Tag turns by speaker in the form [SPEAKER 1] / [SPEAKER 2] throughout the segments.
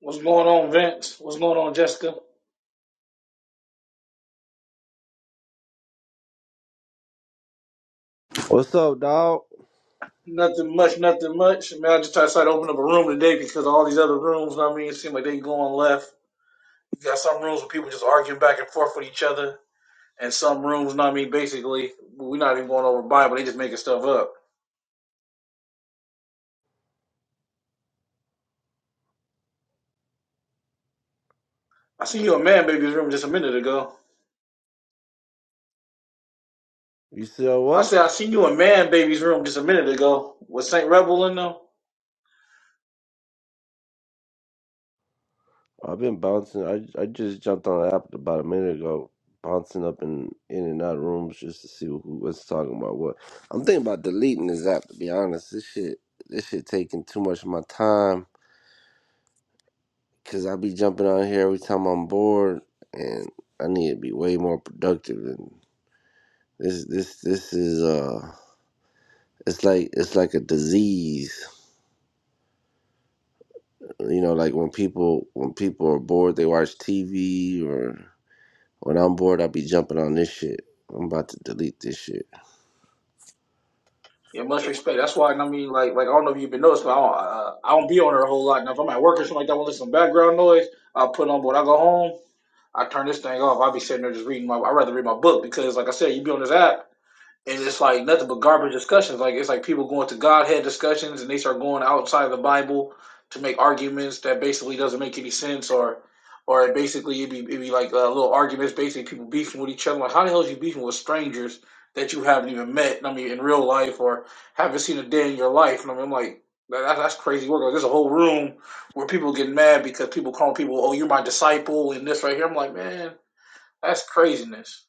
[SPEAKER 1] What's going on, Vince? What's going on, Jessica?
[SPEAKER 2] What's up, dog?
[SPEAKER 1] Nothing much, nothing much. Man, I just tried to try to open up a room today because all these other rooms, I mean, it seems like they going left. You got some rooms where people just arguing back and forth with each other, and some rooms, know what I mean, basically, we're not even going over Bible, they just making stuff up. I seen you in Man Baby's room just a minute ago.
[SPEAKER 2] You still
[SPEAKER 1] I
[SPEAKER 2] what?
[SPEAKER 1] said, I seen you in Man Baby's room just a minute ago with St. Rebel in them.
[SPEAKER 2] I've been bouncing. I I just jumped on the app about a minute ago, bouncing up and in and out of rooms just to see who was talking about what. I'm thinking about deleting this app to be honest. This shit, this shit taking too much of my time because I be jumping on here every time I'm bored, and I need to be way more productive. And this, this, this is uh, it's like it's like a disease. You know, like when people when people are bored, they watch TV or When I'm bored, I'll be jumping on this shit. I'm about to delete this shit.
[SPEAKER 1] Yeah, much respect. That's why and I mean, like, like I don't know if you've been noticed, but I don't, uh, I don't be on her a whole lot. Now, if I'm at work or something like that, I want to some background noise, I put on. But when I go home, I turn this thing off. I be sitting there just reading my. I rather read my book because, like I said, you be on this app and it's like nothing but garbage discussions. Like it's like people going to Godhead discussions and they start going outside the Bible to make arguments that basically doesn't make any sense or or it basically it'd be it'd be like uh, little arguments, basically people beefing with each other. Like how the hell is you beefing with strangers that you haven't even met? I mean, in real life or haven't seen a day in your life. And I mean, I'm like. That, that's crazy work. Like, there's a whole room where people get mad because people call people, "Oh, you're my disciple," and this right here. I'm like, man, that's craziness.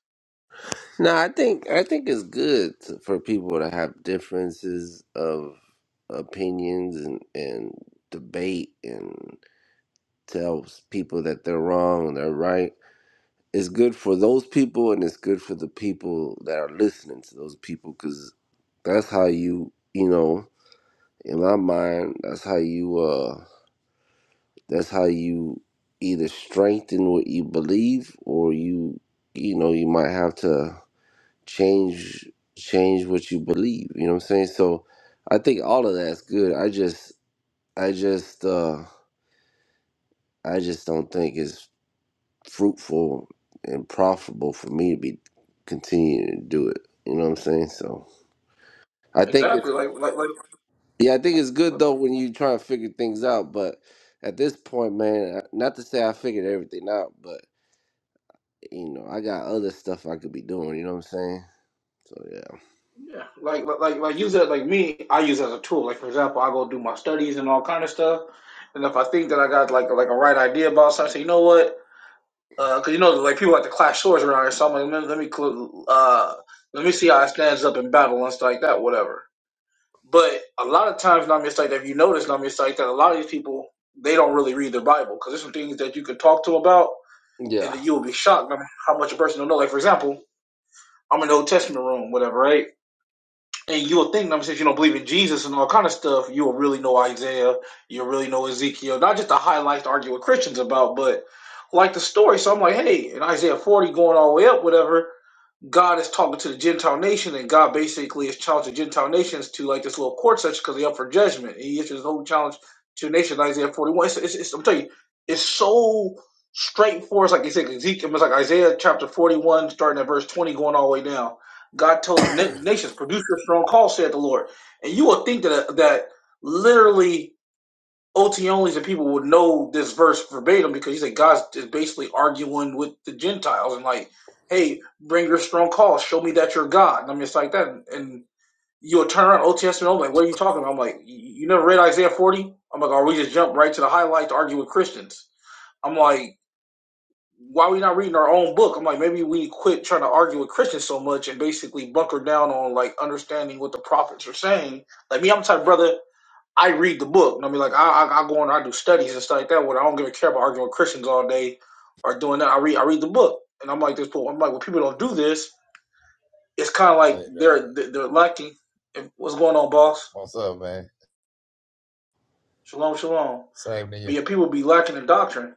[SPEAKER 2] No, I think I think it's good to, for people to have differences of opinions and and debate and tell people that they're wrong and they're right. It's good for those people and it's good for the people that are listening to those people because that's how you you know in my mind that's how you uh That's how you either strengthen what you believe or you you know, you might have to change change what you believe. You know what I'm saying? So I think all of that's good. I just I just uh I just don't think it's fruitful and profitable for me to be continuing to do it. You know what I'm saying? So I think it's
[SPEAKER 1] Exactly. Like, like, like.
[SPEAKER 2] yeah, I think it's good though when you try to figure things out, but at this point, man, not to say I figured everything out, but You know, I got other stuff I could be doing. You know what I'm saying? So yeah,
[SPEAKER 1] Yeah, like like like like, use it like me. I use it as a tool. Like for example, I go do my studies and all kind of stuff. And if I think that I got like like a right idea about something, I say, you know what? Because you know, like people like to clash swords around here. So I'm like, let me let me, cl- uh, let me see how it stands up in battle and stuff like that, whatever. But a lot of times, not just like that. If you notice, not just like that. A lot of these people they don't really read their Bible because there's some things that you can talk to about, and that
[SPEAKER 2] yeah,
[SPEAKER 1] you will be shocked at how much a person don't know. Like for example, I'm in the Old Testament room, whatever, right? And you'll think, I mean, since you don't believe in Jesus and all kind of stuff, you'll really know Isaiah, you'll really know Ezekiel, not just the highlights to argue with Christians about, but like the story. So I'm like, hey, in Isaiah 40 going all the way up, whatever, God is talking to the Gentile nation, and God basically is challenging Gentile nations to like this little court session because they're up for judgment. And He issues a whole challenge to nations, Isaiah 41. It's, it's, it's, I'm telling you, it's so straightforward. It's like you said, Ezekiel, it's like Isaiah chapter 41, starting at verse 20, going all the way down. God told na- nations, produce your strong call, said the Lord. And you will think that, that literally OT onlys and people would know this verse verbatim because he said God's is basically arguing with the Gentiles and like, hey, bring your strong call, show me that you're God. And I'm just like that, and you'll turn around OT and i like, what are you talking about? I'm like, you never read Isaiah 40? I'm like, oh, we just jump right to the highlight to argue with Christians. I'm like, why are we not reading our own book? I'm like, maybe we quit trying to argue with Christians so much and basically bunker down on like understanding what the prophets are saying. Like me, I'm the type of brother. I read the book. I mean, like I, I, I go and I do studies and stuff like that. Where I don't give a care about arguing with Christians all day or doing that. I read I read the book, and I'm like this. But I'm like when people don't do this, it's kind of like
[SPEAKER 3] Right, right.
[SPEAKER 1] they're they're lacking. what's going on, boss?
[SPEAKER 3] What's up, man?
[SPEAKER 1] Shalom, shalom.
[SPEAKER 3] Same to you.
[SPEAKER 1] But yeah, people be lacking in doctrine.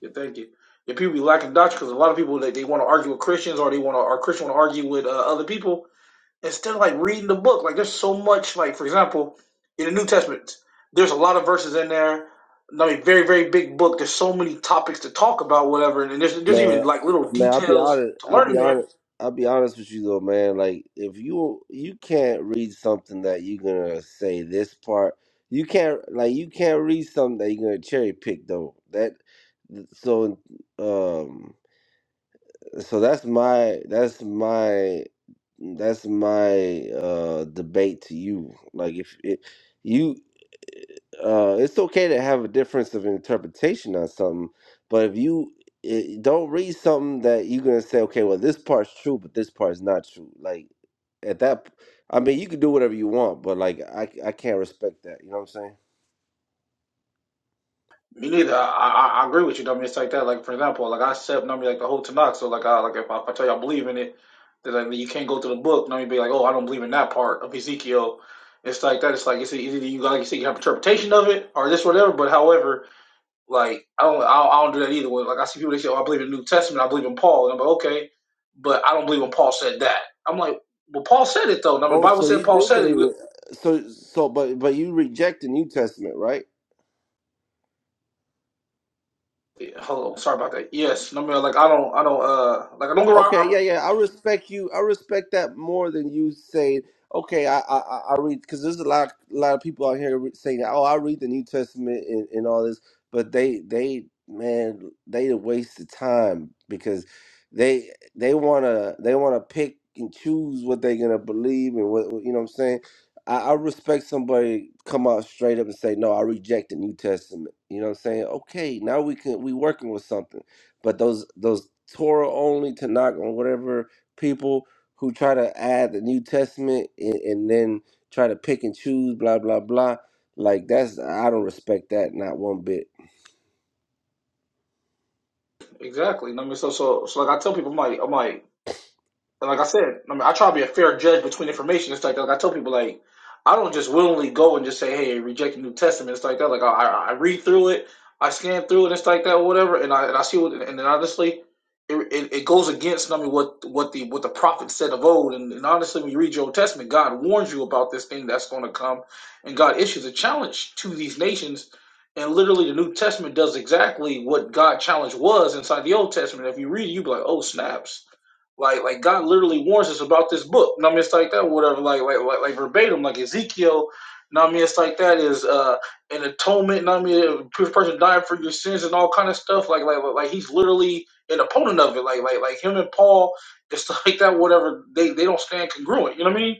[SPEAKER 1] yeah, thank you. Yeah, people be lacking doctrine because a lot of people they, they want to argue with Christians or they want to or Christian want to argue with uh, other people instead of like reading the book, like there's so much, like for example, in the New Testament, there's a lot of verses in there. I mean, very, very big book. There's so many topics to talk about, whatever, and there's there's even
[SPEAKER 2] man,
[SPEAKER 1] like little
[SPEAKER 2] man. I'll be
[SPEAKER 1] details
[SPEAKER 2] honest.
[SPEAKER 1] to
[SPEAKER 2] I'll
[SPEAKER 1] learn
[SPEAKER 2] be
[SPEAKER 1] in there.
[SPEAKER 2] honest. I'll be honest with you though, man. Like if you you can't read something that you're gonna say this part, you can't like you can't read something that you're gonna cherry pick though. That so um so that's my that's my that's my uh debate to you. Like if it, you uh it's okay to have a difference of interpretation on something, but if you eh, don't read something that you're gonna say, okay, well this part's true, but this part's not true. Like at that, p- I mean, you can do whatever you want, but like I I can't respect that. You know what I'm saying?
[SPEAKER 1] Me neither. I, I, I agree with you. though. I mean, it's like that. Like for example, like I said, I mean, like the whole Tanakh. So like, I, like if I, if I tell you I believe in it, then like you can't go to the book. and I mean, be like, oh, I don't believe in that part of Ezekiel. It's like that. It's like it's either you like you see you have interpretation of it or this whatever. But however, Like I don't, I don't, I don't do that either. like I see people they say, "Oh, I believe in the New Testament. I believe in Paul." And I'm like, okay, but I don't believe when Paul said that. I'm like, well, Paul said it though. I mean, the
[SPEAKER 2] Oh,
[SPEAKER 1] Bible
[SPEAKER 2] so
[SPEAKER 1] said
[SPEAKER 2] you
[SPEAKER 1] Paul
[SPEAKER 2] do
[SPEAKER 1] said it.
[SPEAKER 2] believe it? So so but but you reject the New Testament, right?
[SPEAKER 1] Yeah, Hello, sorry about that. Yes, I mean, like I don't, I don't, uh, like I don't go around.
[SPEAKER 2] Okay,
[SPEAKER 1] I,
[SPEAKER 2] yeah, yeah. I respect you. I respect that more than you say. Okay, I I, I I read because there's a lot a lot of people out here re- saying, "Oh, I read the New Testament and, and all this," but they they man they a waste of time because they they wanna they wanna pick and choose what they're gonna believe and what what- you know what I'm saying. I, I respect somebody come out straight up and say, "No, I reject the New Testament." You know what I'm saying? Okay, now we can we working with something but those those Torah only Tanakh or whatever people who try to add the New Testament and, and then try to pick and choose blah blah blah, like that's I don't respect that not one bit.
[SPEAKER 1] exactly. I mean, so, so, so, like I tell people, I'm like, I'm like. like I said, I mean, I try to be a fair judge between information. It's like, like I tell people, like I don't just willingly go and just say, "Hey, reject the New Testament." It's like that. Like I, I read through it, I scan through it, it's like that, or whatever, and I and I see what. And then honestly, it, it, it goes against I mean what what the what the prophet said of old. And, and honestly, when you read your Old Testament, God warns you about this thing that's going to come, and God issues a challenge to these nations. And literally, the New Testament does exactly what God challenge was inside the Old Testament. If you read, it, you be like, "Oh, snaps." Like like God literally warns us about this book. And I mean it's like that, whatever, like like like, like verbatim, like Ezekiel. And I mean it's like that is uh an atonement, and I mean a person dying for your sins and all kind of stuff. Like like like like he's literally an opponent of it. Like like like him and Paul, it's like that, whatever, they they don't stand congruent, you know what I mean?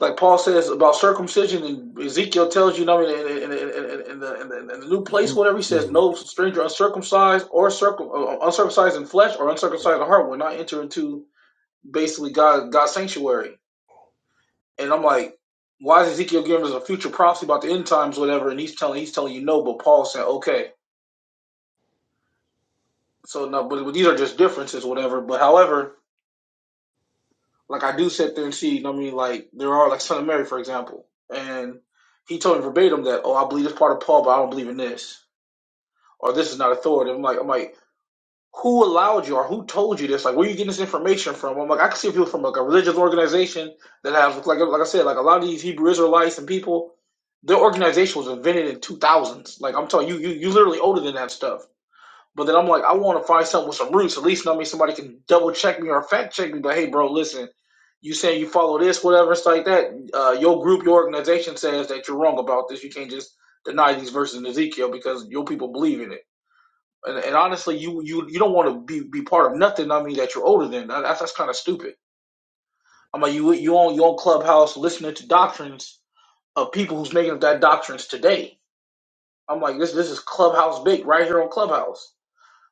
[SPEAKER 1] Like Paul says about circumcision and Ezekiel tells you, you know what I mean, in, in, in, in, the, in, the, in the new place, whatever he says, no stranger uncircumcised or circum uh, uncircumcised in flesh or uncircumcised in heart will not enter into basically God God's sanctuary. And I'm like, why is Ezekiel giving us a future prophecy about the end times, whatever? And he's telling he's telling you no, but Paul said okay. So no, but, but these are just differences, whatever. But however, like I do sit there and see. you know what I mean, like there are like Son of Mary, for example, and he told me verbatim that oh, I believe this part of Paul, but I don't believe in this, or this is not authority. I'm like I'm like who allowed you or who told you this? Like, where are you getting this information from? I'm like, I can see people from like a religious organization that have, like, like I said, like a lot of these Hebrew Israelites and people, their organization was invented in 2000s. Like, I'm telling you, you, you literally older than that stuff. But then I'm like, I want to find something with some roots. At least, I mean, somebody can double check me or fact check me. But hey, bro, listen, you saying you follow this, whatever, it's like that. Uh, your group, your organization says that you're wrong about this. You can't just deny these verses in Ezekiel because your people believe in it. And, and honestly, you you you don't want to be be part of nothing. I mean, that you're older than. That's that's kind of stupid. I mean, you you on your own Clubhouse listening to doctrines of people who's making up that doctrines today. I'm like, this this is Clubhouse big right here on Clubhouse.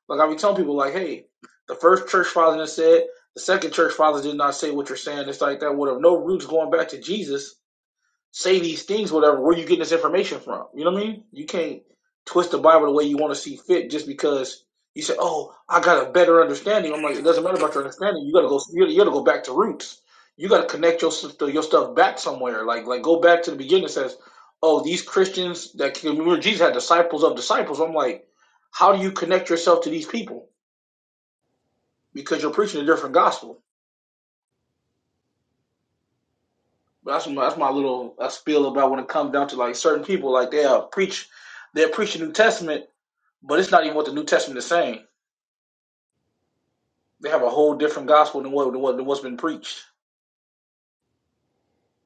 [SPEAKER 1] Like I be telling people, like, hey, the first church father done said, the second church father did not say what you're saying. It's like that would have no roots going back to Jesus say these things, whatever. Where you getting this information from? You know what I mean? You can't twist the Bible the way you want to see fit just because you say, "Oh, I got a better understanding." I'm like, it doesn't matter about your understanding. You got to go. You got to go back to roots. You got to connect your your stuff back somewhere. Like like go back to the beginning. It says, "Oh, these Christians that remember Jesus had disciples of disciples." I'm like, how do you connect yourself to these people? Because you're preaching a different gospel But that's my, that's my little I spiel about when it comes down to like certain people, like they are preach, they're preaching New Testament, but it's not even what the New Testament is saying. They have a whole different gospel than what than, what, than what's been preached.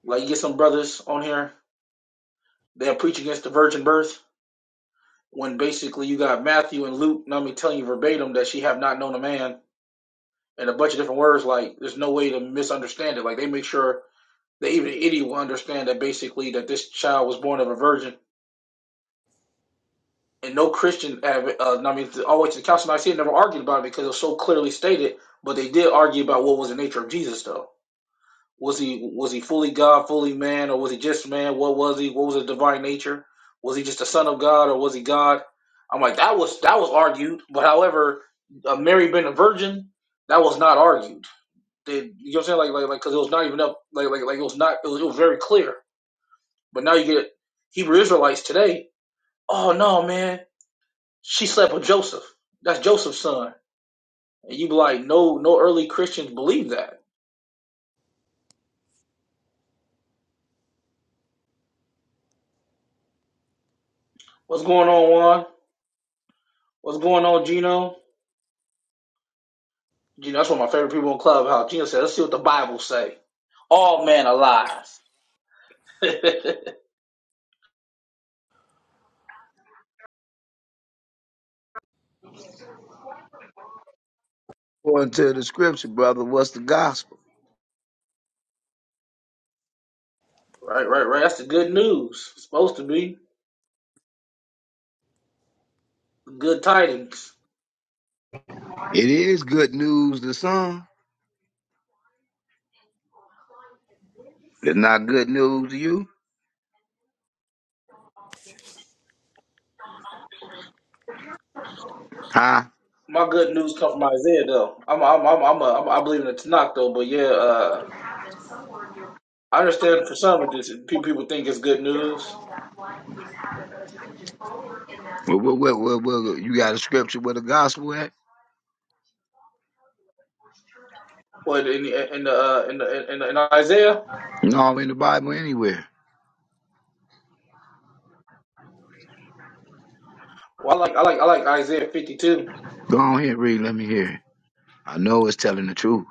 [SPEAKER 1] Like you get some brothers on here, they'll preach against the virgin birth when basically you got Matthew and Luke, not me telling you verbatim that she have not known a man, and a bunch of different words. Like there's no way to misunderstand it. Like they make sure that even an idiot will understand that basically that this child was born of a virgin and no Christian, adv- uh, I mean, all the way to the Council of Nicaea never argued about it because it was so clearly stated. But they did argue about what was the nature of Jesus, though. Was he was he fully God, fully man, or was he just man? What was he? What was his divine nature? Was he just a son of God, or was he God? I'm like that was that was argued, but however, uh, Mary being a virgin, that was not argued. They, you know what I'm saying? Like like like because it was not even up. Like like like it was not. It was, it was very clear. But now you get Hebrew Israelites today. Oh no, man! She slept with Joseph. That's Joseph's son. And you be like, no, no early Christians believe that. What's going on, Juan? What's going on, Gino? Gino, that's one of my favorite people in Clubhouse. Gino said, let's see what the Bible say. All men are lies. right,
[SPEAKER 4] According to the scripture, brother, what's the gospel?
[SPEAKER 1] right, right. That's the good news. It's supposed to be good tidings.
[SPEAKER 4] It is good news to some. It's not good news to you. Huh?
[SPEAKER 1] My good news come from Isaiah, though. I'm, I'm, I'm, I'm, a, I'm I believe in the Tanakh, though. But yeah, uh, I understand for some of this, pe- people think it's good news.
[SPEAKER 4] Well, well, well, well, well, you got a scripture with the gospel at?
[SPEAKER 1] What in, the- in the uh, in the, in, in Isaiah?
[SPEAKER 4] No, in the Bible anywhere.
[SPEAKER 1] Well, I like I like I like Isaiah 52.
[SPEAKER 4] Go on here, read, let me hear it. I know it's telling the truth.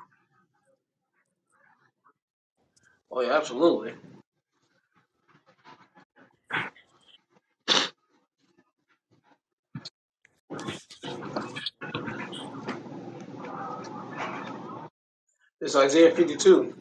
[SPEAKER 1] Oh yeah, absolutely. It's Isaiah 52.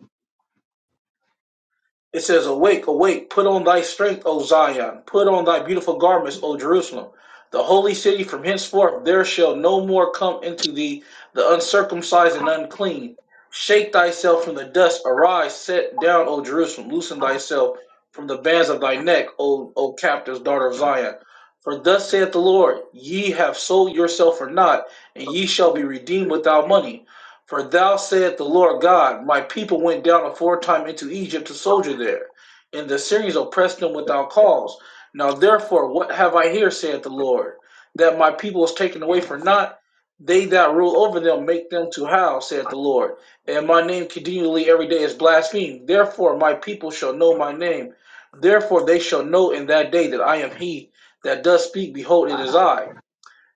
[SPEAKER 1] It says, "Awake, awake! Put on thy strength, O Zion! Put on thy beautiful garments, O Jerusalem! The holy city. From henceforth there shall no more come into thee the uncircumcised and unclean. Shake thyself from the dust. Arise, set down, O Jerusalem! Loosen thyself from the bands of thy neck, O O captives, daughter of Zion! For thus saith the Lord: Ye have sold yourself for naught, and ye shall be redeemed without money." For thou saith the Lord God, My people went down aforetime into Egypt to soldier there, and the Syrians oppressed them without cause. Now therefore, what have I here, saith the Lord, that my people is taken away for naught? They that rule over them make them to howl, saith the Lord, and my name continually every day is blasphemed. Therefore, my people shall know my name. Therefore, they shall know in that day that I am he that does speak. Behold, it is I.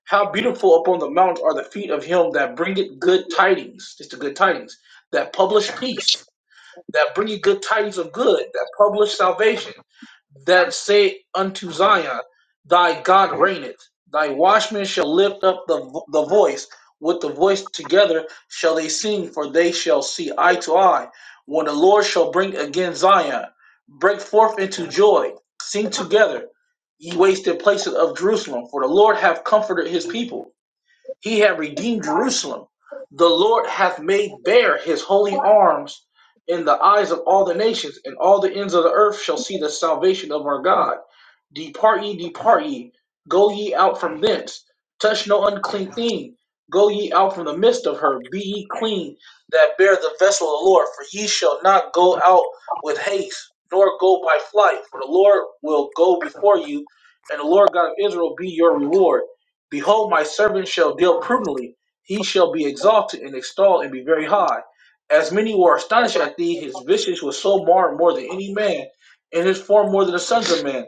[SPEAKER 1] How beautiful upon the mount are the feet of him that bringeth good tidings. It's the good tidings that publish peace, that bringeth good tidings of good, that publish salvation, that say unto Zion, Thy God reigneth. Thy watchmen shall lift up the, vo- the voice. With the voice together shall they sing, for they shall see eye to eye. When the Lord shall bring again Zion, break forth into joy, sing together, ye wasted places of Jerusalem, for the Lord hath comforted his people he hath redeemed Jerusalem. The Lord hath made bare his holy arms in the eyes of all the nations, and all the ends of the earth shall see the salvation of our God. Depart ye, depart ye, go ye out from thence. Touch no unclean thing, go ye out from the midst of her. Be ye clean that bear the vessel of the Lord, for ye shall not go out with haste, nor go by flight, for the Lord will go before you, and the Lord God of Israel be your reward. Behold, my servant shall deal prudently. He shall be exalted and extolled and be very high. As many were astonished at thee, his visage was so marred more than any man, and his form more than the sons of men.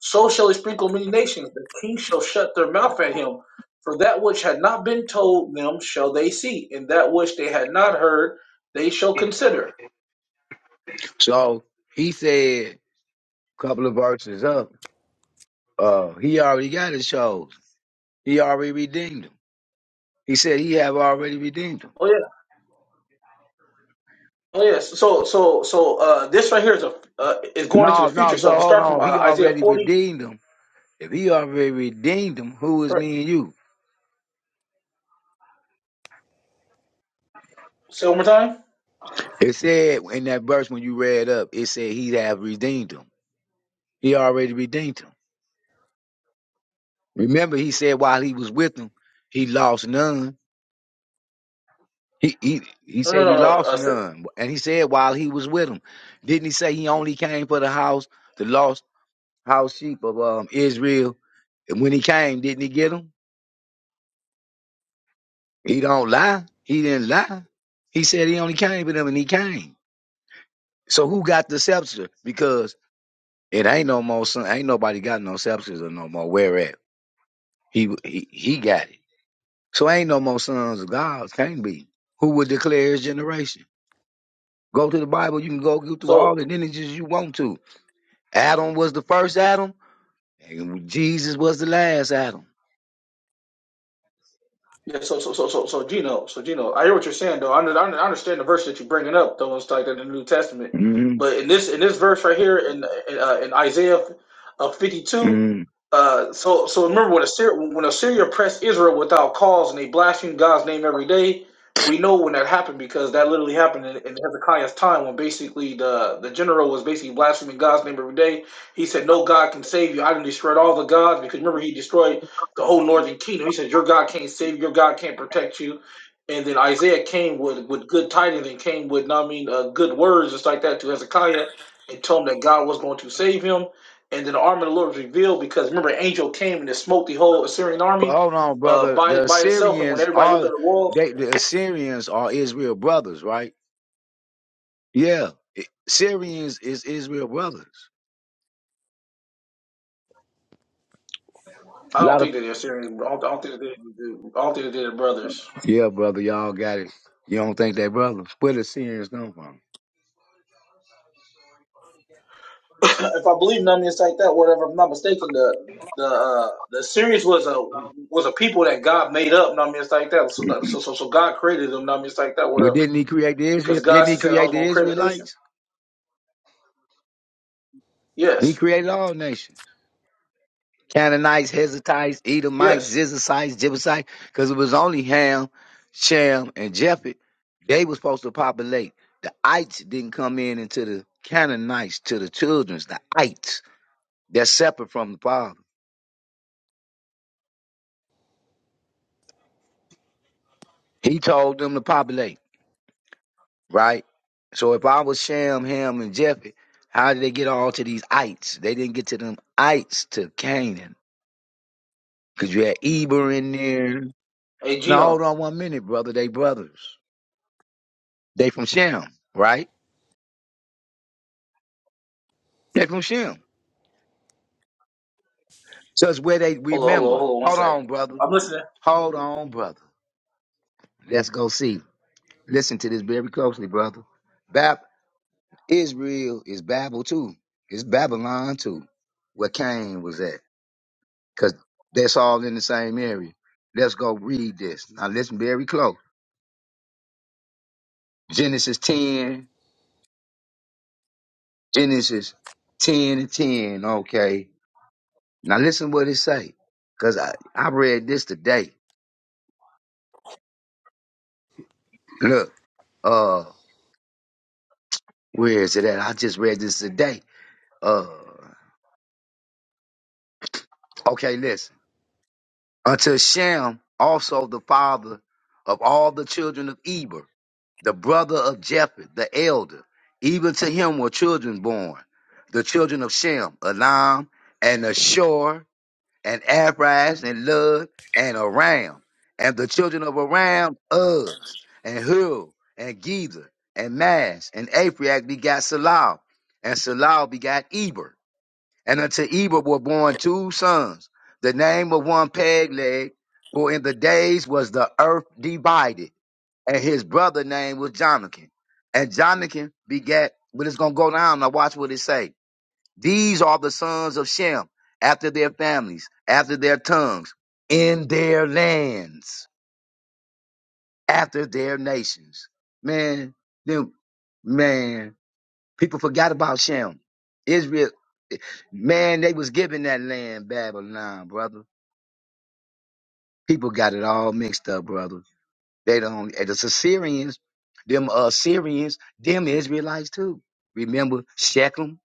[SPEAKER 1] So shall he sprinkle many nations. The kings shall shut their mouth at him. For that which had not been told them shall they see, and that which they had not heard they shall consider.
[SPEAKER 4] So he said a couple of verses up, uh, he already got his shows. He already redeemed them. He said he have already redeemed them.
[SPEAKER 1] Oh yeah, oh yes. So so so uh, this right here is a uh, is going into the
[SPEAKER 4] No,
[SPEAKER 1] future.
[SPEAKER 4] no, so
[SPEAKER 1] So if you
[SPEAKER 4] hold
[SPEAKER 1] start from uh,
[SPEAKER 4] on. He
[SPEAKER 1] Isaiah
[SPEAKER 4] already
[SPEAKER 1] forty,
[SPEAKER 4] redeemed them. If he already redeemed them, who is
[SPEAKER 1] correct?
[SPEAKER 4] me and you?
[SPEAKER 1] Say it one more time.
[SPEAKER 4] It said in that verse when you read up, it said he have redeemed them. He already redeemed them. Remember, he said while he was with them, he lost none. He, he he
[SPEAKER 1] No, no,
[SPEAKER 4] said
[SPEAKER 1] no.
[SPEAKER 4] he
[SPEAKER 1] no.
[SPEAKER 4] lost
[SPEAKER 1] Uh,
[SPEAKER 4] none, and he said while he was with them, didn't he say he only came for the house, the lost house sheep of um, Israel? And when he came, didn't he get them? He don't lie. He didn't lie. He said he only came for them, and he came. So who got the scepter? Because it ain't no more. son- Ain't nobody got no scepters or no more. Where at? He he he got it. So ain't no more sons of God. Can't be. Who would declare his generation? Go to the Bible. You can go go through all
[SPEAKER 1] So
[SPEAKER 4] the lineages you want to. Adam was the first Adam, and Jesus was the last Adam.
[SPEAKER 1] yeah, so so so so so Gino, so Gino, I hear what you're saying though. I, under- I under- I understand the verse that you're bringing up, though it's like in the New Testament,
[SPEAKER 4] Mm-hmm.
[SPEAKER 1] but in this in this verse right here in uh, in Isaiah uh, 52,
[SPEAKER 4] Mm-hmm.
[SPEAKER 1] uh, so so remember when Assyria when Assyria oppressed Israel without cause and they blasphemed God's name every day. We know when that happened because that literally happened in, in Hezekiah's time when basically the the general was basically blaspheming God's name every day. He said, "No God can save you. I didn't destroy all the gods because remember he destroyed." the whole northern kingdom. He said, Your God can't save, you, your God can't protect you. And then Isaiah came with, with good tidings and came with, I mean, uh, good words just like that to Hezekiah and told him that God was going to save him. And then the arm of the Lord was revealed because remember, an angel came and it smote the whole Assyrian
[SPEAKER 4] But
[SPEAKER 1] army
[SPEAKER 4] hold on,
[SPEAKER 1] uh,
[SPEAKER 4] brother.
[SPEAKER 1] by
[SPEAKER 4] The
[SPEAKER 1] by itself. And when
[SPEAKER 4] Assyrians
[SPEAKER 1] everybody looked at
[SPEAKER 4] are
[SPEAKER 1] the walls,
[SPEAKER 4] they the Assyrians are Israel brothers, right? Yeah. I- Syrians is Israel brothers.
[SPEAKER 1] I
[SPEAKER 4] A
[SPEAKER 1] don't
[SPEAKER 4] lot of
[SPEAKER 1] think that the Assyrian, I don't, I don't think that they, I don't think that they're brothers.
[SPEAKER 4] yeah, brother. Y'all got it. You don't think they brothers? Where the Syrians come from?
[SPEAKER 1] if I believe numbness like that, whatever. If I'm not mistaken, the the uh, the series was a was a people that God made up numbness like that. So so so, so God created them numbness like that,
[SPEAKER 4] Well,
[SPEAKER 1] whatever.
[SPEAKER 4] didn't he create the Israel?
[SPEAKER 1] Because God
[SPEAKER 4] Didn't he
[SPEAKER 1] said I
[SPEAKER 4] create
[SPEAKER 1] was
[SPEAKER 4] the
[SPEAKER 1] going to create a nation.
[SPEAKER 4] Israelites? He
[SPEAKER 1] Yes,
[SPEAKER 4] created all nations. Canaanites, Hezatites, Edomites,
[SPEAKER 1] yes.
[SPEAKER 4] Zizicites, Jebusites, because it was only Ham, Shem, and Japheth. They were supposed to populate. The Ites didn't come in into the Canaanites, to the children's, the Ites. They're separate from the father. He told them to populate, right? So if I was Shem, Ham, and Japheth, how did they get all to these Ites? They didn't get to them Ites to Canaan. Because you had Eber in there.
[SPEAKER 1] Hey
[SPEAKER 4] Now
[SPEAKER 1] Gino,
[SPEAKER 4] hold on one minute, brother. They brothers. They from Shem, right? They from Shem. So it's where they
[SPEAKER 1] hold on, hold on,
[SPEAKER 4] remember.
[SPEAKER 1] hold on, one
[SPEAKER 4] Hold on,
[SPEAKER 1] second.
[SPEAKER 4] brother.
[SPEAKER 1] I'm listening.
[SPEAKER 4] Hold on, brother. Let's go see. Listen to this very closely, brother. Bab Israel is Babel too. It's Babylon too, where Cain was at. Cause that's all in the same area. Let's go read this. Now listen very close. Genesis 10, Genesis 10 and 10. Okay. Now listen what it say, cause I I read this today. Look, uh, where is it at? I just read this today. Uh, okay, listen. Unto Shem, also the father of all the children of Eber, the brother of Japheth, the elder. Even to him were children born, the children of Shem, Elam, and Ashur, and Abrash and Lud and Aram and the children of Aram Uz and Hul and Gezer and Mash and Aphriac begat Salal and Salal begat Eber and unto Eber were born two sons. The name of one Pegleg, for in the days was the earth divided, and his brother name was Jonathan. And Jonathan begat, but it's gonna go down. Now watch what it say. These are the sons of Shem, after their families, after their tongues, in their lands, after their nations. Man, them, man, people forgot about Shem. Israel, man, they was given that land, Babylon, brother. People got it all mixed up, brother. They don't, and the Assyrians, them uh, Syrians, them Israelites too. Remember Shechem?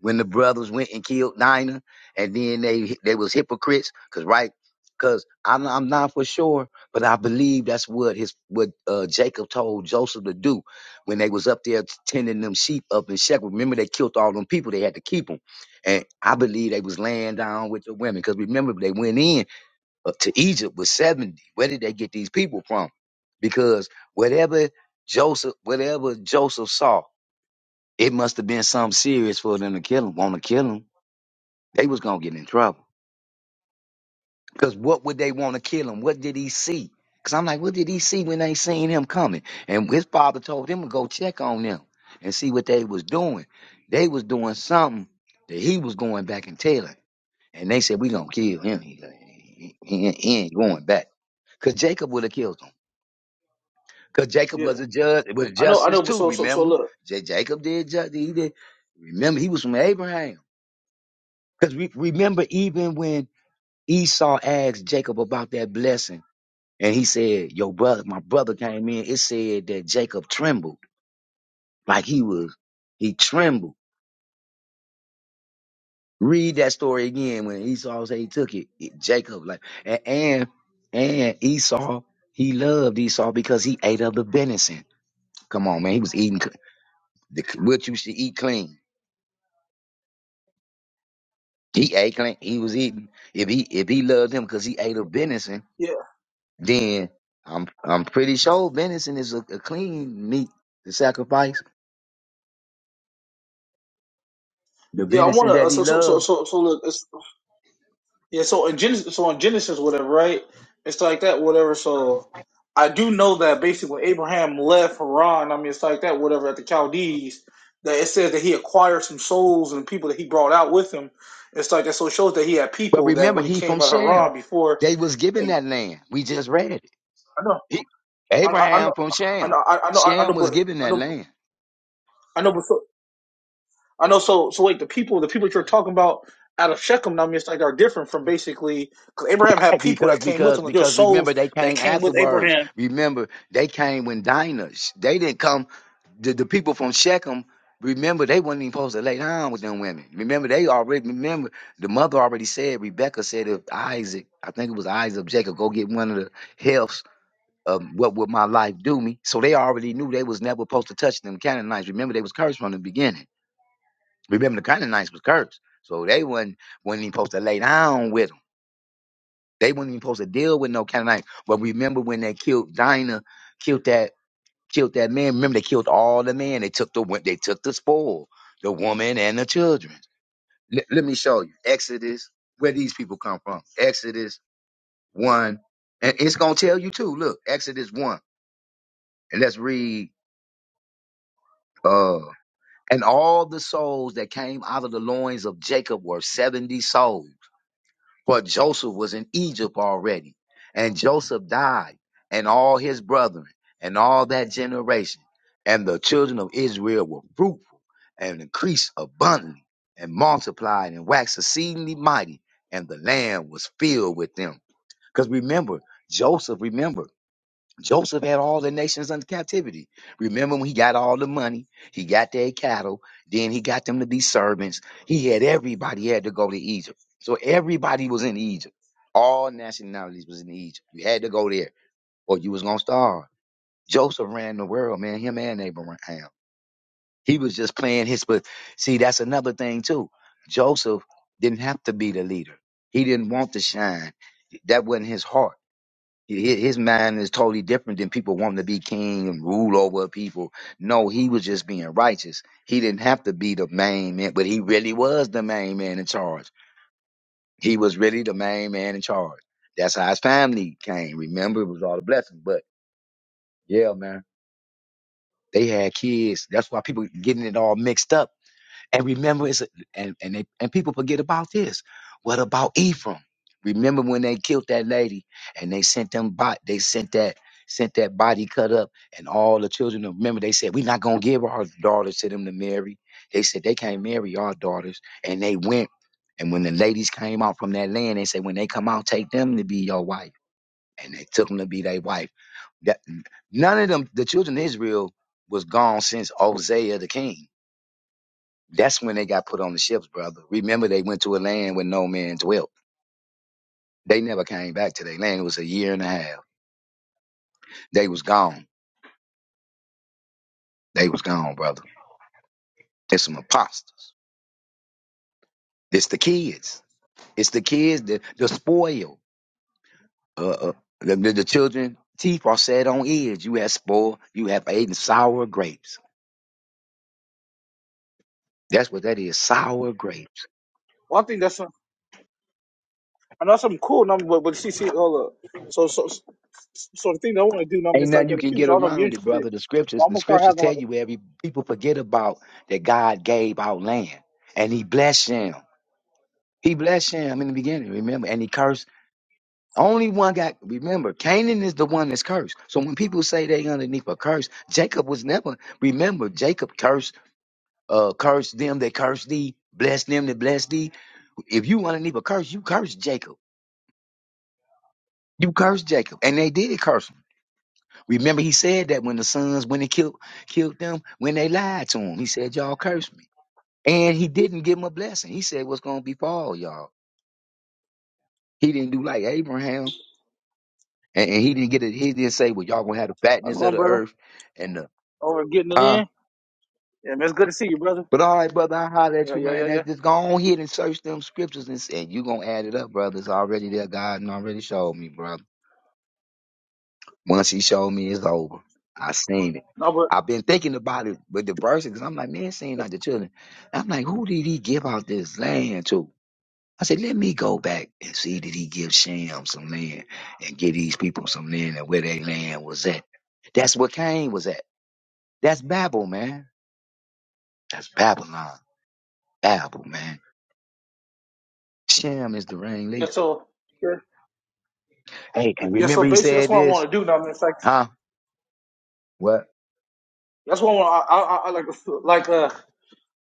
[SPEAKER 4] when the brothers went and killed Dinah, and then they they was hypocrites, cause right, cause I'm I'm not for sure, but I believe that's what his what uh, Jacob told Joseph to do when they was up there tending them sheep up in Shechem. Remember they killed all them people; they had to keep them, and I believe they was laying down with the women, cause remember they went in uh, to Egypt with seventy. Where did they get these people from? Because whatever Joseph, whatever Joseph saw. It must have been something serious for them to kill him. Want to kill him? They was gonna get in trouble. Cause what would they want to kill him? What did he see? Cause I'm like, what did he see when they seen him coming? And his father told him to go check on them and see what they was doing. They was doing something that he was going back and telling. And they said, we gonna kill him. He, he, he ain't he ain't going back. Cause Jacob would have killed him. Cause Jacob
[SPEAKER 1] Yeah,
[SPEAKER 4] was a judge, was
[SPEAKER 1] I know, I
[SPEAKER 4] justice
[SPEAKER 1] know. But
[SPEAKER 4] too.
[SPEAKER 1] so so so
[SPEAKER 4] Remember,
[SPEAKER 1] look.
[SPEAKER 4] J- Jacob did justice. He did. Remember, he was from Abraham. Because re- remember, even when Esau asked Jacob about that blessing, and he said, "Your brother, my brother came in," it said that Jacob trembled, like he was, he trembled. Read that story again when Esau said he took it. it- Jacob, like, and, and and Esau, he loved Esau because he ate of the venison. Come on, man, he was eating c- the, what you should eat clean. He ate clean. He was eating. If he if he loved him because he ate of venison,
[SPEAKER 1] Yeah,
[SPEAKER 4] then I'm I'm pretty sure venison is a, a clean meat to sacrifice. The
[SPEAKER 1] yeah. I want
[SPEAKER 4] venison
[SPEAKER 1] to.
[SPEAKER 4] that
[SPEAKER 1] Uh,
[SPEAKER 4] he
[SPEAKER 1] so so so
[SPEAKER 4] loved.
[SPEAKER 1] so so look. Yeah, so in Genesis, so in Genesis, whatever, right? It's like that, whatever. So I do know that basically when Abraham left Haran, I mean, it's like that, whatever, at the Chaldees, that it says that he acquired some souls and people that he brought out with him. It's like that, so it shows that he had
[SPEAKER 4] But
[SPEAKER 1] people that
[SPEAKER 4] remember,
[SPEAKER 1] when he
[SPEAKER 4] he from
[SPEAKER 1] came out of Haran
[SPEAKER 4] Shem.
[SPEAKER 1] before,
[SPEAKER 4] They was given
[SPEAKER 1] and
[SPEAKER 4] that land. We just read it.
[SPEAKER 1] I know,
[SPEAKER 4] He-
[SPEAKER 1] I, I I
[SPEAKER 4] Abraham
[SPEAKER 1] know,
[SPEAKER 4] from
[SPEAKER 1] I
[SPEAKER 4] Shem.
[SPEAKER 1] know, I I know, I know,
[SPEAKER 4] Shem was
[SPEAKER 1] but
[SPEAKER 4] given
[SPEAKER 1] I
[SPEAKER 4] that
[SPEAKER 1] know,
[SPEAKER 4] land.
[SPEAKER 1] I know, but so I know. So, so wait, the people, the people that you're talking about out of Shechem, now I mean, it's like are different from basically because Abraham had people
[SPEAKER 4] Because,
[SPEAKER 1] that came with
[SPEAKER 4] because,
[SPEAKER 1] him. Like, there were
[SPEAKER 4] because remember
[SPEAKER 1] souls
[SPEAKER 4] they
[SPEAKER 1] that
[SPEAKER 4] came
[SPEAKER 1] came with
[SPEAKER 4] afterwards.
[SPEAKER 1] Abraham.
[SPEAKER 4] Remember they came when Dinah, sh- they didn't come, the, the people from Shechem, remember they wasn't even supposed to lay down with them women. Remember they already, remember the mother already said, Rebecca said if Isaac, I think it was Isaac, Jacob, go get one of the helps um, what would my life do me? So they already knew they was never supposed to touch them Canaanites. Remember they was cursed from the beginning. Remember the Canaanites was cursed. So they wasn't, wasn't even supposed to lay down with 'em. They weren't even supposed to deal with no Canaanite. But remember when they killed Dinah, killed that, killed that man. Remember they killed all the men. They took the wo- they took the spoil, the woman and the children. Let let me show you Exodus, where these people come from. Exodus one, and it's gonna tell you too. Look, Exodus one, and let's read. Uh, and all the souls that came out of the loins of Jacob were seventy souls. For Joseph was in Egypt already, and Joseph died, and all his brethren, and all that generation. And the children of Israel were fruitful and increased abundantly, and multiplied and waxed exceedingly mighty, and the land was filled with them. Because remember, Joseph, remember, Joseph had all the nations under captivity. Remember when he got all the money, he got their cattle, then he got them to be servants. He had everybody had to go to Egypt. So everybody was in Egypt. All nationalities was in Egypt. You had to go there or you was gonna starve. Joseph ran the world, man, him and Abraham. He was just playing his but see, that's another thing too. Joseph didn't have to be the leader. He didn't want to shine. That wasn't his heart Hi- His mind is totally different than people wanting to be king and rule over people. No, he was just being righteous. He didn't have to be the main man, but he really was the main man in charge. He was really the main man in charge. That's how his family came. Remember, it was all a blessing. But yeah, man, they had kids. That's why people getting it all mixed up And remember, it's a, and and, they, and people forget about this. What about Ephraim? Remember when they killed that lady and they sent them bot they sent that sent that body cut up and all the children of- remember they said we're not gonna give our daughters to them to marry. They said they can't marry our daughters and they went and when the ladies came out from that land they said when they come out take them to be your wife and they took them to be their wife. That, none of them the children of Israel was gone since Hosea the king that's when they got put on the ships, brother. Remember, they went to a land where no man dwelt. They never came back to their land. It was a year and a half. They was gone. They was gone, brother. It's some imposters. It's the kids. It's the kids. The, the spoil. Uh, uh, the, the, the children. Teeth are set on edge. You have spoil. You have eaten sour grapes. That's what that is. Sour grapes.
[SPEAKER 1] Well, I think that's some- I know something cool. Now, but but see, see, hold up. So, so, so so the thing that I want to do, now I mean,
[SPEAKER 4] Ain't
[SPEAKER 1] it's like
[SPEAKER 4] nothing
[SPEAKER 1] that
[SPEAKER 4] you
[SPEAKER 1] in the
[SPEAKER 4] can get
[SPEAKER 1] future. I don't know if you're
[SPEAKER 4] around it,
[SPEAKER 1] interested,
[SPEAKER 4] brother. The
[SPEAKER 1] but
[SPEAKER 4] scriptures.
[SPEAKER 1] I'm
[SPEAKER 4] The
[SPEAKER 1] gonna start
[SPEAKER 4] scriptures
[SPEAKER 1] having
[SPEAKER 4] tell
[SPEAKER 1] like a.
[SPEAKER 4] you every people forget about that God gave out land and He blessed them. He blessed Shem in the beginning, remember, and he cursed. Only one got, remember, Canaan is the one that's cursed. So when people say they underneath a curse, Jacob was never, remember, Jacob cursed, uh, cursed them that cursed thee, blessed them that blessed thee. If you underneath a curse, you curse Jacob. You curse Jacob. And they did curse him. Remember, he said that when the sons, when they killed, killed them, when they lied to him, he said, y'all curse me. And he didn't give him a blessing. He said, what's going to befall y'all? He didn't do like Abraham. And, and he didn't get it. He didn't say, "Well, y'all gonna have the
[SPEAKER 1] How's it
[SPEAKER 4] fatness of
[SPEAKER 1] going,
[SPEAKER 4] the
[SPEAKER 1] brother?
[SPEAKER 4] earth," and the
[SPEAKER 1] Over getting it
[SPEAKER 4] huh.
[SPEAKER 1] in. Yeah, man, it's good to see you, brother.
[SPEAKER 4] But all right, brother, I holler at
[SPEAKER 1] Yeah,
[SPEAKER 4] you,
[SPEAKER 1] yeah,
[SPEAKER 4] man.
[SPEAKER 1] yeah,
[SPEAKER 4] That's
[SPEAKER 1] yeah.
[SPEAKER 4] just go on here and search them scriptures, and, and you gonna add it up, brother. It's already there. God and already showed me, brother. Once He showed me, it's over. I seen it.
[SPEAKER 1] No, but
[SPEAKER 4] I've been thinking about it with the verses. 'cause I'm like, man, seeing like the children. I'm like, who did He give out this land to? I said, let me go back and see did He give Shem some land and give these people some land and where their land was at. That's what Cain was at. That's Babel, man. That's Babylon. Babel, man. Shem is the
[SPEAKER 1] yeah,
[SPEAKER 4] ringleader.
[SPEAKER 1] so yeah,
[SPEAKER 4] Hey, and
[SPEAKER 1] yeah. So
[SPEAKER 4] remember he
[SPEAKER 1] basically, that's
[SPEAKER 4] said
[SPEAKER 1] what I
[SPEAKER 4] this?
[SPEAKER 1] want to do. Now, I mean, it's like
[SPEAKER 4] Huh? What?
[SPEAKER 1] that's what I want. I, I, I like, like uh.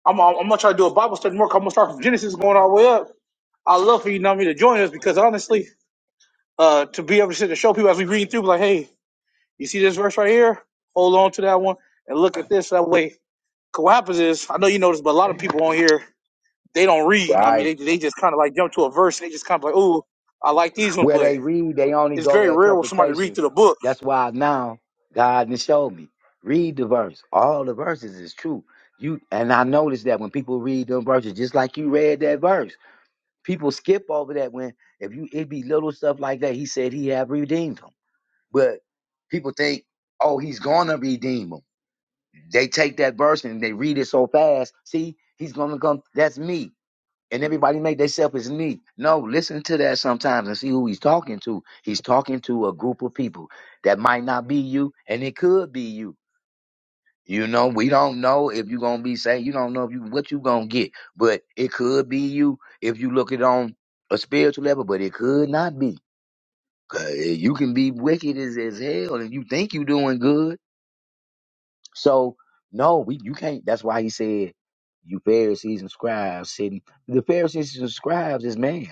[SPEAKER 1] I'm, I'm, I'm gonna try to do a Bible study more. i 'cause I'm gonna start from Genesis, going all the way up. I love for you, know me, to join us because honestly, uh, to be able to sit and show people as we read through, like, hey, you see this verse right here? Hold on to that one and look at this that way. Cause what happens is, I know you notice, but a lot of people on here they don't read. you know what I
[SPEAKER 4] Right.
[SPEAKER 1] mean, they they just kind of like jump to a verse and they just kind of like, oh, I like these ones,
[SPEAKER 4] Where
[SPEAKER 1] but
[SPEAKER 4] they read, they only
[SPEAKER 1] it's
[SPEAKER 4] go
[SPEAKER 1] very
[SPEAKER 4] to
[SPEAKER 1] rare when somebody read
[SPEAKER 4] interpretation.
[SPEAKER 1] through the book.
[SPEAKER 4] That's why now God has showed me. Read the verse. All the verses is true. You and I noticed that when people read them verses, just like you read that verse, people skip over that when if you it be little stuff like that, he said he have redeemed them. But people think, oh, he's gonna redeem them. They take that verse and they read it so fast. See, he's gonna come. That's me. And everybody make themselves as me. No, listen to that sometimes and see who he's talking to. He's talking to a group of people that might not be you, and it could be you. You know, we don't know if you're gonna be saved. You don't know if you what you gonna get, but it could be you if you look it on a spiritual level, but it could not be. 'Cause You can be wicked as, as hell and you think you doing good So no, we you can't. That's why he said, "You Pharisees and scribes sitting." The Pharisees and scribes is man,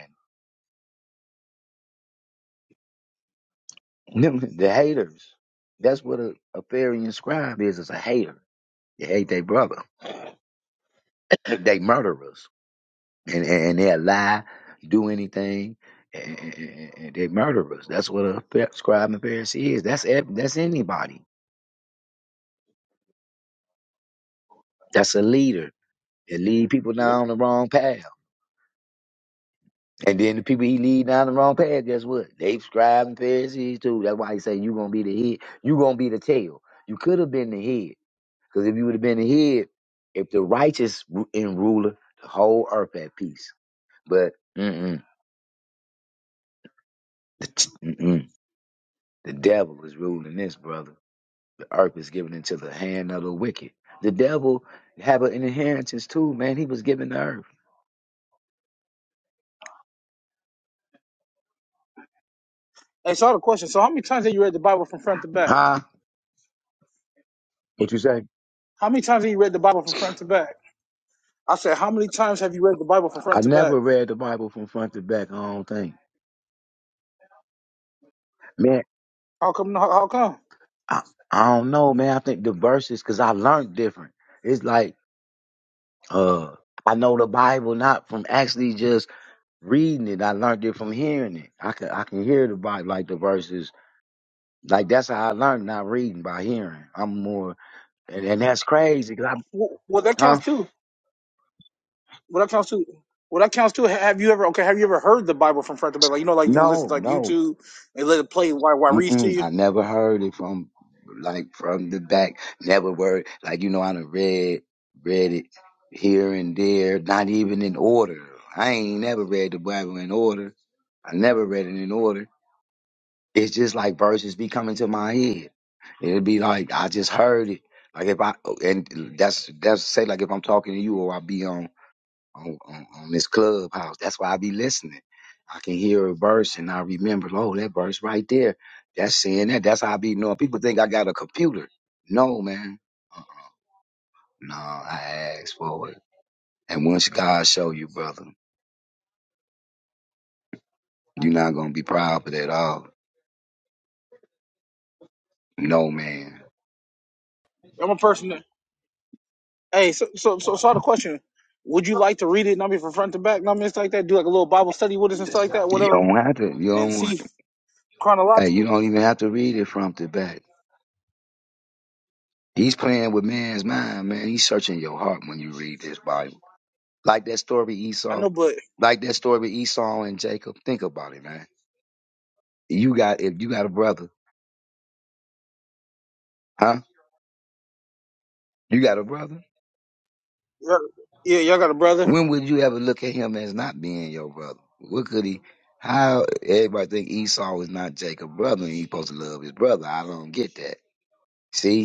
[SPEAKER 4] Them- the haters. That's what a, a Pharisee and scribe is. Is a hater. They hate their brother. they murderers, and and, and they lie, do anything, and, and, and and they murderers. That's what a Pha- scribe and Pharisee is. That's ev- that's anybody. That's a leader. They lead people
[SPEAKER 1] Yeah.
[SPEAKER 4] down the wrong path. And then the people he lead down the wrong path, guess what? They scribe and Pharisees too. That's why he say you gonna be the head. you gonna be the tail. You could have been the head. Because if you would have been the head, if the righteous ru- in ruler, the whole earth at peace. But mm-mm, the, t- mm-mm, the devil is ruling this, brother. The earth is given into the hand of the wicked. The devil have an inheritance too, man. He was given the earth.
[SPEAKER 1] And so I have a question. So how many times have you read the Bible from front to back?
[SPEAKER 4] Huh? What you say?
[SPEAKER 1] How many times have you read the Bible from front to back? I said, how many times have you read the Bible from
[SPEAKER 4] I
[SPEAKER 1] front to back?
[SPEAKER 4] never read the Bible from front to back. I don't think. man.
[SPEAKER 1] How come? How, how come?
[SPEAKER 4] I, I don't know, man. I think the verses, cause I learned different. It's like, uh, I know the Bible not from actually just reading it. I learned it from hearing it. I can, I can hear the Bible, like the verses. Like that's how I learned, not reading by hearing. I'm more, and, and that's crazy. Cause
[SPEAKER 1] Well, well, that
[SPEAKER 4] I, huh?
[SPEAKER 1] counts too. Well, that counts too. Well, that counts too. Ha- Have you ever okay? Have you ever heard the Bible from front to back? Like you know, like you can listen
[SPEAKER 4] No,
[SPEAKER 1] to like
[SPEAKER 4] no.
[SPEAKER 1] YouTube and let it play while while it reads to
[SPEAKER 4] Mm-mm,
[SPEAKER 1] you.
[SPEAKER 4] I never heard it from like from the back. Never word like you know I done read read it here and there, not even in order. I ain't never read the Bible in order. I never read it in order. It's just like verses be coming to my head. It'll be like I just heard it. Like if I and that's that's say like if I'm talking to you or I be on on, on, on this clubhouse. That's why I be listening. I can hear a verse and I remember, oh, that verse right there. That's saying that. That's how I be knowing. People think I got a computer. No, man. Uh, No, I asked for it. And once God show you, brother, you're not gonna be proud of it at all. No, man.
[SPEAKER 1] I'm a person. That, hey, so so so so I had a question. Would you like to read it? I mean, from front to back. I mean, it's like that. Do like a little Bible study with us and stuff like that,
[SPEAKER 4] You
[SPEAKER 1] whatever,
[SPEAKER 4] don't have to. You
[SPEAKER 1] and
[SPEAKER 4] don't.
[SPEAKER 1] see
[SPEAKER 4] Hey, you
[SPEAKER 1] chronologically.
[SPEAKER 4] don't even have to read it from the back. He's playing with man's mind, man. He's searching your heart when you read this Bible. Like that story with
[SPEAKER 1] I
[SPEAKER 4] Esau.
[SPEAKER 1] know, but
[SPEAKER 4] Like that story with Esau and Jacob. Think about it, man. You got if you got a brother, huh? You got a brother?
[SPEAKER 1] yeah, yeah, y'all got a brother.
[SPEAKER 4] When would you ever look at him as not being your brother? What could he how everybody think Esau is not Jacob's brother and he supposed to love his brother? I don't get that. See?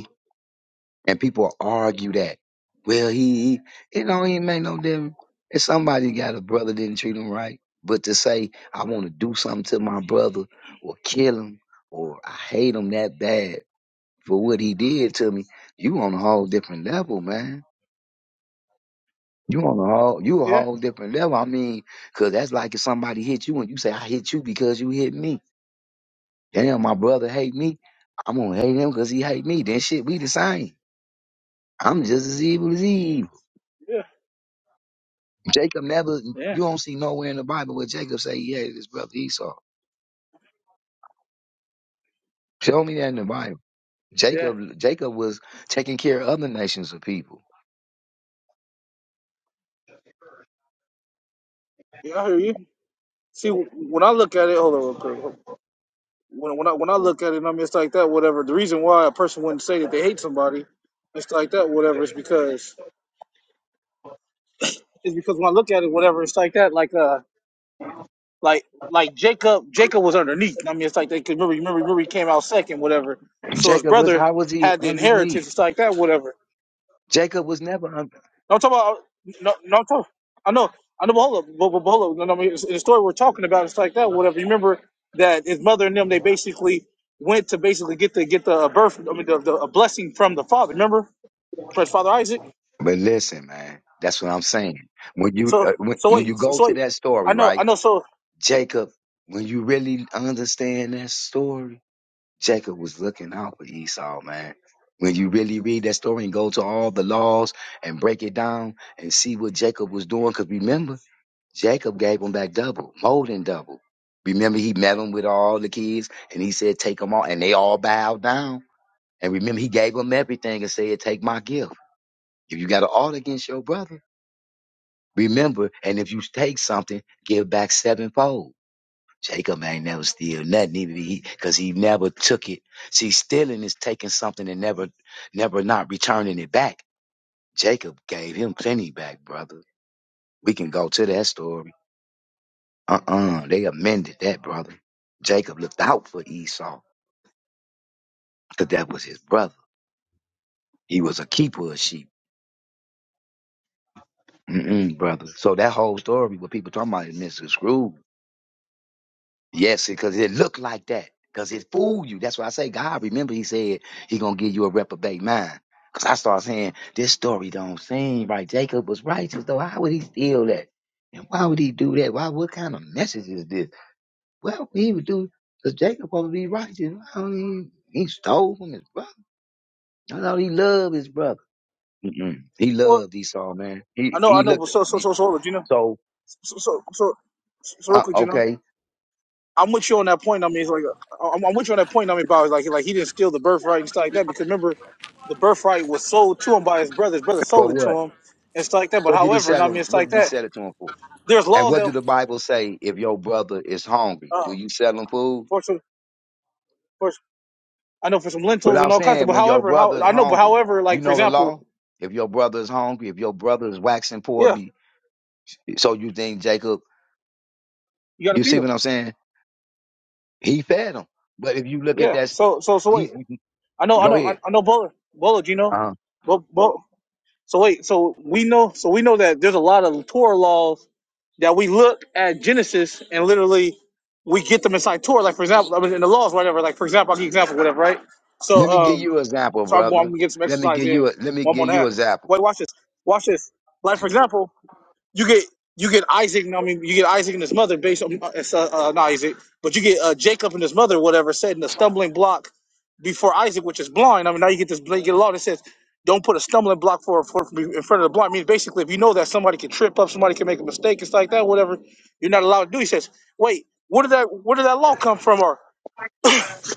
[SPEAKER 4] And people argue that. Well, he, he you know, he ain't make no difference. If somebody got a brother didn't treat him right, but to say I want to do something to my brother or kill him or I hate him that bad for what he did to me, you on a whole different level, man. You on a whole, you a
[SPEAKER 1] Yeah,
[SPEAKER 4] whole different level. I mean, 'cause that's like if somebody hit you and you say I hit you because you hit me. Damn, my brother hate me. I'm gonna hate him 'cause he hate me. Then shit, we the same. I'm just as evil as he. is.
[SPEAKER 1] yeah,
[SPEAKER 4] Jacob never,
[SPEAKER 1] yeah,
[SPEAKER 4] you don't see nowhere in the Bible where Jacob say he hated his brother Esau. Show me that in the Bible.
[SPEAKER 1] yeah.
[SPEAKER 4] Jacob, Jacob was taking care of other nations of people.
[SPEAKER 1] Yeah, I hear you. See, when I look at it, hold on, real quick. when when I when I look at it, I mean, it's like that. Whatever the reason why a person wouldn't say that they hate somebody, it's like that. Whatever it's because it's because when I look at it, whatever it's like that. Like uh, like like Jacob, Jacob was underneath. I mean, it's like they could remember, remember, remember he came out second, whatever. So his
[SPEAKER 4] Jacob was,
[SPEAKER 1] brother
[SPEAKER 4] how was he
[SPEAKER 1] had the
[SPEAKER 4] underneath?
[SPEAKER 1] inheritance. It's like that, whatever.
[SPEAKER 4] Jacob was never under.
[SPEAKER 1] No, I'm talking about no, no, I'm talking. I know, I know. But hold up, but, but, but hold up. No, no, I mean, it's- the story we're talking about it's like that. Whatever. You remember that his mother and them they basically went to basically get the get the uh, birth. I mean, the, the a blessing from the father. Remember, from his father Isaac.
[SPEAKER 4] But listen, man, that's what I'm saying. When you,
[SPEAKER 1] So
[SPEAKER 4] uh, when,
[SPEAKER 1] so
[SPEAKER 4] when you
[SPEAKER 1] wait so,
[SPEAKER 4] go
[SPEAKER 1] so
[SPEAKER 4] to
[SPEAKER 1] wait.
[SPEAKER 4] that
[SPEAKER 1] I
[SPEAKER 4] story,
[SPEAKER 1] know
[SPEAKER 4] right?
[SPEAKER 1] I know. So
[SPEAKER 4] Jacob, when you really understand that story, Jacob was looking out for Esau, man. When you really read that story and go to all the laws and break it down and see what Jacob was doing, because remember, Jacob gave him back double, more than double. Remember, he met him with all the kids and he said, Take them all. And they all bowed down. And remember, he gave them everything and said, Take my gift. If you got an ought against your brother, remember, and if you take something, give back sevenfold. Jacob ain't never steal nothing either. because He, cause he never took it. See, stealing is taking something and never, never not returning it back. Jacob gave him plenty back, brother. We can go to that story. Uh-uh. They amended that, brother. Jacob looked out for Esau because that was his brother. He was a keeper of sheep. Mm-mm, brother. So that whole story, what people talking about is misconstrued. Yes, because it looked like that. Because it fooled you. That's why I say God. Remember, He said He gonna give you a reprobate mind. Because I start saying this story don't seem right. Jacob was righteous though. How would he steal that? And why would he do that? Why? What kind of message is this? Well, he would do because Jacob supposed be righteous. Why don't He, he stole from his brother. No, no, he loved his brother. Mm-mm. He
[SPEAKER 1] well
[SPEAKER 4] loved Esau, man.
[SPEAKER 1] I
[SPEAKER 4] He
[SPEAKER 1] know I
[SPEAKER 4] he
[SPEAKER 1] know.
[SPEAKER 4] looked.
[SPEAKER 1] But
[SPEAKER 4] At,
[SPEAKER 1] so so
[SPEAKER 4] he-
[SPEAKER 1] so so hold up, you know.
[SPEAKER 4] so
[SPEAKER 1] So so so so, so real
[SPEAKER 4] uh,
[SPEAKER 1] quick, you know.
[SPEAKER 4] okay,
[SPEAKER 1] I'm with you on that point. I mean, it's like uh, I'm, I'm with you on that point. I mean, about like like he didn't steal the birthright and stuff like that. Because remember, the birthright was sold to him by his brother. His brother
[SPEAKER 4] for
[SPEAKER 1] sold it to
[SPEAKER 4] what?
[SPEAKER 1] him and stuff like that. But
[SPEAKER 4] What did he
[SPEAKER 1] however, and
[SPEAKER 4] sell
[SPEAKER 1] I mean,
[SPEAKER 4] him?
[SPEAKER 1] it's
[SPEAKER 4] What
[SPEAKER 1] like
[SPEAKER 4] did he
[SPEAKER 1] that.
[SPEAKER 4] sell it to him for?
[SPEAKER 1] There's
[SPEAKER 4] And
[SPEAKER 1] laws
[SPEAKER 4] what
[SPEAKER 1] that
[SPEAKER 4] do the Bible say if your brother is hungry?
[SPEAKER 1] uh,
[SPEAKER 4] Do you sell him food?
[SPEAKER 1] for some, for I know for some
[SPEAKER 4] But
[SPEAKER 1] lentils
[SPEAKER 4] I'm
[SPEAKER 1] and all kinds of.
[SPEAKER 4] saying
[SPEAKER 1] But
[SPEAKER 4] when your
[SPEAKER 1] however, how
[SPEAKER 4] brother is
[SPEAKER 1] I know, but
[SPEAKER 4] hungry,
[SPEAKER 1] however,
[SPEAKER 4] you
[SPEAKER 1] like for
[SPEAKER 4] know the law?
[SPEAKER 1] example,
[SPEAKER 4] If your brother is hungry, if your brother is waxing poor,
[SPEAKER 1] yeah,
[SPEAKER 4] be so you think Jacob,
[SPEAKER 1] you got to
[SPEAKER 4] you
[SPEAKER 1] feed
[SPEAKER 4] see
[SPEAKER 1] him.
[SPEAKER 4] what I'm saying? He fed him. But if you look at
[SPEAKER 1] Yeah.
[SPEAKER 4] that, st-
[SPEAKER 1] So so so wait.
[SPEAKER 4] he
[SPEAKER 1] I know I
[SPEAKER 4] go
[SPEAKER 1] know I
[SPEAKER 4] ahead.
[SPEAKER 1] I know Bolo Bolo. Do you know?
[SPEAKER 4] Uh-huh.
[SPEAKER 1] Bolo. So wait, so we know, so we know that there's a lot of Torah laws that we look at Genesis and literally we get them inside Torah. Like for example, I mean, in the laws, whatever. Like for example, I'll give you an example, whatever, right?
[SPEAKER 4] Let
[SPEAKER 1] So
[SPEAKER 4] me give
[SPEAKER 1] um,
[SPEAKER 4] you an example,
[SPEAKER 1] so I'm, I'm
[SPEAKER 4] brother.
[SPEAKER 1] gonna get some
[SPEAKER 4] Let me
[SPEAKER 1] exercise
[SPEAKER 4] give
[SPEAKER 1] in.
[SPEAKER 4] you a let me
[SPEAKER 1] One more
[SPEAKER 4] give you
[SPEAKER 1] now.
[SPEAKER 4] an example.
[SPEAKER 1] Wait, watch this. Watch this. Like for example, you get you get Isaac. I mean, you get Isaac and his mother based on uh, it's, uh, uh, not Isaac, but you get uh, Jacob and his mother, whatever, said in a stumbling block before Isaac, which is blind. I mean, now you get this you get a law that says don't put a stumbling block for, for in front of the blind. I mean, basically, if you know that somebody can trip up, somebody can make a mistake, it's like that, whatever. You're not allowed to do. He says, wait, where did that where did that law come from, or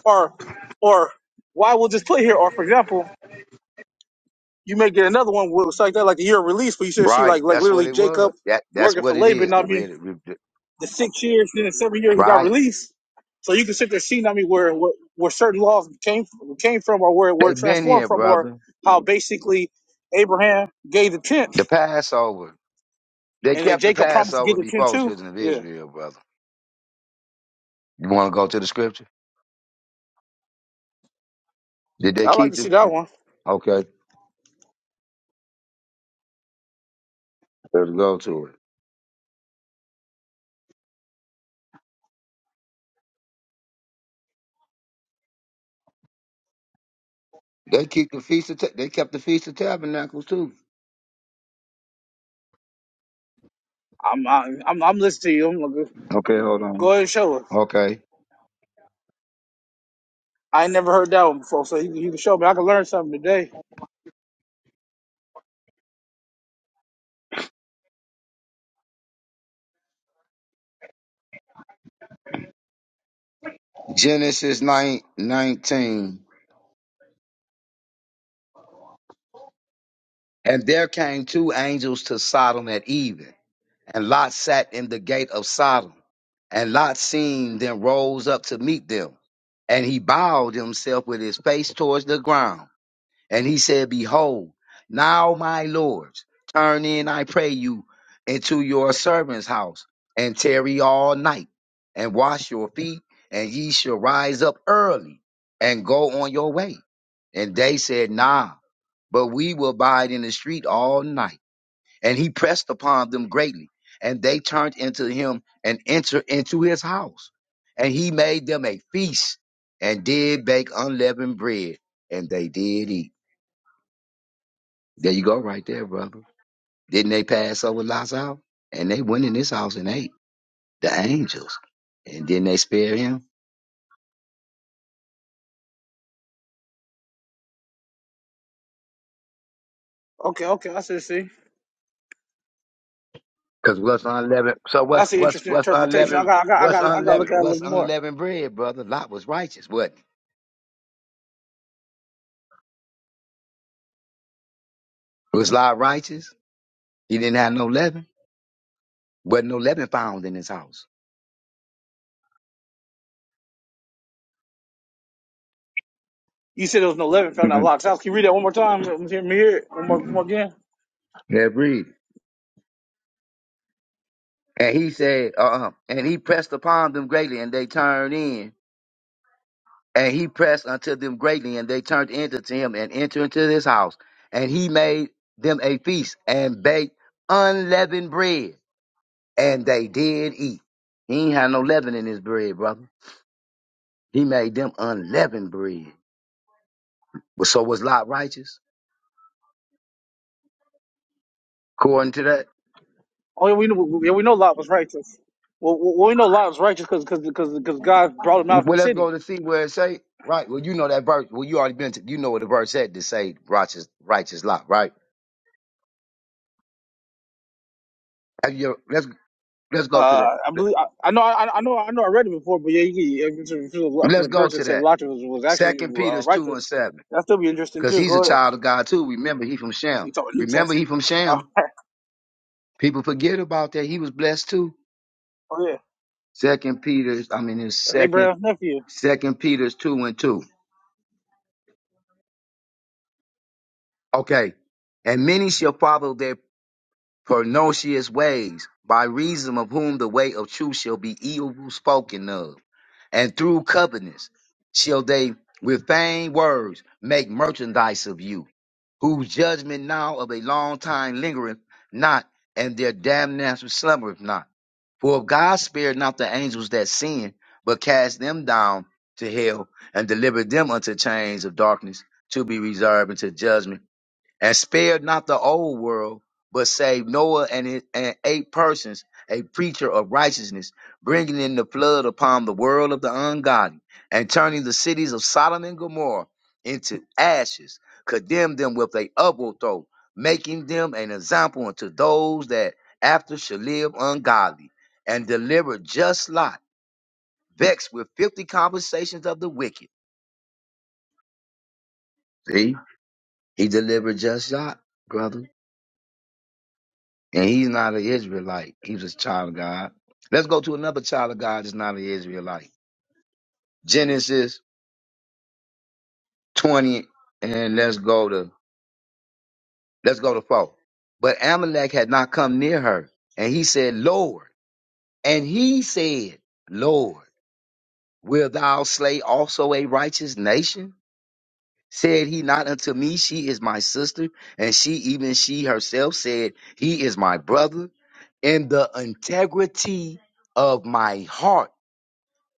[SPEAKER 1] or or why was this put here? Or for example, you may get another one where it's like that, like the year of release, where you should see
[SPEAKER 4] Right,
[SPEAKER 1] like like
[SPEAKER 4] that's what
[SPEAKER 1] literally
[SPEAKER 4] it was.
[SPEAKER 1] Jacob
[SPEAKER 4] That that's
[SPEAKER 1] working for
[SPEAKER 4] what it is.
[SPEAKER 1] Laban. I
[SPEAKER 4] The
[SPEAKER 1] mean
[SPEAKER 4] red,
[SPEAKER 1] the six years, then the seven year he got
[SPEAKER 4] right.
[SPEAKER 1] released. So you can sit there seeing, I mean, where, where where certain laws came from, came from, or where were
[SPEAKER 4] They've been
[SPEAKER 1] transformed
[SPEAKER 4] here,
[SPEAKER 1] from, or
[SPEAKER 4] brother.
[SPEAKER 1] how basically Abraham gave the
[SPEAKER 4] The
[SPEAKER 1] tenth,
[SPEAKER 4] Passover. They
[SPEAKER 1] and then
[SPEAKER 4] kept the
[SPEAKER 1] Jacob promised to give
[SPEAKER 4] Passover
[SPEAKER 1] the tenth
[SPEAKER 4] before
[SPEAKER 1] too.
[SPEAKER 4] children of
[SPEAKER 1] Yeah,
[SPEAKER 4] Israel, brother. You want to go to the scripture? Did they
[SPEAKER 1] I like
[SPEAKER 4] keep
[SPEAKER 1] to see
[SPEAKER 4] it?
[SPEAKER 1] that one.
[SPEAKER 4] Okay, let's go to it. They keep the feast of Ta- they kept the feast of tabernacles too.
[SPEAKER 1] I'm I'm I'm, I'm listening to you. I'm like, go,
[SPEAKER 4] Okay, hold on.
[SPEAKER 1] go ahead and show us.
[SPEAKER 4] Okay,
[SPEAKER 1] I ain't never heard that one before, so you, you can show me. I can learn something today.
[SPEAKER 4] Genesis 9 19, and there came two angels to Sodom at even, and Lot sat in the gate of Sodom, and Lot seeing them rose up to meet them, and he bowed himself with his face towards the ground And he said, Behold, now my lords, turn in, I pray you, into your servant's house, and tarry all night, and wash your feet, and ye shall rise up early and go on your way. And they said, Nah, but we will abide in the street all night. And he pressed upon them greatly, and they turned into him and entered into his house. And he made them a feast, and did bake unleavened bread, and they did eat. There you go, right there, brother. Didn't they pass over Lot's house? And they went in his house and ate the angels. And didn't they spare him?
[SPEAKER 1] Okay, okay, I see. See,
[SPEAKER 4] Cause what's unleavened? So what's
[SPEAKER 1] that's an
[SPEAKER 4] what's
[SPEAKER 1] interesting
[SPEAKER 4] what's
[SPEAKER 1] interpretation. I
[SPEAKER 4] unleavened?
[SPEAKER 1] got I got I
[SPEAKER 4] What's
[SPEAKER 1] got I got to look at
[SPEAKER 4] unleavened?
[SPEAKER 1] it a little
[SPEAKER 4] What's
[SPEAKER 1] more.
[SPEAKER 4] unleavened bread, brother? Lot was righteous, wasn't he? Was Lot righteous? He didn't have no leaven. Wasn't no leaven found in his house.
[SPEAKER 1] You said it was no leaven found out
[SPEAKER 4] Mm-mm.
[SPEAKER 1] Lot's house. Can you read that one more time? Let me hear let me hear it one more, one more again.
[SPEAKER 4] Yeah, breed. And he said, uh, uh and he pressed upon them greatly, and they turned in And he pressed unto them greatly, and they turned in to him and entered into his house. And he made them a feast and baked unleavened bread, and they did eat. He ain't had no leaven in his bread, brother. He made them unleavened bread. Well, So was Lot righteous according to that?
[SPEAKER 1] Oh yeah, we know, yeah, we know Lot was righteous. Well, well, well, we know Lot was righteous because because because God brought him out of the
[SPEAKER 4] Well, let's go
[SPEAKER 1] city.
[SPEAKER 4] to see where it say. Right. Well, you know that verse. Well, you already been. To, you know what the verse said to say righteous, righteous Lot. Right. Have you- Let's let's go to
[SPEAKER 1] Uh, I
[SPEAKER 4] that.
[SPEAKER 1] believe I, I know I, I know I know I read it before, but yeah, yeah if, it's a, if, it's a, if it's
[SPEAKER 4] Let's
[SPEAKER 1] a
[SPEAKER 4] go
[SPEAKER 1] verse
[SPEAKER 4] to
[SPEAKER 1] that said
[SPEAKER 4] that.
[SPEAKER 1] Lot was, was actually
[SPEAKER 4] Second
[SPEAKER 1] uh,
[SPEAKER 4] Peter's two
[SPEAKER 1] righteous,
[SPEAKER 4] and seven.
[SPEAKER 1] that still be interesting
[SPEAKER 4] because
[SPEAKER 1] too.
[SPEAKER 4] he's a
[SPEAKER 1] Go ahead.
[SPEAKER 4] child of God too. Remember, he from
[SPEAKER 1] You
[SPEAKER 4] Shem.
[SPEAKER 1] talking New Testament?
[SPEAKER 4] Remember, he from
[SPEAKER 1] Uh,
[SPEAKER 4] Shem. People forget about that. He was blessed too.
[SPEAKER 1] oh yeah,
[SPEAKER 4] Second Peter's, I mean, it's
[SPEAKER 1] that's
[SPEAKER 4] second
[SPEAKER 1] Abraham's nephew.
[SPEAKER 4] Second Peter's two and two. Okay, and many shall follow their pernicious ways, by reason of whom the way of truth shall be evil spoken of, and through covetousness shall they with vain words make merchandise of you, whose judgment now of a long time lingereth not, and their damnation slumbereth not. For if God spared not the angels that sinned, but cast them down to hell and delivered them unto chains of darkness to be reserved unto judgment and spared not the old world, but saved Noah and, his, and eight persons, a preacher of righteousness, bringing in the flood upon the world of the ungodly, and turning the cities of Sodom and Gomorrah into ashes, condemned them with a upward throw, making them an example unto those that after shall live ungodly, and delivered just Lot, vexed with fifty conversations of the wicked. See, he delivered just Lot, brother. And he's not an Israelite. He was a child of God. Let's go to another child of God that's not an Israelite. Genesis 20, and let's go to let's go to 4. But Amalek had not come near her, and he said, Lord. And he said, Lord, wilt thou slay also a righteous nation? Said he not unto me, She is my sister, and she even she herself said, He is my brother. In the integrity of my heart.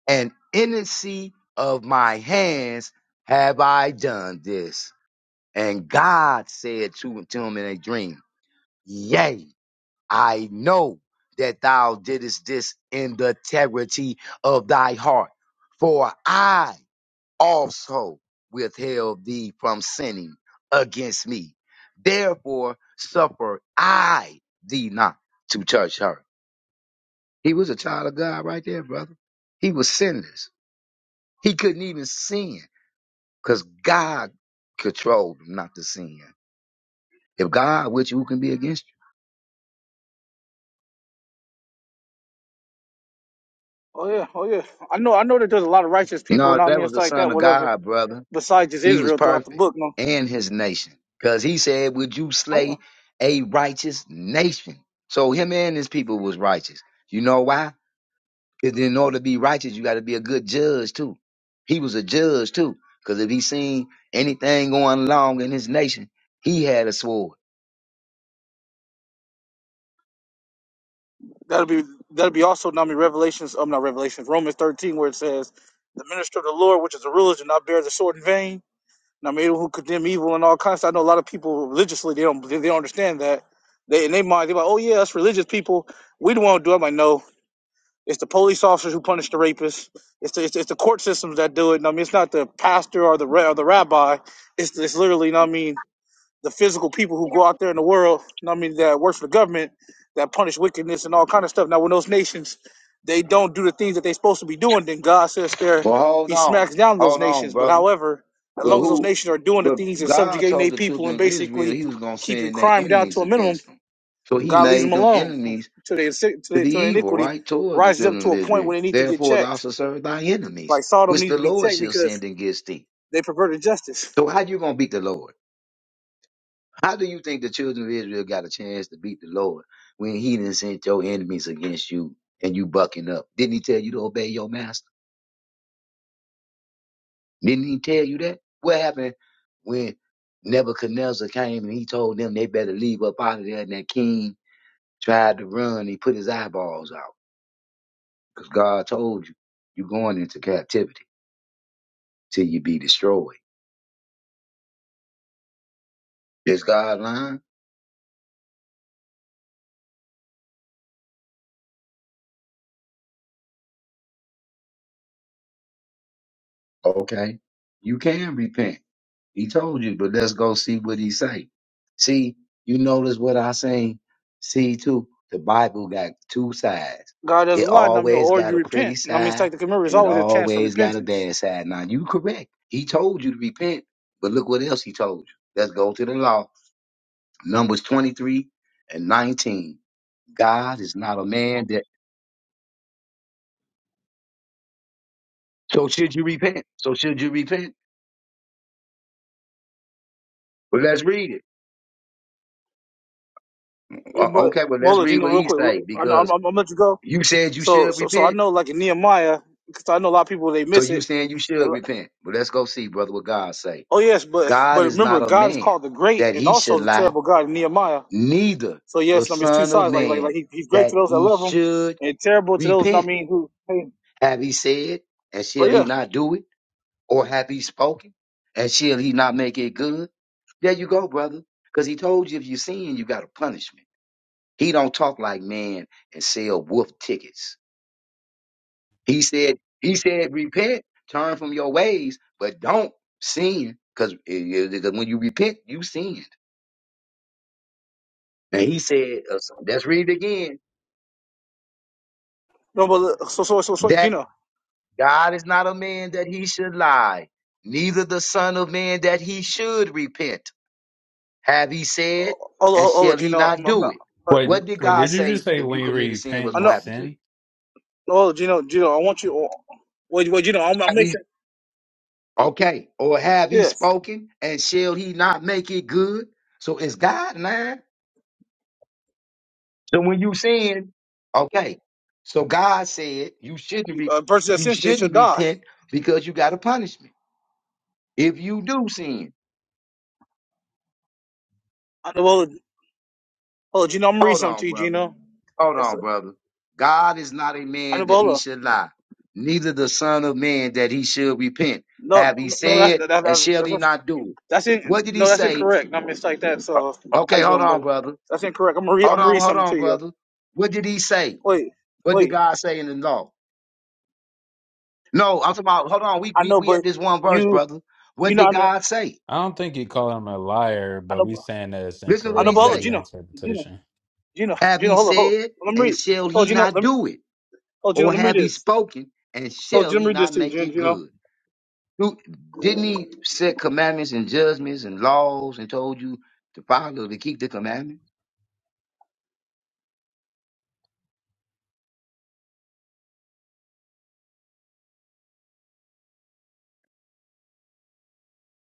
[SPEAKER 4] and innocency of my hands have I done this. And God said to, to him in a dream, Yea, I know that thou didst this in the integrity of thy heart, for I also withheld thee from sinning against me. Therefore suffer I thee not to touch her. He was a child of God right there, brother. He was sinless. He couldn't even sin Because God controlled him not to sin. If God with you, who can be against
[SPEAKER 1] Oh yeah, oh yeah. I know I know that there's a lot of righteous
[SPEAKER 4] you?
[SPEAKER 1] people,
[SPEAKER 4] No,
[SPEAKER 1] and I
[SPEAKER 4] that
[SPEAKER 1] mean
[SPEAKER 4] was
[SPEAKER 1] it's
[SPEAKER 4] the
[SPEAKER 1] like
[SPEAKER 4] son
[SPEAKER 1] that,
[SPEAKER 4] of
[SPEAKER 1] whatever.
[SPEAKER 4] God, brother.
[SPEAKER 1] Besides just
[SPEAKER 4] He was
[SPEAKER 1] Israel throughout the
[SPEAKER 4] perfect
[SPEAKER 1] book, no.
[SPEAKER 4] and his nation. Because he said, Would you
[SPEAKER 1] Oh, yeah.
[SPEAKER 4] slay a righteous nation? So him and his people was righteous. You know why? Because in order to be righteous, you got to be a good judge too. He was a judge too. Because if he seen anything going wrong in his nation, he had a sword.
[SPEAKER 1] That'll be that'll be also now in Revelations, um, not Revelations, Romans thirteen, where it says, "The minister of the Lord, which is a ruler, do not bear the sword in vain." Now, maybe who condemn evil and all kinds. I know a lot of people religiously they don't they don't understand that. They in their mind they're like, "Oh yeah, us religious people, we don't want to do." it." I'm like, no. It's the police officers who punish the rapists. It's the, it's, it's the court systems that do it. And I mean, it's not the pastor or the ra- or the rabbi. It's, it's literally, you know what I mean, the physical people who go out there in the world, you know what I mean, that works for the government, that punish wickedness and all kind of stuff. Now, when those nations, they don't do the things that they're supposed to be doing, then God says there,
[SPEAKER 4] Well, hold
[SPEAKER 1] he
[SPEAKER 4] on.
[SPEAKER 1] smacks down those
[SPEAKER 4] Hold on,
[SPEAKER 1] nations. But
[SPEAKER 4] brother.
[SPEAKER 1] however, as
[SPEAKER 4] Well,
[SPEAKER 1] long as those
[SPEAKER 4] who
[SPEAKER 1] nations are doing the
[SPEAKER 4] But
[SPEAKER 1] things and
[SPEAKER 4] God
[SPEAKER 1] subjugating their
[SPEAKER 4] told the
[SPEAKER 1] people
[SPEAKER 4] children
[SPEAKER 1] and
[SPEAKER 4] of Israel
[SPEAKER 1] basically
[SPEAKER 4] he was going to
[SPEAKER 1] keeping
[SPEAKER 4] send their
[SPEAKER 1] crime down
[SPEAKER 4] enemies
[SPEAKER 1] to a minimum,
[SPEAKER 4] against them. So he
[SPEAKER 1] God leaves
[SPEAKER 4] made
[SPEAKER 1] them
[SPEAKER 4] them
[SPEAKER 1] alone
[SPEAKER 4] enemies
[SPEAKER 1] till they till
[SPEAKER 4] to
[SPEAKER 1] their,
[SPEAKER 4] the
[SPEAKER 1] till their
[SPEAKER 4] evil,
[SPEAKER 1] iniquity
[SPEAKER 4] right? Towards the
[SPEAKER 1] rises up
[SPEAKER 4] children
[SPEAKER 1] to
[SPEAKER 4] of
[SPEAKER 1] a point where
[SPEAKER 4] Israel.
[SPEAKER 1] they need to get
[SPEAKER 4] Therefore, thou
[SPEAKER 1] checked.
[SPEAKER 4] shalt serve thy enemies,
[SPEAKER 1] Like Sodom
[SPEAKER 4] which
[SPEAKER 1] needs
[SPEAKER 4] the
[SPEAKER 1] to be
[SPEAKER 4] Lord
[SPEAKER 1] checked
[SPEAKER 4] shall
[SPEAKER 1] because
[SPEAKER 4] send against thee.
[SPEAKER 1] they perverted justice.
[SPEAKER 4] So how you going to beat the Lord? How do you think the children of Israel got a chance to beat the Lord when he didn't send your enemies against you and you bucking up? Didn't he tell you to obey your master? Didn't he tell you that? What happened when Nebuchadnezzar came and he told them they better leave up out of there and that king tried to run, he put his eyeballs out. Because God told you, you're going into captivity till you be destroyed. Is God lying? Okay. You can repent. He told you, but let's go see what he say. See, you notice what I saying? See too, the Bible got two sides.
[SPEAKER 1] God
[SPEAKER 4] It
[SPEAKER 1] doesn't lie, you know what I mean,
[SPEAKER 4] always
[SPEAKER 1] or
[SPEAKER 4] got
[SPEAKER 1] you
[SPEAKER 4] a pretty
[SPEAKER 1] repent. you know what I mean, it's
[SPEAKER 4] side
[SPEAKER 1] like the community is
[SPEAKER 4] and it
[SPEAKER 1] always a chance for
[SPEAKER 4] always got a
[SPEAKER 1] repentance.
[SPEAKER 4] bad side. Now you correct. He told you to repent, but look what else he told you. Let's go to the law Numbers 23 and 19. God is not a man that. So should you repent? So should you repent? Well, let's read it.
[SPEAKER 1] Yeah,
[SPEAKER 4] O-
[SPEAKER 1] but
[SPEAKER 4] Okay, well, let's
[SPEAKER 1] Bola, you
[SPEAKER 4] read
[SPEAKER 1] know,
[SPEAKER 4] what
[SPEAKER 1] real
[SPEAKER 4] he
[SPEAKER 1] quick,
[SPEAKER 4] say
[SPEAKER 1] I know I'm, I'm,
[SPEAKER 4] because
[SPEAKER 1] I'm gonna let you go.
[SPEAKER 4] you said you
[SPEAKER 1] So,
[SPEAKER 4] should
[SPEAKER 1] so, so I
[SPEAKER 4] repent.
[SPEAKER 1] know, like in Nehemiah, because I know a lot of people they
[SPEAKER 4] So
[SPEAKER 1] miss
[SPEAKER 4] you
[SPEAKER 1] it.
[SPEAKER 4] saying you should
[SPEAKER 1] And,
[SPEAKER 4] repent. But let's go see, brother, what God say.
[SPEAKER 1] oh yes, but
[SPEAKER 4] God
[SPEAKER 1] but
[SPEAKER 4] is
[SPEAKER 1] remember,
[SPEAKER 4] not a
[SPEAKER 1] God is
[SPEAKER 4] man
[SPEAKER 1] called the great
[SPEAKER 4] that
[SPEAKER 1] and
[SPEAKER 4] he should
[SPEAKER 1] also the
[SPEAKER 4] lie,
[SPEAKER 1] terrible God in Nehemiah.
[SPEAKER 4] neither
[SPEAKER 1] So
[SPEAKER 4] the
[SPEAKER 1] yes, I mean, it's two
[SPEAKER 4] son of
[SPEAKER 1] sides. Like like
[SPEAKER 4] man
[SPEAKER 1] like he, he's great to
[SPEAKER 4] that
[SPEAKER 1] those that
[SPEAKER 4] he
[SPEAKER 1] love him,
[SPEAKER 4] should
[SPEAKER 1] and terrible to those I
[SPEAKER 4] repent.
[SPEAKER 1] mean who hate him.
[SPEAKER 4] Have he said, and
[SPEAKER 1] Oh
[SPEAKER 4] shall he
[SPEAKER 1] yeah,
[SPEAKER 4] not do it? Or hath he spoken? And shall he not make it good? There you go, brother. Because he told you if you sin, you got a punishment. He don't talk like man and sell wolf tickets. He said, he said, repent, turn from your ways, but don't sin. Because when you repent, you sinned. And he said, uh, so let's read it again.
[SPEAKER 1] no, but so so so so
[SPEAKER 4] That
[SPEAKER 1] Gino,
[SPEAKER 4] God is not a man that he should lie, neither the son of man that he should repent. Have he said, and
[SPEAKER 1] Ola Ola
[SPEAKER 4] shall he
[SPEAKER 1] Gino,
[SPEAKER 4] not
[SPEAKER 1] I'm, I'm
[SPEAKER 4] do
[SPEAKER 1] not,
[SPEAKER 4] it?
[SPEAKER 1] I
[SPEAKER 5] Wait, did,
[SPEAKER 4] What did
[SPEAKER 5] wait,
[SPEAKER 4] God
[SPEAKER 5] did you
[SPEAKER 4] say
[SPEAKER 5] just say
[SPEAKER 4] if you
[SPEAKER 5] when you
[SPEAKER 4] commit a sin,
[SPEAKER 5] repent,
[SPEAKER 4] what's
[SPEAKER 1] I
[SPEAKER 5] you
[SPEAKER 4] gonna
[SPEAKER 1] know,
[SPEAKER 4] happen to you?
[SPEAKER 5] sin?
[SPEAKER 1] Ola Gino Gino, I want you. oh, Wait wait Gino, I'm, I'm
[SPEAKER 4] Have
[SPEAKER 1] make
[SPEAKER 4] he
[SPEAKER 1] sure.
[SPEAKER 4] okay, or have he
[SPEAKER 1] Yes,
[SPEAKER 4] spoken, and shall he not make it good? So it's God man. So when you sin, okay. So God said you shouldn't be
[SPEAKER 1] a person that
[SPEAKER 4] you
[SPEAKER 1] sins they shall
[SPEAKER 4] shouldn't
[SPEAKER 1] die.
[SPEAKER 4] repent because you got a punishment. If you do sin,
[SPEAKER 1] I know, Ola, Ola Gino, I'm gonna read
[SPEAKER 4] hold
[SPEAKER 1] something
[SPEAKER 4] on,
[SPEAKER 1] to you,
[SPEAKER 4] brother.
[SPEAKER 1] Gino.
[SPEAKER 4] Hold
[SPEAKER 1] It's
[SPEAKER 4] on, brother. God is not a man that he
[SPEAKER 1] Anubola.
[SPEAKER 4] should lie, neither the Son of Man that he should repent.
[SPEAKER 1] No,
[SPEAKER 4] Have he
[SPEAKER 1] no, that's
[SPEAKER 4] said,
[SPEAKER 1] that, that,
[SPEAKER 4] and shall
[SPEAKER 1] that's
[SPEAKER 4] he
[SPEAKER 1] that's
[SPEAKER 4] not do it?
[SPEAKER 1] that's
[SPEAKER 4] What
[SPEAKER 1] in,
[SPEAKER 4] did he
[SPEAKER 1] no, that's
[SPEAKER 4] say?
[SPEAKER 1] incorrect. I mistake that.
[SPEAKER 4] Uh,
[SPEAKER 1] So how
[SPEAKER 4] Okay,
[SPEAKER 1] you
[SPEAKER 4] hold
[SPEAKER 1] doing,
[SPEAKER 4] on,
[SPEAKER 1] brother?
[SPEAKER 4] brother.
[SPEAKER 1] That's incorrect. I'm gonna read. I'm
[SPEAKER 4] Hold
[SPEAKER 1] gonna read
[SPEAKER 4] on, hold
[SPEAKER 1] something
[SPEAKER 4] on,
[SPEAKER 1] to you.
[SPEAKER 4] brother. What did he say?
[SPEAKER 1] Wait,
[SPEAKER 4] What did
[SPEAKER 1] wait.
[SPEAKER 4] God say in the law? No, I'm talking about, hold on, we,
[SPEAKER 1] I
[SPEAKER 4] we,
[SPEAKER 1] know,
[SPEAKER 4] we at
[SPEAKER 1] but
[SPEAKER 4] this one verse,
[SPEAKER 1] you,
[SPEAKER 4] brother.
[SPEAKER 1] you
[SPEAKER 4] What
[SPEAKER 1] know,
[SPEAKER 4] did
[SPEAKER 1] I know,
[SPEAKER 4] God say?
[SPEAKER 5] I don't think you call him a liar,
[SPEAKER 1] I
[SPEAKER 5] but
[SPEAKER 1] know,
[SPEAKER 5] we saying that it's
[SPEAKER 4] Listen to
[SPEAKER 1] I
[SPEAKER 4] what
[SPEAKER 1] know,
[SPEAKER 4] he
[SPEAKER 5] incorrect.
[SPEAKER 1] but hold on,
[SPEAKER 5] Maybe
[SPEAKER 4] say.
[SPEAKER 5] the
[SPEAKER 1] Gino, Gino,
[SPEAKER 5] interpretation.
[SPEAKER 1] Gino,
[SPEAKER 4] Have
[SPEAKER 1] Gino.
[SPEAKER 4] he
[SPEAKER 1] Hold on, hold. on.
[SPEAKER 4] said,
[SPEAKER 1] Let me
[SPEAKER 4] and
[SPEAKER 1] read.
[SPEAKER 4] shall
[SPEAKER 1] Hold,
[SPEAKER 4] he
[SPEAKER 1] Gino.
[SPEAKER 4] not
[SPEAKER 1] Let me,
[SPEAKER 4] do it?
[SPEAKER 1] hold, Gino.
[SPEAKER 4] Or
[SPEAKER 1] Let me read
[SPEAKER 4] have he
[SPEAKER 1] this.
[SPEAKER 4] spoken, and
[SPEAKER 1] Hold,
[SPEAKER 4] shall
[SPEAKER 1] Gino. Let
[SPEAKER 4] he
[SPEAKER 1] me read this
[SPEAKER 4] not
[SPEAKER 1] to you,
[SPEAKER 4] make it
[SPEAKER 1] Gino.
[SPEAKER 4] good? Who didn't he set commandments and judgments and laws and told you to follow to keep the commandments?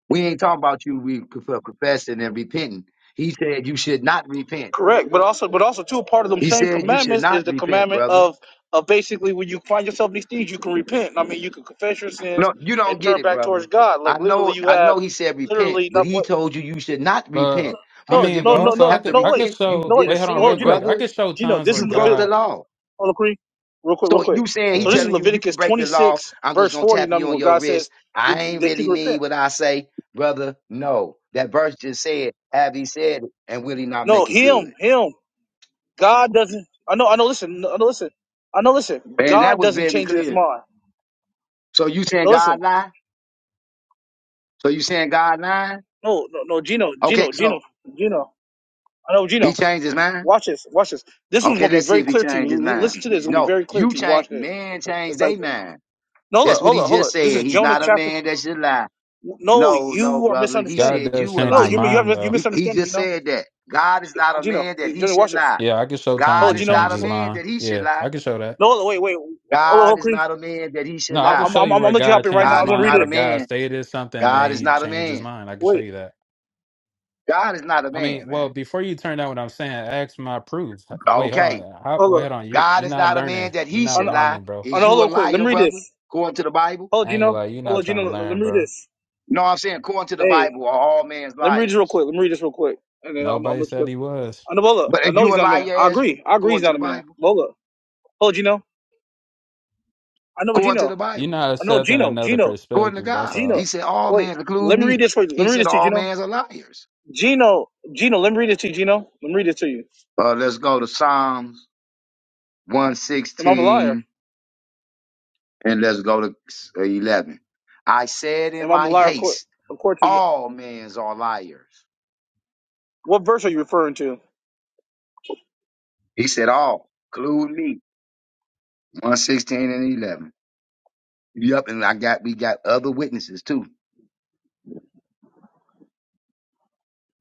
[SPEAKER 4] We ain't talking about you re- conf- confessing and repenting. He said you should not repent.
[SPEAKER 1] Correct, but also, but also too, part of them
[SPEAKER 4] He
[SPEAKER 1] same
[SPEAKER 4] said you should
[SPEAKER 1] commandments is
[SPEAKER 4] not
[SPEAKER 1] the
[SPEAKER 4] repent,
[SPEAKER 1] commandment
[SPEAKER 4] brother.
[SPEAKER 1] of of basically when you find yourself in these things, you can repent. I mean, you can confess your sins
[SPEAKER 4] No, you
[SPEAKER 1] and
[SPEAKER 4] don't get
[SPEAKER 1] turn
[SPEAKER 4] it,
[SPEAKER 1] back towards
[SPEAKER 4] brother.
[SPEAKER 1] God. Like
[SPEAKER 4] I
[SPEAKER 1] literally,
[SPEAKER 4] know,
[SPEAKER 1] you
[SPEAKER 4] I
[SPEAKER 1] have
[SPEAKER 4] know. He said repent,
[SPEAKER 1] literally
[SPEAKER 4] but
[SPEAKER 1] not
[SPEAKER 4] he
[SPEAKER 1] what
[SPEAKER 4] told you you should not
[SPEAKER 5] But
[SPEAKER 4] repent
[SPEAKER 5] I
[SPEAKER 1] no
[SPEAKER 4] because
[SPEAKER 5] mean,
[SPEAKER 4] if
[SPEAKER 5] but
[SPEAKER 1] no
[SPEAKER 4] you
[SPEAKER 1] no
[SPEAKER 5] also I
[SPEAKER 4] have
[SPEAKER 1] no
[SPEAKER 4] to
[SPEAKER 5] could
[SPEAKER 1] no
[SPEAKER 5] I
[SPEAKER 1] wait
[SPEAKER 5] could
[SPEAKER 4] repent, you
[SPEAKER 1] no
[SPEAKER 5] show.
[SPEAKER 4] did a
[SPEAKER 1] wait
[SPEAKER 5] Wait, hold on,
[SPEAKER 1] oh
[SPEAKER 5] real
[SPEAKER 4] sin,
[SPEAKER 1] Gino
[SPEAKER 5] quick. I
[SPEAKER 4] brother.
[SPEAKER 5] could show
[SPEAKER 1] Gino
[SPEAKER 5] times
[SPEAKER 1] this
[SPEAKER 5] where
[SPEAKER 1] is
[SPEAKER 4] You broke
[SPEAKER 1] Levit
[SPEAKER 4] the
[SPEAKER 5] God
[SPEAKER 4] law.
[SPEAKER 1] oh Lacree, real quick real
[SPEAKER 4] So
[SPEAKER 1] quick.
[SPEAKER 4] you saying
[SPEAKER 5] go
[SPEAKER 4] he
[SPEAKER 1] So
[SPEAKER 5] ahead.
[SPEAKER 1] this is
[SPEAKER 4] telling you you can
[SPEAKER 1] Leviticus
[SPEAKER 4] break the
[SPEAKER 1] twenty
[SPEAKER 4] law?
[SPEAKER 1] six
[SPEAKER 4] I'm just
[SPEAKER 1] verse
[SPEAKER 4] gonna
[SPEAKER 1] forty. You
[SPEAKER 4] tap
[SPEAKER 1] know what I
[SPEAKER 4] you
[SPEAKER 1] mean,
[SPEAKER 4] on
[SPEAKER 1] where
[SPEAKER 4] your
[SPEAKER 1] God
[SPEAKER 4] wrist.
[SPEAKER 1] says
[SPEAKER 4] I
[SPEAKER 1] that
[SPEAKER 4] ain't
[SPEAKER 1] that you
[SPEAKER 4] really
[SPEAKER 1] can
[SPEAKER 4] mean
[SPEAKER 1] repent.
[SPEAKER 4] what I say, brother. No, that verse just said, "Have he said it, and will he not
[SPEAKER 1] No,
[SPEAKER 4] make it
[SPEAKER 1] him
[SPEAKER 4] good?"
[SPEAKER 1] him God doesn't. I know I know. Listen I know listen I know listen.
[SPEAKER 4] Man, that
[SPEAKER 1] God
[SPEAKER 4] was
[SPEAKER 1] doesn't
[SPEAKER 4] very
[SPEAKER 1] change in His
[SPEAKER 4] clear.
[SPEAKER 1] mind.
[SPEAKER 4] So you saying
[SPEAKER 1] No, listen.
[SPEAKER 4] God lie? So you saying God lying?
[SPEAKER 1] No, no, no, Gino,
[SPEAKER 4] Okay,
[SPEAKER 1] Gino,
[SPEAKER 4] so
[SPEAKER 1] Gino, Gino. I know,
[SPEAKER 4] he
[SPEAKER 1] Gino.
[SPEAKER 4] changed his mind.
[SPEAKER 1] Watch this. Watch this. This one's
[SPEAKER 4] Okay,
[SPEAKER 1] gonna be
[SPEAKER 4] let's see
[SPEAKER 1] very
[SPEAKER 4] if he
[SPEAKER 1] clear to you.
[SPEAKER 4] changed his
[SPEAKER 1] L-
[SPEAKER 4] mind.
[SPEAKER 1] listen to this. It's gonna be
[SPEAKER 4] No,
[SPEAKER 1] very clear
[SPEAKER 4] you
[SPEAKER 1] to you.
[SPEAKER 4] change.
[SPEAKER 1] Watch this.
[SPEAKER 4] Man change
[SPEAKER 1] It's like
[SPEAKER 4] their mind.
[SPEAKER 1] no, look,
[SPEAKER 4] That's what
[SPEAKER 1] hold
[SPEAKER 4] he
[SPEAKER 1] up, hold
[SPEAKER 4] just
[SPEAKER 1] up. This
[SPEAKER 4] said.
[SPEAKER 1] is
[SPEAKER 4] He's
[SPEAKER 1] Jonah
[SPEAKER 4] not a
[SPEAKER 1] chapter.
[SPEAKER 4] man that should lie.
[SPEAKER 1] No,
[SPEAKER 4] No, no,
[SPEAKER 1] you are
[SPEAKER 4] brother. He
[SPEAKER 1] misunderstanding.
[SPEAKER 5] God
[SPEAKER 4] said you
[SPEAKER 5] does
[SPEAKER 4] a
[SPEAKER 5] change
[SPEAKER 1] No,
[SPEAKER 5] his
[SPEAKER 1] you
[SPEAKER 4] liar.
[SPEAKER 1] you
[SPEAKER 5] mind,
[SPEAKER 1] have you
[SPEAKER 5] though.
[SPEAKER 4] He he
[SPEAKER 1] misunderstanding.
[SPEAKER 4] just
[SPEAKER 1] Gino,
[SPEAKER 4] said that. God is not a
[SPEAKER 1] Gino,
[SPEAKER 4] man that
[SPEAKER 1] Uh,
[SPEAKER 4] he
[SPEAKER 1] Gino,
[SPEAKER 4] should
[SPEAKER 1] watch this.
[SPEAKER 4] lie.
[SPEAKER 5] Yeah, I could show
[SPEAKER 1] Hold
[SPEAKER 5] times
[SPEAKER 4] God
[SPEAKER 1] on,
[SPEAKER 5] he
[SPEAKER 4] is not
[SPEAKER 1] Gino.
[SPEAKER 5] changed
[SPEAKER 4] a
[SPEAKER 5] his
[SPEAKER 1] Ho-
[SPEAKER 4] man
[SPEAKER 5] mind.
[SPEAKER 4] that he should
[SPEAKER 5] Yeah,
[SPEAKER 4] lie.
[SPEAKER 5] I could show that.
[SPEAKER 1] No, wait, wait. Hold on,
[SPEAKER 4] God
[SPEAKER 1] hold
[SPEAKER 4] is
[SPEAKER 1] Cree.
[SPEAKER 4] not a man that he
[SPEAKER 5] No,
[SPEAKER 4] should
[SPEAKER 5] I
[SPEAKER 1] I'm
[SPEAKER 5] could
[SPEAKER 4] lie.
[SPEAKER 1] I'm
[SPEAKER 5] show
[SPEAKER 1] I'm
[SPEAKER 5] you
[SPEAKER 1] I'm
[SPEAKER 5] where
[SPEAKER 1] gonna let you
[SPEAKER 5] God
[SPEAKER 1] hop in right
[SPEAKER 5] changed
[SPEAKER 1] now.
[SPEAKER 5] his
[SPEAKER 4] God
[SPEAKER 1] I'm
[SPEAKER 4] is
[SPEAKER 1] gonna
[SPEAKER 5] mind,
[SPEAKER 1] read
[SPEAKER 4] not a
[SPEAKER 5] where
[SPEAKER 1] this.
[SPEAKER 5] God
[SPEAKER 4] man.
[SPEAKER 5] stated something,
[SPEAKER 4] God
[SPEAKER 5] then
[SPEAKER 4] is
[SPEAKER 5] he
[SPEAKER 4] not a
[SPEAKER 5] changed his
[SPEAKER 4] man.
[SPEAKER 5] mind. I could show
[SPEAKER 1] Wait,
[SPEAKER 5] you that.
[SPEAKER 4] God is not a
[SPEAKER 5] I mean,
[SPEAKER 4] man,
[SPEAKER 5] well,
[SPEAKER 4] man.
[SPEAKER 5] before you turn down what I'm saying, ask my proof. Wait, hold on.
[SPEAKER 4] Okay.
[SPEAKER 5] How,
[SPEAKER 1] hold
[SPEAKER 5] wait,
[SPEAKER 1] up.
[SPEAKER 5] hold on. You're
[SPEAKER 4] God
[SPEAKER 5] you're
[SPEAKER 4] is
[SPEAKER 5] not
[SPEAKER 4] not a man
[SPEAKER 5] learning.
[SPEAKER 4] that
[SPEAKER 5] You're
[SPEAKER 4] he
[SPEAKER 1] I
[SPEAKER 5] not
[SPEAKER 4] should
[SPEAKER 1] know,
[SPEAKER 4] lie.
[SPEAKER 5] learning, bro.
[SPEAKER 1] I
[SPEAKER 4] Is
[SPEAKER 1] know, hold
[SPEAKER 4] you a
[SPEAKER 1] on, quick. Let
[SPEAKER 4] liar,
[SPEAKER 1] me read
[SPEAKER 4] brother?
[SPEAKER 1] this.
[SPEAKER 4] According to the Bible?
[SPEAKER 1] Hold on,
[SPEAKER 5] I ain't
[SPEAKER 1] Gino.
[SPEAKER 5] gonna lie. You're
[SPEAKER 1] Hold
[SPEAKER 5] not
[SPEAKER 1] on,
[SPEAKER 5] trying
[SPEAKER 1] Gino.
[SPEAKER 5] to
[SPEAKER 1] Let me
[SPEAKER 5] learn,
[SPEAKER 1] read
[SPEAKER 5] bro.
[SPEAKER 1] this.
[SPEAKER 4] No, I'm saying according to the
[SPEAKER 1] Hey,
[SPEAKER 4] Bible are all men's
[SPEAKER 1] let me read this real
[SPEAKER 4] liars.
[SPEAKER 1] quick. Let me read this real quick, and then I'm I'm
[SPEAKER 5] Nobody said
[SPEAKER 1] gonna.
[SPEAKER 5] he was.
[SPEAKER 1] I know Bola.
[SPEAKER 4] But
[SPEAKER 1] I
[SPEAKER 4] if
[SPEAKER 1] know
[SPEAKER 4] you
[SPEAKER 1] he's
[SPEAKER 4] a
[SPEAKER 1] not a man.
[SPEAKER 4] liar,
[SPEAKER 1] I
[SPEAKER 4] Ezra,
[SPEAKER 1] agree. I agree he's
[SPEAKER 4] according to
[SPEAKER 1] not
[SPEAKER 4] the
[SPEAKER 1] a man.
[SPEAKER 4] Bible,
[SPEAKER 1] Bola. Hold Gino. I know
[SPEAKER 4] according to
[SPEAKER 1] Gino.
[SPEAKER 4] the
[SPEAKER 5] You're
[SPEAKER 4] Bible.
[SPEAKER 5] not
[SPEAKER 1] I know
[SPEAKER 5] accepting
[SPEAKER 1] Gino.
[SPEAKER 5] another
[SPEAKER 1] Gino.
[SPEAKER 4] According to
[SPEAKER 5] perspective. That's
[SPEAKER 4] God,
[SPEAKER 1] Gino.
[SPEAKER 4] He
[SPEAKER 5] all.
[SPEAKER 4] said, All
[SPEAKER 1] Wait.
[SPEAKER 4] men, include
[SPEAKER 1] Let me read
[SPEAKER 4] me.
[SPEAKER 1] this for you. Let
[SPEAKER 4] He
[SPEAKER 1] me read
[SPEAKER 4] said,
[SPEAKER 1] this to you,
[SPEAKER 4] All
[SPEAKER 1] Gino.
[SPEAKER 4] men are liars.
[SPEAKER 1] Gino. Gino. Let me read it to you, Gino. Let me read it to you.
[SPEAKER 4] Uh, let's go to Psalms
[SPEAKER 1] Am I a liar?
[SPEAKER 4] 116 and let's go to uh, 11. I said in
[SPEAKER 1] Am I a
[SPEAKER 4] my
[SPEAKER 1] liar according,
[SPEAKER 4] haste,
[SPEAKER 1] according to
[SPEAKER 4] All men are liars.
[SPEAKER 1] what verse are you referring to?
[SPEAKER 4] He said, All, include me. 116 and 11. Yep, and I got we got other witnesses too.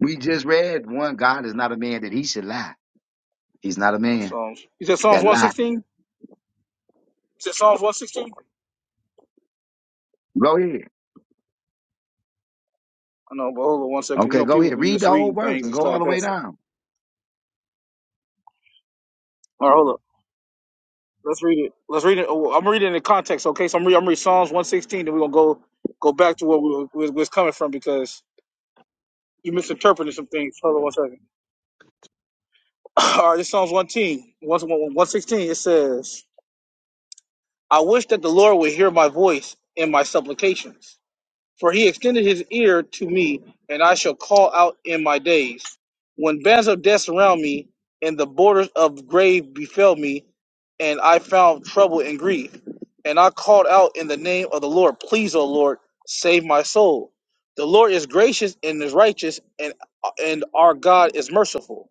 [SPEAKER 4] We just read one. God is not a man that he should lie. He's not a man
[SPEAKER 1] Psalms. You said Psalms
[SPEAKER 4] that lie.
[SPEAKER 1] 116? You said Psalms 116?
[SPEAKER 4] Go ahead.
[SPEAKER 1] I know, but hold on one second. You
[SPEAKER 4] Okay,
[SPEAKER 1] know,
[SPEAKER 4] go
[SPEAKER 1] people
[SPEAKER 4] ahead.
[SPEAKER 1] be
[SPEAKER 4] Read the whole
[SPEAKER 1] misreading
[SPEAKER 4] verse
[SPEAKER 1] things
[SPEAKER 4] and
[SPEAKER 1] and
[SPEAKER 4] go
[SPEAKER 1] stuff
[SPEAKER 4] all
[SPEAKER 1] like
[SPEAKER 4] the
[SPEAKER 1] that.
[SPEAKER 4] way
[SPEAKER 1] So.
[SPEAKER 4] down.
[SPEAKER 1] All right, hold up. Let's read it. Let's read it. Oh, I'm reading it in the context, okay? So I'm reading, I'm reading Psalms 116, and we're gonna go go back to where we were, where it's coming from because you misinterpreted some things. Hold on one second. All right, this Psalms 116. 116. It says, "I wish that the Lord would hear my voice and my supplications." For he extended his ear to me, and I shall call out in my days. When bands of death surround me, and the borders of grave befell me, and I found trouble and grief. And I called out in the name of the Lord, Please, O Lord, save my soul. The Lord is gracious and is righteous, and, and our God is merciful.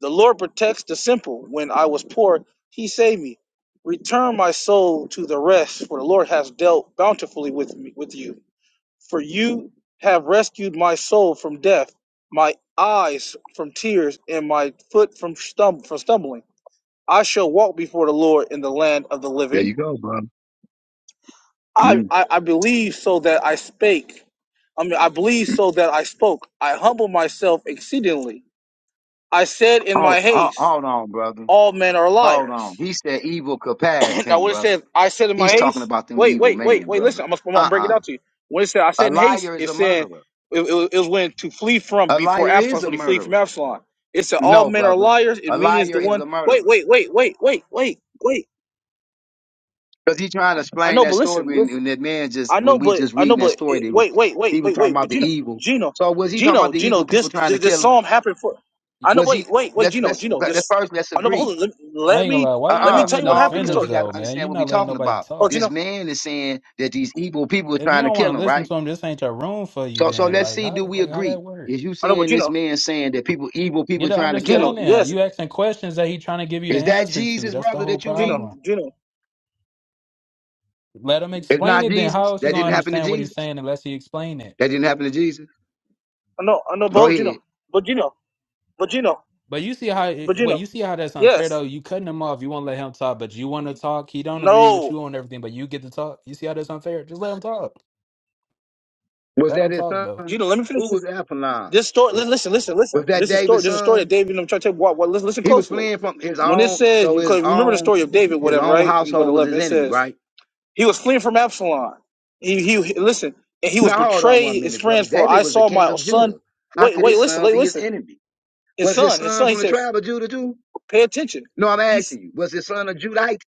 [SPEAKER 1] The Lord protects the simple. When I was poor, he saved me. Return my soul to the rest, for the Lord has dealt bountifully with me with you. For you have rescued my soul from death, my eyes from tears, and my foot from, stum- from stumbling. I shall walk before the Lord in the land of the
[SPEAKER 4] There
[SPEAKER 1] living.
[SPEAKER 4] you go, brother.
[SPEAKER 1] I,
[SPEAKER 4] Mm-hmm.
[SPEAKER 1] I, I believe so that I spake. I mean, I believe so that I spoke. I humble myself exceedingly. I said in my
[SPEAKER 4] Hold, hold,
[SPEAKER 1] haste,
[SPEAKER 4] hold on, brother.
[SPEAKER 1] All men are
[SPEAKER 4] Hold
[SPEAKER 1] liars.
[SPEAKER 4] on. He said evil could pass
[SPEAKER 1] Now,
[SPEAKER 4] him,
[SPEAKER 1] what it
[SPEAKER 4] brother.
[SPEAKER 1] says, I said in my
[SPEAKER 4] He's talking
[SPEAKER 1] haste.
[SPEAKER 4] about them
[SPEAKER 1] Wait,
[SPEAKER 4] evil
[SPEAKER 1] wait, wait,
[SPEAKER 4] man,
[SPEAKER 1] wait.
[SPEAKER 4] brother.
[SPEAKER 1] Listen, I'm gonna, I'm gonna break it
[SPEAKER 4] Uh-uh.
[SPEAKER 1] out to you. When it said, I
[SPEAKER 4] A
[SPEAKER 1] said in haste,
[SPEAKER 4] liar is
[SPEAKER 1] it
[SPEAKER 4] a
[SPEAKER 1] said
[SPEAKER 4] murderer.
[SPEAKER 1] it, it, was- it was when to flee from
[SPEAKER 4] A
[SPEAKER 1] before
[SPEAKER 4] liar is
[SPEAKER 1] Absalom.
[SPEAKER 4] a
[SPEAKER 1] When he flee from
[SPEAKER 4] murderer.
[SPEAKER 1] Absalom, it said all
[SPEAKER 4] No,
[SPEAKER 1] men are
[SPEAKER 4] brother.
[SPEAKER 1] liars, and
[SPEAKER 4] A
[SPEAKER 1] meaning is
[SPEAKER 4] liar
[SPEAKER 1] the
[SPEAKER 4] is
[SPEAKER 1] one.
[SPEAKER 4] a
[SPEAKER 1] Wait,
[SPEAKER 4] murderer.
[SPEAKER 1] wait, wait, wait, wait, wait, wait.
[SPEAKER 4] Because he trying to
[SPEAKER 1] I
[SPEAKER 4] explain
[SPEAKER 1] know,
[SPEAKER 4] that
[SPEAKER 1] but listen,
[SPEAKER 4] story and,
[SPEAKER 1] listen.
[SPEAKER 4] and that man just
[SPEAKER 1] I
[SPEAKER 4] when
[SPEAKER 1] know,
[SPEAKER 4] we
[SPEAKER 1] but
[SPEAKER 4] just
[SPEAKER 1] I know,
[SPEAKER 4] reading that
[SPEAKER 1] but
[SPEAKER 4] story,
[SPEAKER 1] eh,
[SPEAKER 4] they was
[SPEAKER 1] wait, wait,
[SPEAKER 4] he
[SPEAKER 1] wait,
[SPEAKER 4] was
[SPEAKER 1] wait,
[SPEAKER 4] talking
[SPEAKER 1] wait.
[SPEAKER 4] about
[SPEAKER 1] But
[SPEAKER 4] the
[SPEAKER 1] Gino,
[SPEAKER 4] evil.
[SPEAKER 1] Gino,
[SPEAKER 4] So was he talking about
[SPEAKER 1] Gino,
[SPEAKER 4] the
[SPEAKER 1] Gino.
[SPEAKER 4] evil people
[SPEAKER 1] This
[SPEAKER 4] trying to
[SPEAKER 1] this, this
[SPEAKER 4] kill him?
[SPEAKER 1] psalm happened for. I know.
[SPEAKER 4] Was he
[SPEAKER 1] Wait, wait, wait,
[SPEAKER 4] let's
[SPEAKER 1] Gino,
[SPEAKER 4] let's
[SPEAKER 1] Gino.
[SPEAKER 4] let's
[SPEAKER 1] This.
[SPEAKER 4] first let's
[SPEAKER 1] I know, but
[SPEAKER 4] agree.
[SPEAKER 1] hold on. Let,
[SPEAKER 5] I
[SPEAKER 1] let
[SPEAKER 5] ain't gonna
[SPEAKER 1] me
[SPEAKER 5] lie. Why you
[SPEAKER 1] let me
[SPEAKER 4] Uh-uh.
[SPEAKER 5] not
[SPEAKER 1] tell
[SPEAKER 5] letting
[SPEAKER 1] you what
[SPEAKER 5] us
[SPEAKER 4] No,
[SPEAKER 1] happened in the
[SPEAKER 4] because
[SPEAKER 5] finish
[SPEAKER 4] we
[SPEAKER 1] story.
[SPEAKER 4] got
[SPEAKER 5] though,
[SPEAKER 4] to
[SPEAKER 5] man?
[SPEAKER 4] understand
[SPEAKER 5] you
[SPEAKER 4] what we're
[SPEAKER 5] not letting
[SPEAKER 4] talking
[SPEAKER 5] nobody
[SPEAKER 4] about.
[SPEAKER 1] Oh,
[SPEAKER 5] talk.
[SPEAKER 4] This
[SPEAKER 1] Gino.
[SPEAKER 4] man is saying that these evil people are
[SPEAKER 5] If you
[SPEAKER 4] trying to
[SPEAKER 5] don't want to
[SPEAKER 4] kill him,
[SPEAKER 5] listen
[SPEAKER 4] right?
[SPEAKER 5] to him, this ain't your room for you.
[SPEAKER 4] So so
[SPEAKER 5] Then,
[SPEAKER 4] let's
[SPEAKER 5] like,
[SPEAKER 4] see,
[SPEAKER 5] how,
[SPEAKER 4] do we
[SPEAKER 5] like, how
[SPEAKER 4] agree?
[SPEAKER 5] that work?
[SPEAKER 4] Is you
[SPEAKER 1] I know, but
[SPEAKER 4] saying this
[SPEAKER 1] Gino.
[SPEAKER 4] man saying that people evil people
[SPEAKER 5] Get
[SPEAKER 4] are
[SPEAKER 5] an
[SPEAKER 4] trying to kill
[SPEAKER 1] Gino,
[SPEAKER 4] him?
[SPEAKER 5] understanding.
[SPEAKER 1] yes.
[SPEAKER 5] You asking questions that he trying to give you the
[SPEAKER 4] Is that
[SPEAKER 5] answer to.
[SPEAKER 4] Jesus,
[SPEAKER 5] That's the
[SPEAKER 4] brother,
[SPEAKER 5] whole
[SPEAKER 4] that you
[SPEAKER 1] Gino,
[SPEAKER 5] problem.
[SPEAKER 4] reading?
[SPEAKER 1] Gino.
[SPEAKER 5] Let him
[SPEAKER 4] It's
[SPEAKER 5] explain
[SPEAKER 4] not
[SPEAKER 5] it. Then how
[SPEAKER 4] Jesus.
[SPEAKER 5] else you
[SPEAKER 4] That
[SPEAKER 5] gonna
[SPEAKER 4] didn't happen to
[SPEAKER 5] understand what he's
[SPEAKER 4] Jesus.
[SPEAKER 5] saying unless he explain it?
[SPEAKER 4] That didn't happen to Jesus.
[SPEAKER 1] No, no,
[SPEAKER 4] Go
[SPEAKER 1] both Gino.
[SPEAKER 4] ahead.
[SPEAKER 1] But Gino, but Gino,
[SPEAKER 5] But you see how
[SPEAKER 1] but
[SPEAKER 5] wait,
[SPEAKER 1] Gino.
[SPEAKER 5] you see how that's unfair though.
[SPEAKER 1] Yes.
[SPEAKER 5] You cutting him off. You won't let him talk, but you want to talk. He don't agree with
[SPEAKER 1] No.
[SPEAKER 5] you on everything, but you get to talk. You see how that's unfair? Just let him talk.
[SPEAKER 4] Was
[SPEAKER 5] Let
[SPEAKER 4] that
[SPEAKER 5] him
[SPEAKER 4] his
[SPEAKER 5] talk though.
[SPEAKER 4] son?
[SPEAKER 1] Gino, let me finish
[SPEAKER 4] Who was
[SPEAKER 1] this.
[SPEAKER 4] Apolline?
[SPEAKER 1] This story,
[SPEAKER 4] Was,
[SPEAKER 1] li- listen, listen, listen.
[SPEAKER 4] was that
[SPEAKER 1] This is story.
[SPEAKER 4] David's
[SPEAKER 1] This is a story of
[SPEAKER 4] son?
[SPEAKER 1] David. And I'm trying to tell you. What, what, listen, listen
[SPEAKER 4] He was
[SPEAKER 1] closely.
[SPEAKER 4] fleeing from his
[SPEAKER 1] When it
[SPEAKER 4] own,
[SPEAKER 1] says,
[SPEAKER 4] so
[SPEAKER 1] you
[SPEAKER 4] his
[SPEAKER 1] could remember the
[SPEAKER 4] own
[SPEAKER 1] story of David,
[SPEAKER 4] his
[SPEAKER 1] whatever,
[SPEAKER 4] own
[SPEAKER 1] right? In what
[SPEAKER 4] household was his
[SPEAKER 1] eleven, it
[SPEAKER 4] enemy,
[SPEAKER 1] says
[SPEAKER 4] right?
[SPEAKER 1] he was fleeing from Absalom. He, he, listen, and he was
[SPEAKER 4] Now hold on one
[SPEAKER 1] betrayed his
[SPEAKER 4] minute, brother.
[SPEAKER 1] friends for
[SPEAKER 4] David
[SPEAKER 1] I
[SPEAKER 4] was the
[SPEAKER 1] saw
[SPEAKER 4] king
[SPEAKER 1] my
[SPEAKER 4] of
[SPEAKER 1] son.
[SPEAKER 4] Judah. How
[SPEAKER 1] Wait,
[SPEAKER 4] could
[SPEAKER 1] wait,
[SPEAKER 4] his
[SPEAKER 1] listen,
[SPEAKER 4] son
[SPEAKER 1] wait,
[SPEAKER 4] be his
[SPEAKER 1] listen.
[SPEAKER 4] enemy?
[SPEAKER 1] His
[SPEAKER 4] Was his
[SPEAKER 1] son, his
[SPEAKER 4] son
[SPEAKER 1] son. He
[SPEAKER 4] from the
[SPEAKER 1] says,
[SPEAKER 4] tribe of Judah too?
[SPEAKER 1] pay attention.
[SPEAKER 4] No, I'm
[SPEAKER 1] He's
[SPEAKER 4] asking you. Was his son a Judite?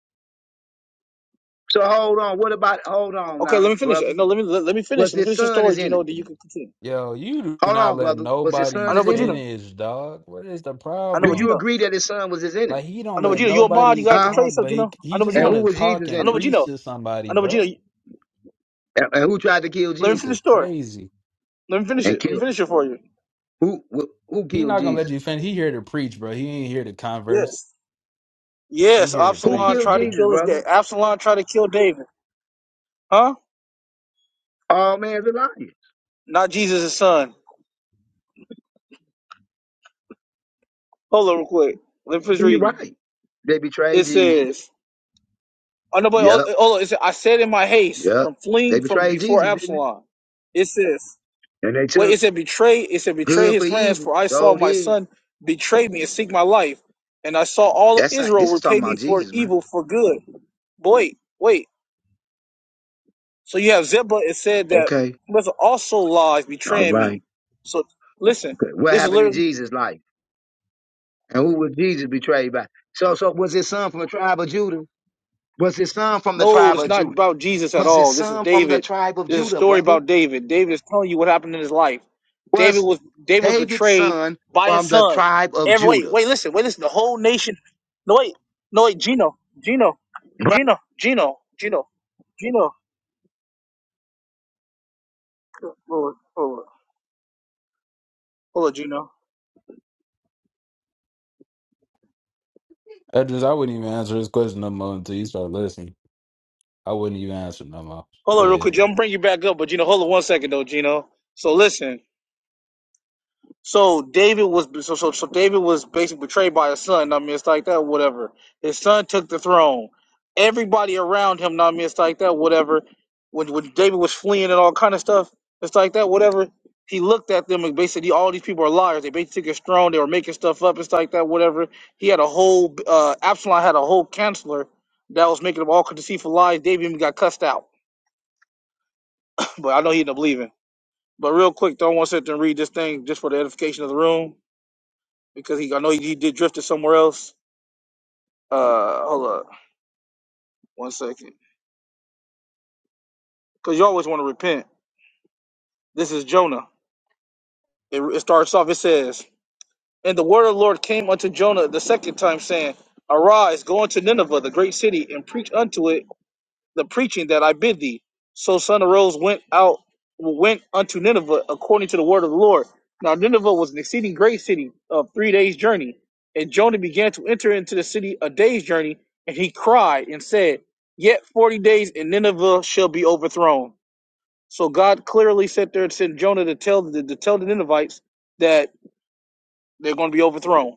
[SPEAKER 4] So hold on. What about hold on
[SPEAKER 1] okay. Let
[SPEAKER 4] now,
[SPEAKER 1] me finish.
[SPEAKER 4] brother?
[SPEAKER 1] No, let me let, let me finish.
[SPEAKER 4] Was
[SPEAKER 1] Let me
[SPEAKER 4] his
[SPEAKER 1] finish the
[SPEAKER 4] son
[SPEAKER 1] story,
[SPEAKER 4] his
[SPEAKER 1] Gino. Then
[SPEAKER 4] enemy?
[SPEAKER 1] you can continue.
[SPEAKER 5] Yo, you do
[SPEAKER 4] Hold
[SPEAKER 5] not
[SPEAKER 4] on,
[SPEAKER 5] let
[SPEAKER 4] brother. Was his
[SPEAKER 5] nobody
[SPEAKER 1] I
[SPEAKER 4] son
[SPEAKER 1] know,
[SPEAKER 4] his
[SPEAKER 1] but Gino.
[SPEAKER 4] enemy?
[SPEAKER 5] finish, dog. What is the
[SPEAKER 1] I know,
[SPEAKER 4] Do
[SPEAKER 1] but
[SPEAKER 5] problem?
[SPEAKER 4] you
[SPEAKER 1] Gino.
[SPEAKER 4] agree that his son was his enemy?
[SPEAKER 5] Like he
[SPEAKER 1] I
[SPEAKER 5] don't
[SPEAKER 1] know, but
[SPEAKER 5] let
[SPEAKER 1] Gino. You're a mod. You
[SPEAKER 5] nobody
[SPEAKER 1] gotta
[SPEAKER 4] Huh?
[SPEAKER 1] control
[SPEAKER 5] talk,
[SPEAKER 1] yourself,
[SPEAKER 5] but he,
[SPEAKER 1] Gino. I
[SPEAKER 5] he
[SPEAKER 1] know, but
[SPEAKER 5] just
[SPEAKER 4] And
[SPEAKER 5] want
[SPEAKER 1] Gino.
[SPEAKER 4] who
[SPEAKER 5] to
[SPEAKER 4] was
[SPEAKER 5] talk
[SPEAKER 4] Jesus'
[SPEAKER 1] I
[SPEAKER 5] and
[SPEAKER 1] know, but
[SPEAKER 4] enemy?
[SPEAKER 5] preach
[SPEAKER 1] Gino.
[SPEAKER 5] to
[SPEAKER 1] I
[SPEAKER 5] somebody,
[SPEAKER 1] know, but Gino.
[SPEAKER 5] bro.
[SPEAKER 4] And, and who tried to kill
[SPEAKER 1] Let me
[SPEAKER 5] This
[SPEAKER 4] Jesus
[SPEAKER 1] finish
[SPEAKER 5] is
[SPEAKER 1] the story.
[SPEAKER 5] crazy.
[SPEAKER 1] Let me finish
[SPEAKER 4] and
[SPEAKER 1] it. Let me
[SPEAKER 4] killed him?
[SPEAKER 1] finish it for you.
[SPEAKER 4] Who who, who
[SPEAKER 5] He
[SPEAKER 4] killed
[SPEAKER 5] not gonna let
[SPEAKER 4] Jesus?
[SPEAKER 5] you finish. He here to preach, bro. He ain't here to converse.
[SPEAKER 1] Yes.
[SPEAKER 5] He
[SPEAKER 1] Yes.
[SPEAKER 5] here to
[SPEAKER 4] Who
[SPEAKER 1] Absalom
[SPEAKER 5] preach,
[SPEAKER 4] killed
[SPEAKER 1] tried to
[SPEAKER 5] man.
[SPEAKER 4] Jesus,
[SPEAKER 1] kill his
[SPEAKER 4] brother?
[SPEAKER 1] dad. Absalom tried to kill David. Huh?
[SPEAKER 4] All man's a liar.
[SPEAKER 1] Not Jesus' son. Hold on, real quick. Let me finish
[SPEAKER 4] And you're
[SPEAKER 1] reading.
[SPEAKER 4] right. They
[SPEAKER 1] It
[SPEAKER 4] betrayed Jesus.
[SPEAKER 1] says, "I know, but oh,
[SPEAKER 4] Yep.
[SPEAKER 1] oh, hold on." It says, "I said in my haste
[SPEAKER 4] Yep.
[SPEAKER 1] from
[SPEAKER 4] They
[SPEAKER 1] fleeing from
[SPEAKER 4] betrayed
[SPEAKER 1] before
[SPEAKER 4] Jesus, didn't
[SPEAKER 1] Absalom." It says.
[SPEAKER 4] they? And they
[SPEAKER 1] Well,
[SPEAKER 4] took
[SPEAKER 1] it said betray. It said betray
[SPEAKER 4] good for
[SPEAKER 1] his friends,
[SPEAKER 4] evil.
[SPEAKER 1] for I saw
[SPEAKER 4] So
[SPEAKER 1] my
[SPEAKER 4] did.
[SPEAKER 1] son betray me and seek my life, and I saw all of
[SPEAKER 4] That's not,
[SPEAKER 1] Israel
[SPEAKER 4] this is
[SPEAKER 1] repay
[SPEAKER 4] talking
[SPEAKER 1] me
[SPEAKER 4] about
[SPEAKER 1] for
[SPEAKER 4] Jesus, man.
[SPEAKER 1] evil for good. But wait, wait. So you have Ziba. It said that
[SPEAKER 4] Okay.
[SPEAKER 1] Melissa also lies,
[SPEAKER 4] All
[SPEAKER 1] betraying me.
[SPEAKER 4] right.
[SPEAKER 1] So listen,
[SPEAKER 4] Okay. What
[SPEAKER 1] this is
[SPEAKER 4] happened in
[SPEAKER 1] literally.
[SPEAKER 4] Jesus' life? And who was Jesus betrayed by? So so was his son from the tribe of Judah? Was his son from the
[SPEAKER 1] No,
[SPEAKER 4] tribe
[SPEAKER 1] it's
[SPEAKER 4] of
[SPEAKER 1] not
[SPEAKER 4] Judah?
[SPEAKER 1] about Jesus at
[SPEAKER 4] Was his
[SPEAKER 1] all. This is
[SPEAKER 4] son from the
[SPEAKER 1] David.
[SPEAKER 4] tribe of
[SPEAKER 1] This is a
[SPEAKER 4] Judah,
[SPEAKER 1] story
[SPEAKER 4] brother?
[SPEAKER 1] about David. David is telling you what happened in his life. David
[SPEAKER 4] Was
[SPEAKER 1] was David was
[SPEAKER 4] David's
[SPEAKER 1] betrayed
[SPEAKER 4] son
[SPEAKER 1] by his
[SPEAKER 4] from the
[SPEAKER 1] son.
[SPEAKER 4] tribe of
[SPEAKER 1] Every wait,
[SPEAKER 4] Judah?
[SPEAKER 1] wait, listen, wait, listen. The whole nation. No wait, no wait, Gino, Gino, Gino, Gino, Gino, Gino. Hold on, hold on, hold on, Gino.
[SPEAKER 5] Edris, I wouldn't even answer this question no more until you start listening. I wouldn't even answer no more.
[SPEAKER 1] Hold on, real
[SPEAKER 5] Yeah.
[SPEAKER 1] quick. I'm gonna bring you back up, but Gino, hold on one second though, Gino. So listen. So David was so so so David was basically betrayed by his son. I mean, it's like that, whatever. His son took the throne. Everybody around him. I mean, it's like that, whatever. When when David was fleeing and all kind of stuff, it's like that, whatever. He looked at them and basically all these people are liars. They basically took his throne. They were making stuff up. It's like that, whatever. He had a whole uh, Absalom had a whole counselor that was making up all kinds of deceitful lies. David even got cussed out, but I know he ended up leaving. But real quick, though, I want to sit there and read this thing just for the edification of the room because he I know he did drifted somewhere else. Uh, hold up one second, because you always want to repent. This is Jonah. It, it starts off. It says, "And the word of the Lord came unto Jonah the second time, saying, Arise, go unto Nineveh, the great city, and preach unto it." the preaching that I bid thee. So son of Rose went out went unto Nineveh according to the word of the Lord. Now Nineveh was an exceeding great city of three days' journey. And Jonah began to enter into the city a day's journey, and he cried and said, Yet forty days and Nineveh shall be overthrown. So God clearly sent there and sent Jonah to tell the to tell the Ninevites that they're going to be overthrown.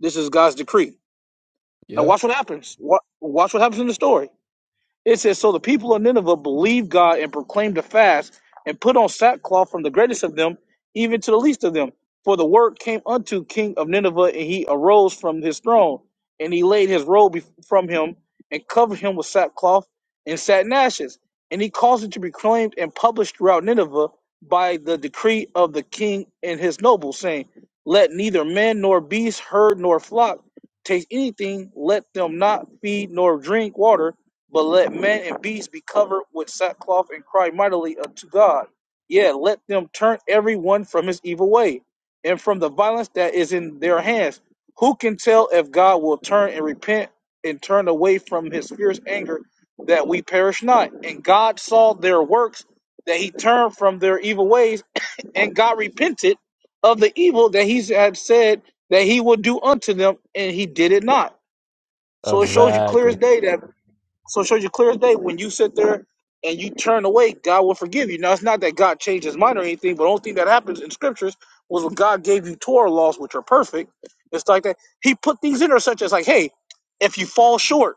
[SPEAKER 1] This is God's decree. Now
[SPEAKER 5] Yep.
[SPEAKER 1] watch what happens. Wa- Watch what happens in the story it says, So the people of Nineveh believed God and proclaimed a fast and put on sackcloth from the greatest of them even to the least of them. For the word came unto King of Nineveh, and he arose from his throne, and he laid his robe bef- from him, and covered him with sackcloth and satin ashes. And he caused it to be proclaimed and published throughout Nineveh by the decree of the king and his nobles, saying, Let neither man nor beast, herd nor flock taste anything, let them not feed nor drink water but let men and beasts be covered with sackcloth and cry mightily unto God. Yeah, let them turn every one from his evil way and from the violence that is in their hands. Who can tell if God will turn and repent and turn away from his fierce anger that we perish not? And God saw their works, that he turned from their evil ways, and God repented of the evil that he had said that he would do unto them, and he did it not. So it shows you clear
[SPEAKER 5] Exactly.
[SPEAKER 1] as day that so it shows you clear as day when you sit there and you turn away, God will forgive you. Now it's not that God changed his mind or anything, but the only thing that happens in scriptures was when God gave you Torah laws, which are perfect. It's like that. He put things in there such as like, hey, if you fall short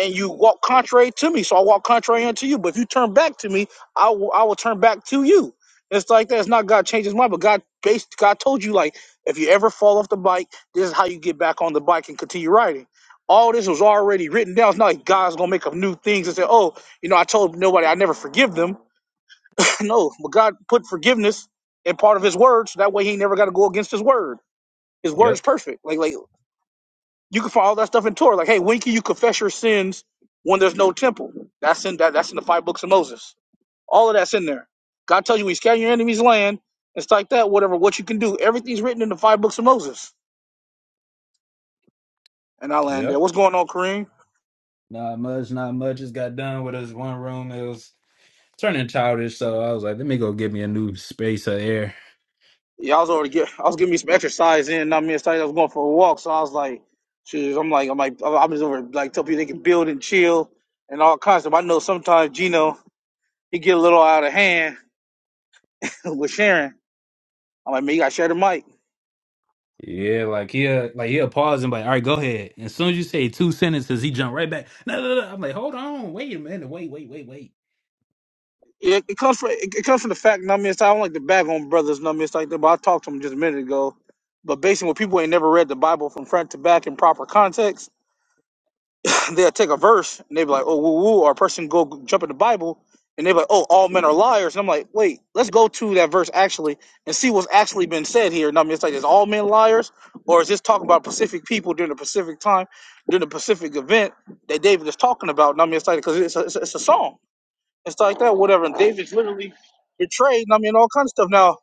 [SPEAKER 1] and you walk contrary to me, so I walk contrary unto you. But if you turn back to me, I will I will turn back to you. It's like that. It's not God changed his mind, but God based God told you like if you ever fall off the bike, this is how you get back on the bike and continue riding. All this was already written down. It's not like God's gonna make up new things and say, Oh, you know, I told nobody I never forgive them. no, but God put forgiveness in part of his word, so that way he never gotta go against his word. His word is
[SPEAKER 5] Yep.
[SPEAKER 1] perfect. Like like you can find all that stuff in Torah. Like, hey, when can you confess your sins when there's no temple? That's in that, that's in the five books of Moses. All of that's in there. God tells you when you scatter your enemy's land, it's like that, whatever, what you can do. Everything's written in the five books of Moses. And I land there.
[SPEAKER 5] Yep.
[SPEAKER 1] What's going on, Kareem?
[SPEAKER 5] Not much, not much. Just got done with us one room. It was turning childish, so I was like, let me go get me a new space of air.
[SPEAKER 1] Yeah, I was already get I was getting me some exercise in, not me excited. I was going for a walk, so I was like, shoot, I'm like, I'm like I'm just over like tell people they can build and chill and all kinds of stuff. I know sometimes Gino he get a little out of hand with Sharon. I'm like, man, you gotta share the mic.
[SPEAKER 5] Yeah, like he'll like he'll pause and be like, all right, go ahead. And as soon as you say two sentences, he jump right back. No, no, no. I'm like, hold on, wait a minute, wait, wait, wait, wait.
[SPEAKER 1] Yeah, it comes from it, it comes from the fact. You know what I mean, it's, I don't like to bag on brothers. You know what I mean, it's like that. But I talked to them just a minute ago. But basically, when people ain't never read the Bible from front to back in proper context, they'll take a verse and they be like, "Oh, woo woo," or a person go g- jump in the Bible and they be like, "Oh, all men are liars." And I'm like, "Wait, let's go to that verse actually and see what's actually been said here." You know what I mean, it's like, is all men liars, or is this talking about Pacific people during the Pacific time, during the Pacific event that David is talking about? You know what I mean, it's like because it's a, it's, a, it's a song and stuff like that, whatever. And David's literally betrayed, and I mean, all kinds of stuff. Now,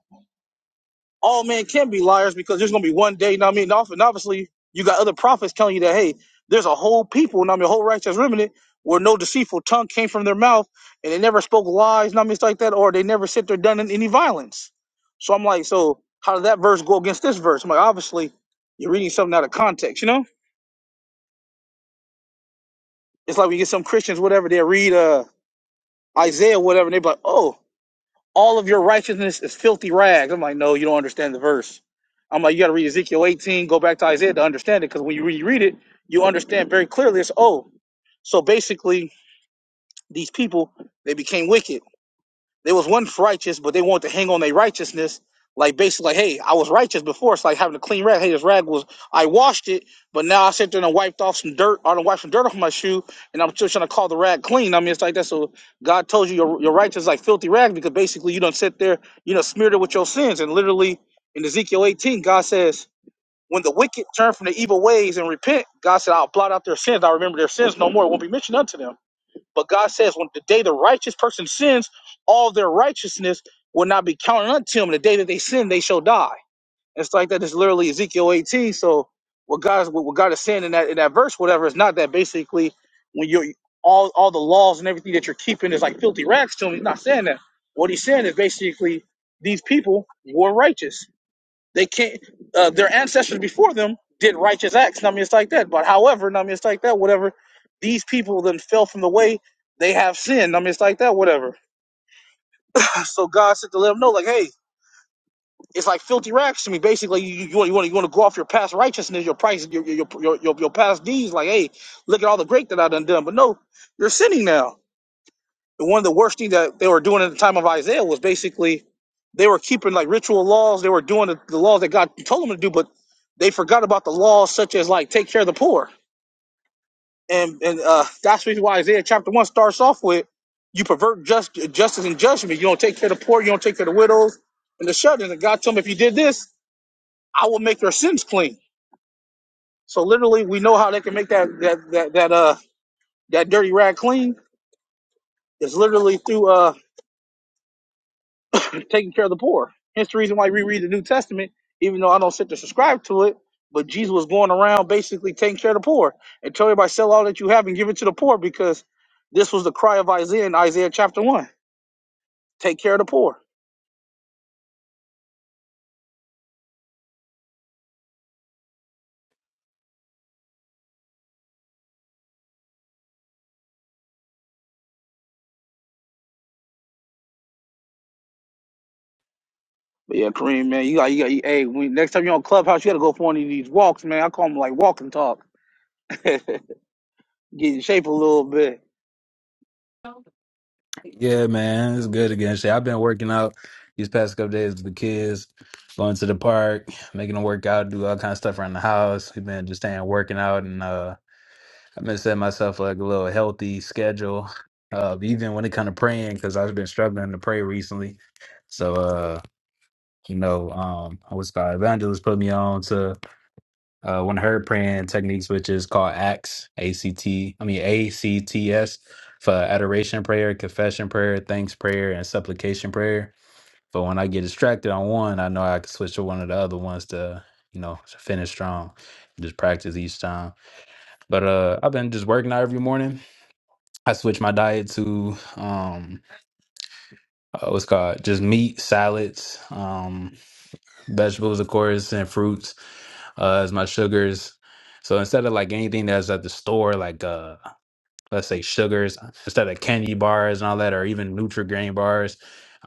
[SPEAKER 1] all men can be liars because there's going to be one day, and I mean? And obviously, you got other prophets telling you that, hey, there's a whole people, and I mean, a whole righteous remnant where no deceitful tongue came from their mouth, and they never spoke lies, and I mean, stuff like that, or they never sit there done any violence. So I'm like, so how did that verse go against this verse? I'm like, obviously, you're reading something out of context, you know? It's like we get some Christians, whatever, they read uh, Isaiah, whatever, and they be like, oh, all of your righteousness is filthy rags. I'm like, no, you don't understand the verse. I'm like, you got to read Ezekiel 18, go back to Isaiah to understand it, because when you reread it, you understand very clearly. It's oh, so basically these people they became wicked they was once righteous, but they want to hang on their righteousness. Like basically, like, hey, I was righteous before. It's like having a clean rag. Hey, this rag was I washed it, but now I sit there and wiped off some dirt. I done wiped some dirt off my shoe, and I'm still trying to call the rag clean. I mean, it's like that. So God told you your your righteous is like filthy rag because basically you don't sit there, you know, smeared it with your sins. And literally in Ezekiel 18, God says, when the wicked turn from the evil ways and repent, God said, I'll blot out their sins. I'll remember their sins no more. It won't be mentioned unto them. But God says, when the day the righteous person sins, all their righteousness will not be counted unto him. The day that they sin, they shall die. It's like that. It's literally Ezekiel 18. So what God is what God is saying in that in that verse, whatever, is not that basically when you all all the laws and everything that you're keeping is like filthy rags to him. He's not saying that. What he's saying is basically these people were righteous. They can't. Uh, their ancestors before them did righteous acts. I mean it's like that. But however, I mean it's like that. Whatever. These people then fell from the way. They have sinned. I mean, it's like that. Whatever. So God said to let them know, like, hey, it's like filthy rags to me. Basically, you you want you want you want to go off your past righteousness, your price, your your your, your your past deeds. Like, hey, look at all the great that I done done. But no, you're sinning now. one of the worst things that they were doing at the time of Isaiah was basically they were keeping like ritual laws. They were doing the, the laws that God told them to do, but they forgot about the laws such as like take care of the poor. And and uh, that's the reason why Isaiah chapter one starts off with you pervert just, justice and judgment. You don't take care of the poor. You don't take care of the widows and the shut-ins. And God told them if you did this, I will make your sins clean. So literally, we know how they can make that that that that uh that dirty rag clean It's literally through uh taking care of the poor. Hence the reason why we read the New Testament, even though I don't sit to subscribe to it. But Jesus was going around basically taking care of the poor and telling everybody, sell all that you have and give it to the poor because this was the cry of Isaiah in Isaiah chapter one. Take care of the poor. But yeah, Kareem, man, you got, you got, you, hey, when, next time you're on Clubhouse, you got to go for one of these walks, man. I call them like walk and talk, get in shape a little bit.
[SPEAKER 5] Yeah, man, it's good again. Shit, I've been working out these past couple days with the kids, going to the park, making them work out, do all kind of stuff around the house. We've been just staying working out, and uh, I've been setting myself like a little healthy schedule, uh, even when it comes to praying, because I've been struggling to pray recently. So, uh, you know, um, I was called evangelist put me on to uh, one of her praying techniques, which is called ACTS, A C T, I mean A C T S, for adoration prayer, confession prayer, thanks prayer, and supplication prayer. But when I get distracted on one, I know I can switch to one of the other ones to, you know, finish strong. Just practice each time. But uh, I've been just working out every morning. I switch my diet to um, uh, what's called just meat, salads. Um, vegetables, of course, and fruits uh, as my sugars. So instead of like anything that's at the store, like uh, let's say sugars, instead of candy bars and all that, or even Nutri-Grain bars,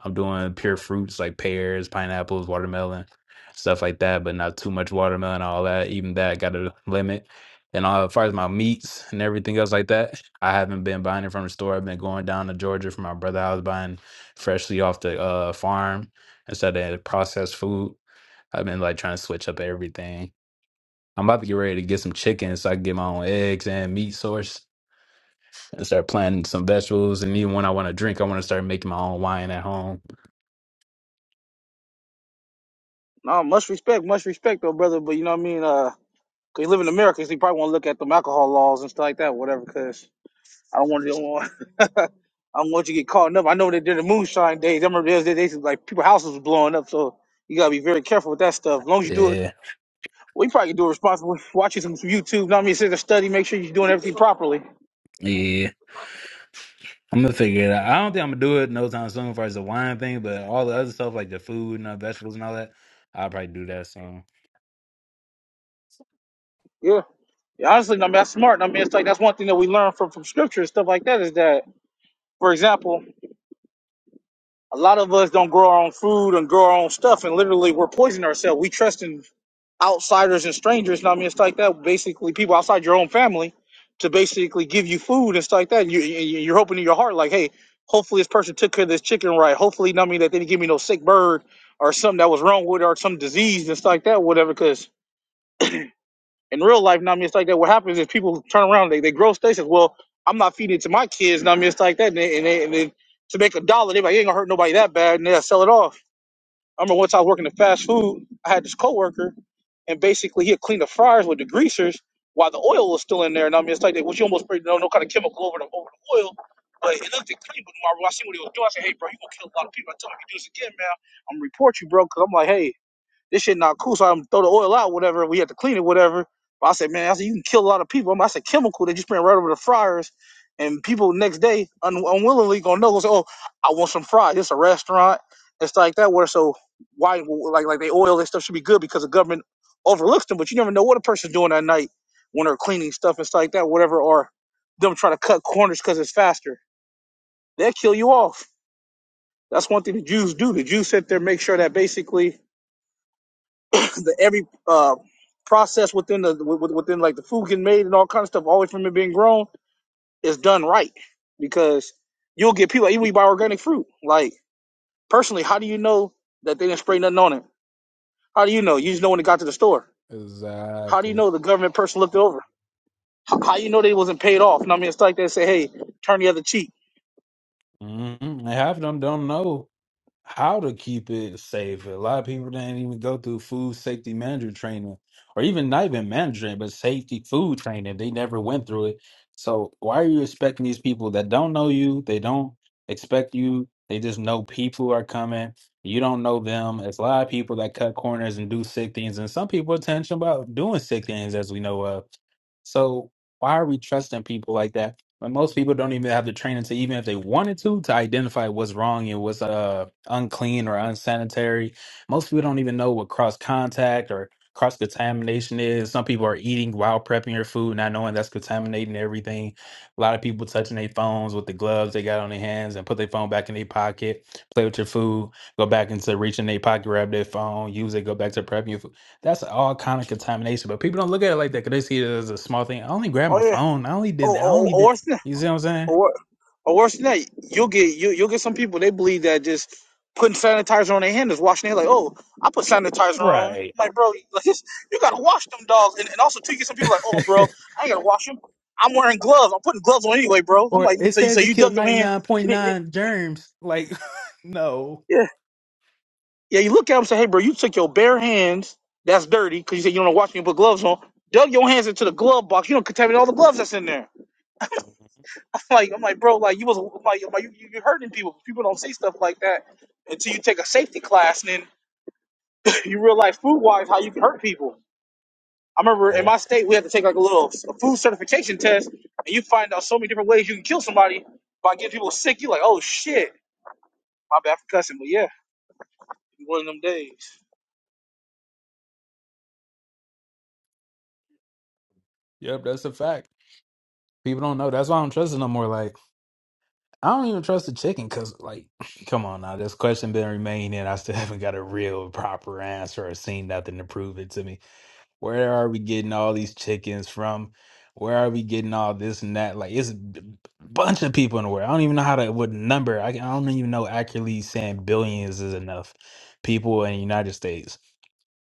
[SPEAKER 5] I'm doing pure fruits like pears, pineapples, watermelon, stuff like that. But not too much watermelon, all that. Even that got a limit. And uh, as far as my meats and everything else like that, I haven't been buying it from the store. I've been going down to Georgia for my brother. I was buying freshly off the uh, farm instead of processed food. I've been like trying to switch up everything. I'm about to get ready to get some chicken so I can get my own eggs and meat source and start planting some vegetables. And even when I want to drink, I want to start making my own wine at home.
[SPEAKER 1] No, much respect, much respect, though, brother. But you know what I mean? Uh, 'cause you live in America, so you probably won't look at them alcohol laws and stuff like that, whatever, cause I don't want to. Don't I don't want you to get caught up. I know they did the moonshine days. I remember those days like people houses was blowing up, so you gotta be very careful with that stuff. As long as you do it,
[SPEAKER 5] Yeah.
[SPEAKER 1] well, you probably can do it responsibly. Watching some some YouTube, know what I mean, sit there, study, make sure you're doing everything properly.
[SPEAKER 5] Yeah. I'm gonna figure it out. I don't think I'm gonna do it no time soon as far as the wine thing, but all the other stuff like the food and the vegetables and all that, I'll probably do that soon.
[SPEAKER 1] Yeah. Yeah, honestly, I mean, that's smart. I mean, it's like that's one thing that we learn from from scripture and stuff like that is that, for example, a lot of us don't grow our own food and grow our own stuff, and literally we're poisoning ourselves. We trust in outsiders and strangers, and I mean, it's like that. Basically, people outside your own family to basically give you food and stuff like that. And you, you- you're hoping in your heart, like, hey, hopefully this person took care of this chicken right. Hopefully, I mean, that they didn't give me no sick bird or something that was wrong with it or some disease and stuff like that, whatever. Because in real life, I mean, it's like that. What happens is people turn around, they, they grow stations. Well, I'm not feeding it to my kids, and I mean, it's like that. And, they, and, they, and then to make a dollar, they're like, it ain't gonna hurt nobody that bad, and they'll sell it off. I remember once I was working at fast food, I had this coworker and basically he'll clean the fryers with degreasers while the oil was still in there. And I mean, it's like they, which you almost sprayed no, no kind of chemical over the over the oil, but it looked clean. But when I seen what he was doing, I said, "Hey, bro, you gonna kill a lot of people." I told him, "If you do this again, man, I'm gonna report you, bro." Because I'm like, "Hey, this shit not cool. So I'm throw the oil out, whatever. We had to clean it, whatever. But I said, man, I said you can kill a lot of people. I mean, I said chemical that you spraying right over the fryers, and people next day un- unwillingly gonna know. say, oh, I want some fries. It's a restaurant. It's like that. Where so why like like they oil and stuff should be good because the government overlooks them, but you never know what a person's doing that night when they're cleaning stuff and stuff like that, whatever. Or them trying to cut corners because it's faster. They'll kill you off. That's one thing the Jews do. The Jews sit there, make sure that basically the, every uh, process within the wi- within like the food getting made and all kind of stuff, always from it being grown, is done right because you'll get people even when you buy organic fruit. Like personally, how do you know that they didn't spray nothing on it? How do you know? You just know when it got to the store. How do you
[SPEAKER 5] Exactly.
[SPEAKER 1] know the government person looked it over? How, how you know they wasn't paid off? And I mean, it's like they say, "Hey, turn the other cheek."
[SPEAKER 5] hmm half of them don't know. how to keep it safe. A lot of people didn't even go through food safety manager training, or even not even manager training, but safety food training. They never went through it. So why are you expecting these people that don't know you? They don't expect you. They just know people are coming. You don't know them. It's a lot of people that cut corners and do sick things, and some people are intentional about doing sick things, as we know of. So why are we trusting people like that? But most people don't even have the training to, even if they wanted to, to identify what's wrong and what's uh unclean or unsanitary. Most people don't even know what cross contact or cross contamination is. Some people are eating while prepping your food, not knowing that's contaminating everything. A lot of people touching their phones with the gloves they got on their hands and put their phone back in their pocket, play with your food, go back into reaching their pocket, grab their phone, use it, go back to prepping your food. That's all kind of contamination, but people don't look at it like that because they see it as a small thing. I only grabbed my
[SPEAKER 1] Oh yeah.
[SPEAKER 5] phone. I only did.
[SPEAKER 1] Oh,
[SPEAKER 5] I only did.
[SPEAKER 1] oh, oh
[SPEAKER 5] You see what I'm saying?
[SPEAKER 1] or, Or worse than that, you'll get you you'll get some people they believe that just putting sanitizer on their hand is washing their like, oh, I put sanitizer on. I'm
[SPEAKER 5] Right.
[SPEAKER 1] like, bro, like this, you gotta wash them dogs. And, and also too, you get some people like, oh, bro, I ain't gotta wash them. I'm wearing gloves. I'm putting gloves on anyway, bro. I'm
[SPEAKER 5] Or
[SPEAKER 1] like,
[SPEAKER 5] it
[SPEAKER 1] so you so
[SPEAKER 5] says it
[SPEAKER 1] you
[SPEAKER 5] killed
[SPEAKER 1] dug your hand. and it- and it-
[SPEAKER 5] 99.9 germs. Like, no.
[SPEAKER 1] yeah, yeah. You look at them and say, hey, bro, you took your bare hands. That's dirty because you said you don't wash them. You put gloves on. Dug your hands into the glove box. You don't contaminate all the gloves that's in there. like, I'm like, bro, like you was like, like you, you- you're hurting people. People don't see stuff like that until you take a safety class, and then you realize food wise how you can hurt people. I remember in
[SPEAKER 5] Yep.
[SPEAKER 1] my state we had to take like a little s- a food certification test, and you find out so many different ways you can kill somebody by getting people sick. You're like, oh shit, my bad for cussing, but yeah, one of them days.
[SPEAKER 5] Yep, that's a fact. People don't know. That's why I don't trust it no more. Like, I don't even trust the chicken because, like, come on now. This question been remaining. I still haven't got a real proper answer or seen nothing to prove it to me. Where are we getting all these chickens from? Where are we getting all this and that? Like it's a b- bunch of people in the world. I don't even know how to what number. I, I don't even know accurately saying billions is enough people in the United States.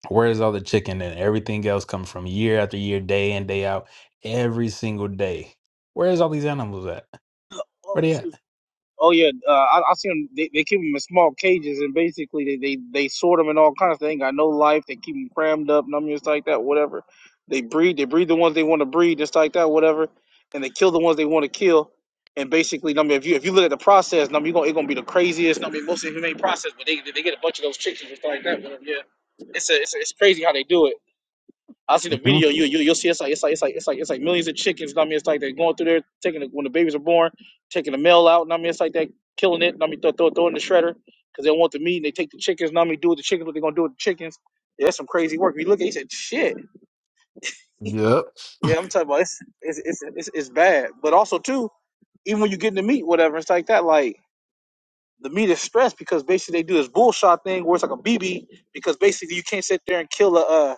[SPEAKER 5] Where is all the chicken and everything else come from year after year, day in day out, every single day? Where is all these animals at? Where they at?
[SPEAKER 1] Oh yeah, uh, I, I see them. They, they keep them in small cages, and basically they, they, they sort them in all kinds. They ain't got no life. They keep them crammed up, numb just like that, whatever. They breed. They breed the ones they want to breed, just like that, whatever. And they kill the ones they want to kill. And basically, number if you if you look at the process, number you gonna it's gonna be the craziest. I mean, most inhumane process, but they they get a bunch of those chicks and just like that, whatever. Yeah, it's a, it's a, it's crazy how they do it. I see the
[SPEAKER 5] Mhm.
[SPEAKER 1] video. You you you'll see it's like it's like it's like it's like it's like millions of chickens. know what I mean, it's like they're going through there, taking the, when the babies are born, taking the male out. know what I mean, it's like they killing it. know what I mean, throw, throw, throw it in the shredder because they want the meat. and They take the chickens. know what I mean, do with the chickens what they're gonna do with the chickens. Yeah, that's some crazy work. You look at, it, said shit. Yeah, I'm talking about it's it's it's it's, it's bad. But also too, even when you get in the meat, whatever, it's like that. Like the meat is stressed because basically they do this bullshot thing where it's like a BB because basically you can't sit there and kill a. Uh,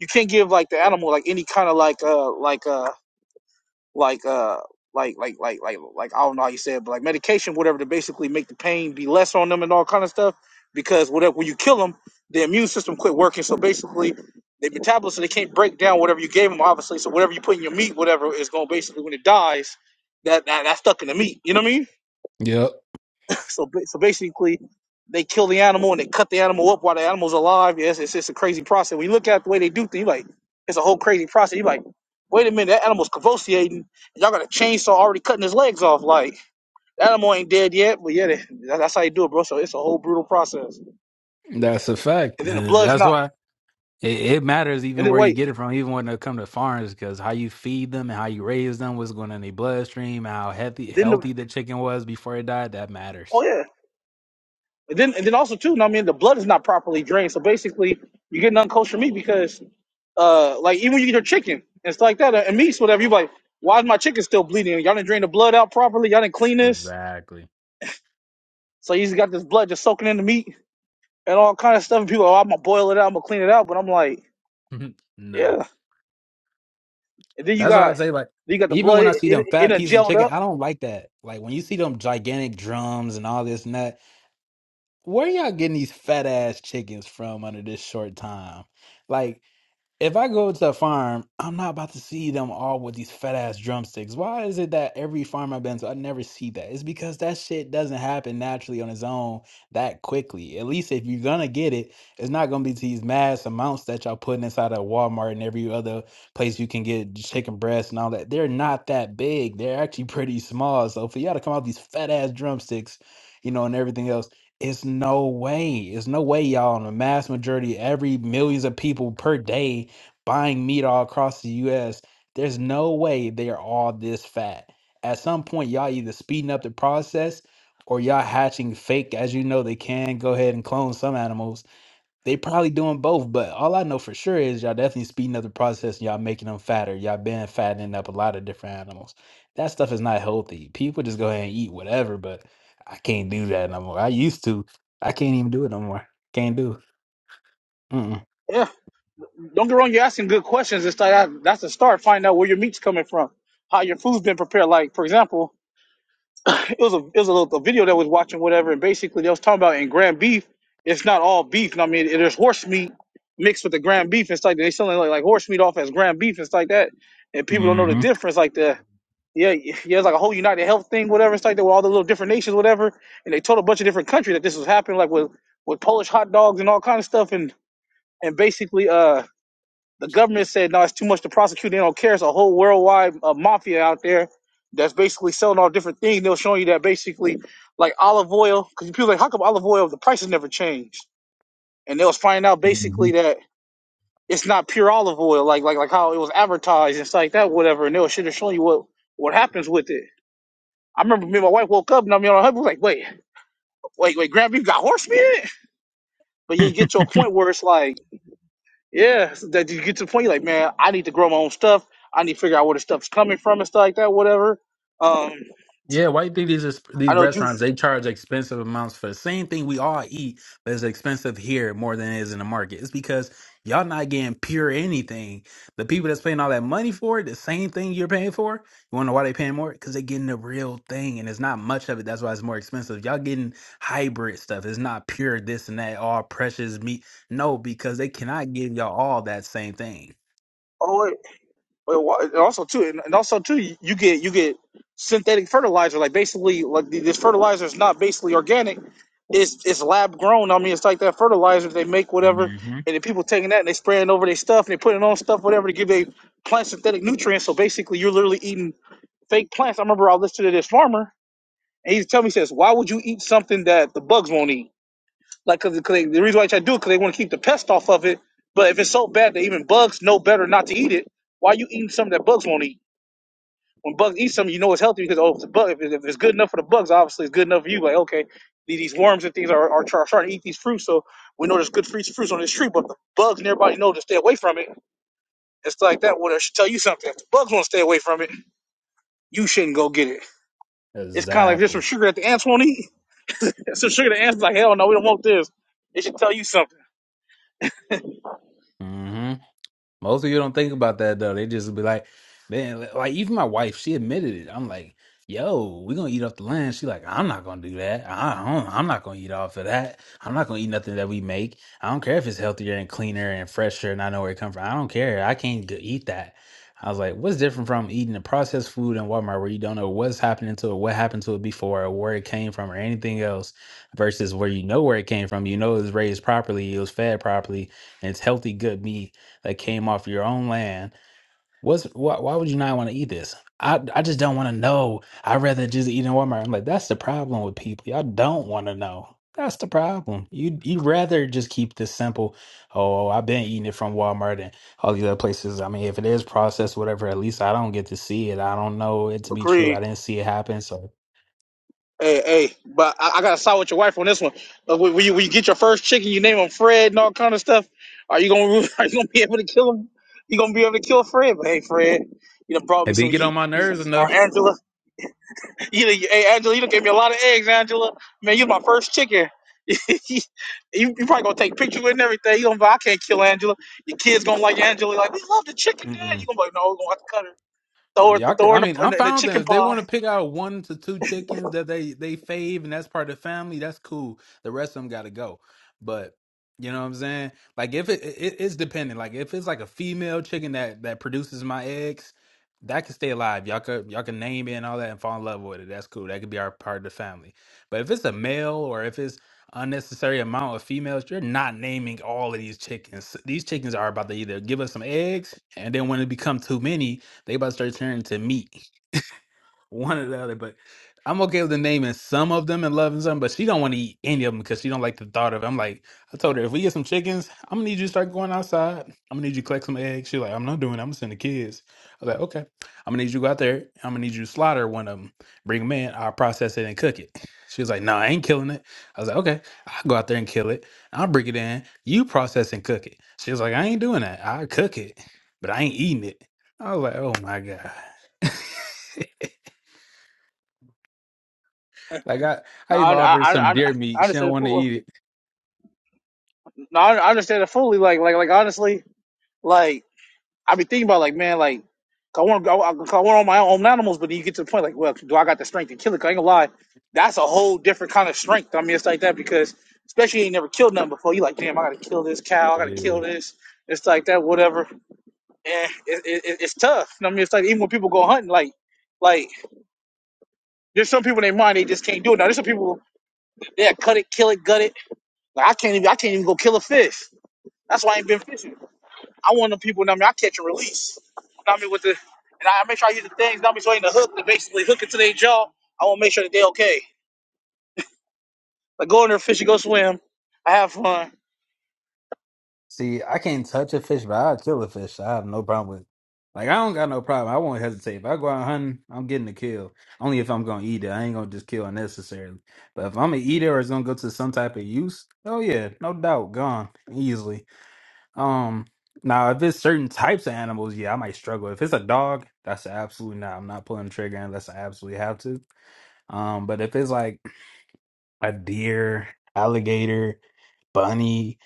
[SPEAKER 1] you can't give like the animal like any kind of like uh like uh. like uh like like like like like I don't know how you say it, but like medication, whatever, to basically make the pain be less on them and all kind of stuff. Because whatever when you kill them, the immune system quit working. So basically, they metabolism they can't break down whatever you gave them. Obviously, so whatever you put in your meat, whatever is going to basically when it dies, that, that that's stuck in the meat. You know what I mean?
[SPEAKER 5] Yep,
[SPEAKER 1] So, so basically, they kill the animal and they cut the animal up while the animal's alive. Yes, it's just a crazy process. When you look at the way they do things, you like it's a whole crazy process. You like, wait a minute, that animal's convulsing. and Y'all got a chainsaw already cutting his legs off. Like that animal ain't dead yet, but yeah, that, that's how you do it, bro. So it's a whole brutal process.
[SPEAKER 5] that's a fact.
[SPEAKER 1] And then the
[SPEAKER 5] And
[SPEAKER 1] blood's
[SPEAKER 5] That's
[SPEAKER 1] not.
[SPEAKER 5] why It, it matters
[SPEAKER 1] And
[SPEAKER 5] even
[SPEAKER 1] then
[SPEAKER 5] where you
[SPEAKER 1] wait,
[SPEAKER 5] get it from, even when they come to farms, because how you feed them and how you raise them, what's going in their bloodstream, how healthy
[SPEAKER 1] then the
[SPEAKER 5] healthy the chicken was before it died, that
[SPEAKER 1] oh
[SPEAKER 5] matters.
[SPEAKER 1] yeah, and then and then also too. know what I mean, the blood is not properly drained. So basically, you're getting unkosher meat because Uh, like even when you get your chicken and stuff like that, uh, and meats, whatever. You like, why is my chicken still bleeding? Y'all didn't drain the blood out properly. Y'all didn't clean this,
[SPEAKER 5] Exactly.
[SPEAKER 1] so you just got this blood just soaking in the meat and all kind of stuff. And people, oh, I'm gonna boil it out. I'm gonna clean it out. But I'm like,
[SPEAKER 5] no,
[SPEAKER 1] yeah. And then you
[SPEAKER 5] that's why I
[SPEAKER 1] got,
[SPEAKER 5] say. Like,
[SPEAKER 1] then you got the
[SPEAKER 5] even
[SPEAKER 1] blood.
[SPEAKER 5] when I
[SPEAKER 1] It
[SPEAKER 5] see them
[SPEAKER 1] it, it
[SPEAKER 5] fat
[SPEAKER 1] done
[SPEAKER 5] pieces of
[SPEAKER 1] gelled
[SPEAKER 5] chicken,
[SPEAKER 1] up.
[SPEAKER 5] I don't like that. Like when you see them gigantic drums and all this and that, where y'all getting these fat ass chickens from under this short time? Like. if I go to a farm, I'm not about to see them all with these fat ass drumsticks. Why is it that every farm I've been to, I never see that? It's because that shit doesn't happen naturally on its own that quickly. At least if you're gonna get it, it's not gonna be to these mass amounts that y'all putting inside of Walmart and every other place you can get chicken breasts and all that. They're not that big. They're actually pretty small. So for y'all to come out with these fat ass drumsticks, you know, and everything else, it's no way. It's no way, y'all. In the mass majority, every millions of people per day buying meat all across the US, there's no way they're all this fat. At some point, y'all either speeding up the process or y'all hatching fake. As you know, they can go ahead and clone some animals. They probably doing both, but all I know for sure is y'all definitely speeding up the process and y'all making them fatter. Y'all been fattening up a lot of different animals. That stuff is not healthy. People just go ahead and eat whatever, but I can't do that no more. I used to. I can't even do it no more. Can't do. it. Mm-mm.
[SPEAKER 1] Yeah. Don't get wrong. You're asking good questions. It's like that- that's the start. Find out where your meat's coming from, how your food's been prepared. Like for example it was a it was a little a video that I was watching whatever, and basically they was talking about in ground beef, it's not all beef. And I mean, there's horse meat mixed with the ground beef. It's like they selling like, like horse meat off as ground beef. It's like that, and people don't know the difference. Like the yeah, yeah, it's like a whole United Health thing, whatever. It's like that with all the little different nations, whatever. And they told a bunch of different countries that this was happening, like with with Polish hot dogs and all kind of stuff, and and basically uh the government said, no, it's too much to prosecute. They don't care. It's a whole worldwide uh, mafia out there that's basically selling all different things. They'll show you that basically, like olive oil, because people are like, how come olive oil, the prices never changed? And they'll find out
[SPEAKER 5] Mm-hmm.
[SPEAKER 1] basically that it's not pure olive oil, like like like how it was advertised and stuff like that, whatever. And they'll should have shown you what, what happens with it. I remember me and my wife woke up and I mean, I was like, wait, wait, wait, ground beef got horse meat in it? But you get to a point where it's like, Yeah, so that you get to the point, you're like, man, I need to grow my own stuff. I need to figure out where the stuff's coming from and stuff like that, whatever. Um,
[SPEAKER 5] Yeah, why you think these is, these
[SPEAKER 1] I know juice.
[SPEAKER 5] restaurants they charge expensive amounts for the same thing we all eat, but it's expensive here more than it is in the market? It's because y'all not getting pure anything. The people that's paying all that money for it, the same thing you're paying for. You wanna know why they paying more? Because they getting the real thing, and it's not much of it. That's why it's more expensive. Y'all getting hybrid stuff. It's not pure this and that, all precious meat. No, because they cannot give y'all all that same thing.
[SPEAKER 1] Oh, wait, wait, wha- and also too, and, and also too, you you get you get synthetic fertilizer. Like basically, like th- this fertilizer is not basically organic. It's it's lab grown. I mean, it's like that fertilizer they make, whatever,
[SPEAKER 5] hmm
[SPEAKER 1] and the people taking that and they spraying over their stuff and they putting it on stuff, whatever, to give they plant synthetic nutrients. So basically, you're literally eating fake plants. I remember I listened to this farmer And he's telling me, he says, why would you eat something that the bugs won't eat? Like, cause cause they, the reason why I try to do it, cause they want to keep the pest off of it. But if it's so bad that even bugs know better not to eat it, why you eating something that bugs won't eat? When bugs eat something, you know it's healthy because oh, if, the bug, if, it- if it's good enough for the bugs, obviously it's good enough for you. Like, okay, these these worms and things are, are, try- trying to eat these fruits, so we know there's good fruits fruits on this tree. But if the bugs and everybody know to stay away from it. It's like that. Well, I should tell you something. If the bugs want to stay away from it, you shouldn't go get it. It's kind of like there's some
[SPEAKER 5] Exactly.
[SPEAKER 1] sugar that the ants won't eat So sugar the answer's like, hell no, we don't want this. It should tell you something.
[SPEAKER 5] hmm Most of you don't think about that though. They just be like, man, like even my wife, she admitted it. I'm like, yo, we're gonna eat off the land. She like, I'm not gonna do that. I I don't, I'm not gonna eat off of that. I'm not gonna eat nothing that we make. I don't care if it's healthier and cleaner and fresher and I know where it come from. I don't care. I can't g- eat that. I was like, what's different from eating the processed food in Walmart where you don't know what's happening to it, what happened to it before, or where it came from, or anything else, versus where you know where it came from, you know it was raised properly, it was fed properly, and it's healthy, good meat that came off your own land. What's why, why would you not want to eat this? I I just don't want to know. I'd rather just eat in Walmart. I'm like, that's the problem with people. Y'all don't want to know. That's the problem. You you rather just keep this simple. Oh, I've been eating it from Walmart and all these other places. I mean, if it is processed, whatever, at least I don't get to see it. I don't know it to be true. I
[SPEAKER 1] Agree.
[SPEAKER 5] didn't see it happen, so
[SPEAKER 1] Hey, hey, but I, I gotta side with your wife on this one. Uh, when, when you, when you get your first chicken, you name him Fred and all kind of stuff. Are you gonna are you gonna be able to kill him? You gonna be able to kill Fred? But hey, Fred, you done brought me
[SPEAKER 5] if did
[SPEAKER 1] some.
[SPEAKER 5] get
[SPEAKER 1] You,
[SPEAKER 5] on my
[SPEAKER 1] you,
[SPEAKER 5] nerves
[SPEAKER 1] or
[SPEAKER 5] enough.
[SPEAKER 1] Angela, you, done- hey Angela, you done gave me a lot of eggs, Angela. Man, you my first chicken. you, you probably gonna take pictures with and everything. You gonna be, like, I can't kill Angela. Your kids gonna like Angela, like we love the chicken, Dad. You gonna be like, no, we're gonna have to cut her. throw it,
[SPEAKER 5] Y'all, could,
[SPEAKER 1] throw
[SPEAKER 5] I
[SPEAKER 1] it in
[SPEAKER 5] mean,
[SPEAKER 1] the, in
[SPEAKER 5] I'm
[SPEAKER 1] the, in the
[SPEAKER 5] fine with that.
[SPEAKER 1] chicken
[SPEAKER 5] If they
[SPEAKER 1] pie.
[SPEAKER 5] want to pick out one to two chickens that they they fave and that's part of the family, that's cool. The rest of them got to go. But you know what I'm saying? Like if it, it it's dependent. Like if it's like a female chicken that that produces my eggs, that can stay alive. Y'all could y'all can name it and all that and fall in love with it. That's cool. That could be our part of the family. But if it's a male or if it's unnecessary amount of females, you're not naming all of these chickens. These chickens are about to either give us some eggs and then when it become too many they about to start turning to meat, one or the other. But I'm okay with the naming some of them and loving some, but she don't want to eat any of them because she don't like the thought of. It. I'm like, I told her if we get some chickens, I'm gonna need you to start going outside. I'm gonna need you to collect some eggs. She's like, I'm not doing. It. I'm gonna send the kids. I was like, okay. I'm gonna need you to go out there. I'm gonna need you to slaughter one of them. Bring them in. I'll process it and cook it. She was like, No, I ain't killing it. I was like, Okay, I'll go out there and kill it. I'll bring it in. You process and cook it. She was like, I ain't doing that. I cook it, but I ain't eating it. I was like, Oh my god. Like I, I
[SPEAKER 1] No,
[SPEAKER 5] even
[SPEAKER 1] I,
[SPEAKER 5] offered
[SPEAKER 1] I,
[SPEAKER 5] some
[SPEAKER 1] I,
[SPEAKER 5] deer
[SPEAKER 1] I
[SPEAKER 5] meat. She don't
[SPEAKER 1] understand it
[SPEAKER 5] want to
[SPEAKER 1] fully.
[SPEAKER 5] eat
[SPEAKER 1] No, I I understand it fully. Like, like, like, honestly, like, I be thinking about, like, man, like, 'cause I want to, I, I 'cause I want all my own animals, but then you get to the point, like, well, do I got the strength to kill it? 'Cause I ain't gonna lie, that's a whole different kind of strength. I mean, it's like that because, especially you ain't never killed nothing before. You like, damn, I gotta kill this cow. I
[SPEAKER 5] it.
[SPEAKER 1] gotta
[SPEAKER 5] Yeah.
[SPEAKER 1] kill this. It's like that, whatever. And it, it, it- it's tough. I mean, it's like even when people go hunting, like, like there's some people in their mind they just can't do it. Now there's some people they cut it, kill it, gut it Like I can't even I can't even go kill a fish. That's why I ain't been fishing. I want the people. know what I mean, I catch and release. You Know what I mean, with the and I make sure I use the things. Know what I mean, so I ain't the hook to basically hook it to their jaw. I want to make sure that they okay. Like go in there, fishing, go swim. I have fun.
[SPEAKER 5] See, I can't touch a fish, but I'll kill a fish. I have no problem with. Like I don't got no problem. I won't hesitate. If I go out hunting, I'm getting a kill. Only if I'm gonna eat it. I ain't gonna just kill unnecessarily. But if I'm gonna eat it or it's gonna go to some type of use, oh yeah, no doubt, gone easily. Um, now if it's certain types of animals, yeah, I might struggle. If it's a dog, that's absolutely not. I'm not pulling the trigger unless I absolutely have to. Um, but if it's like a deer, alligator, bunny,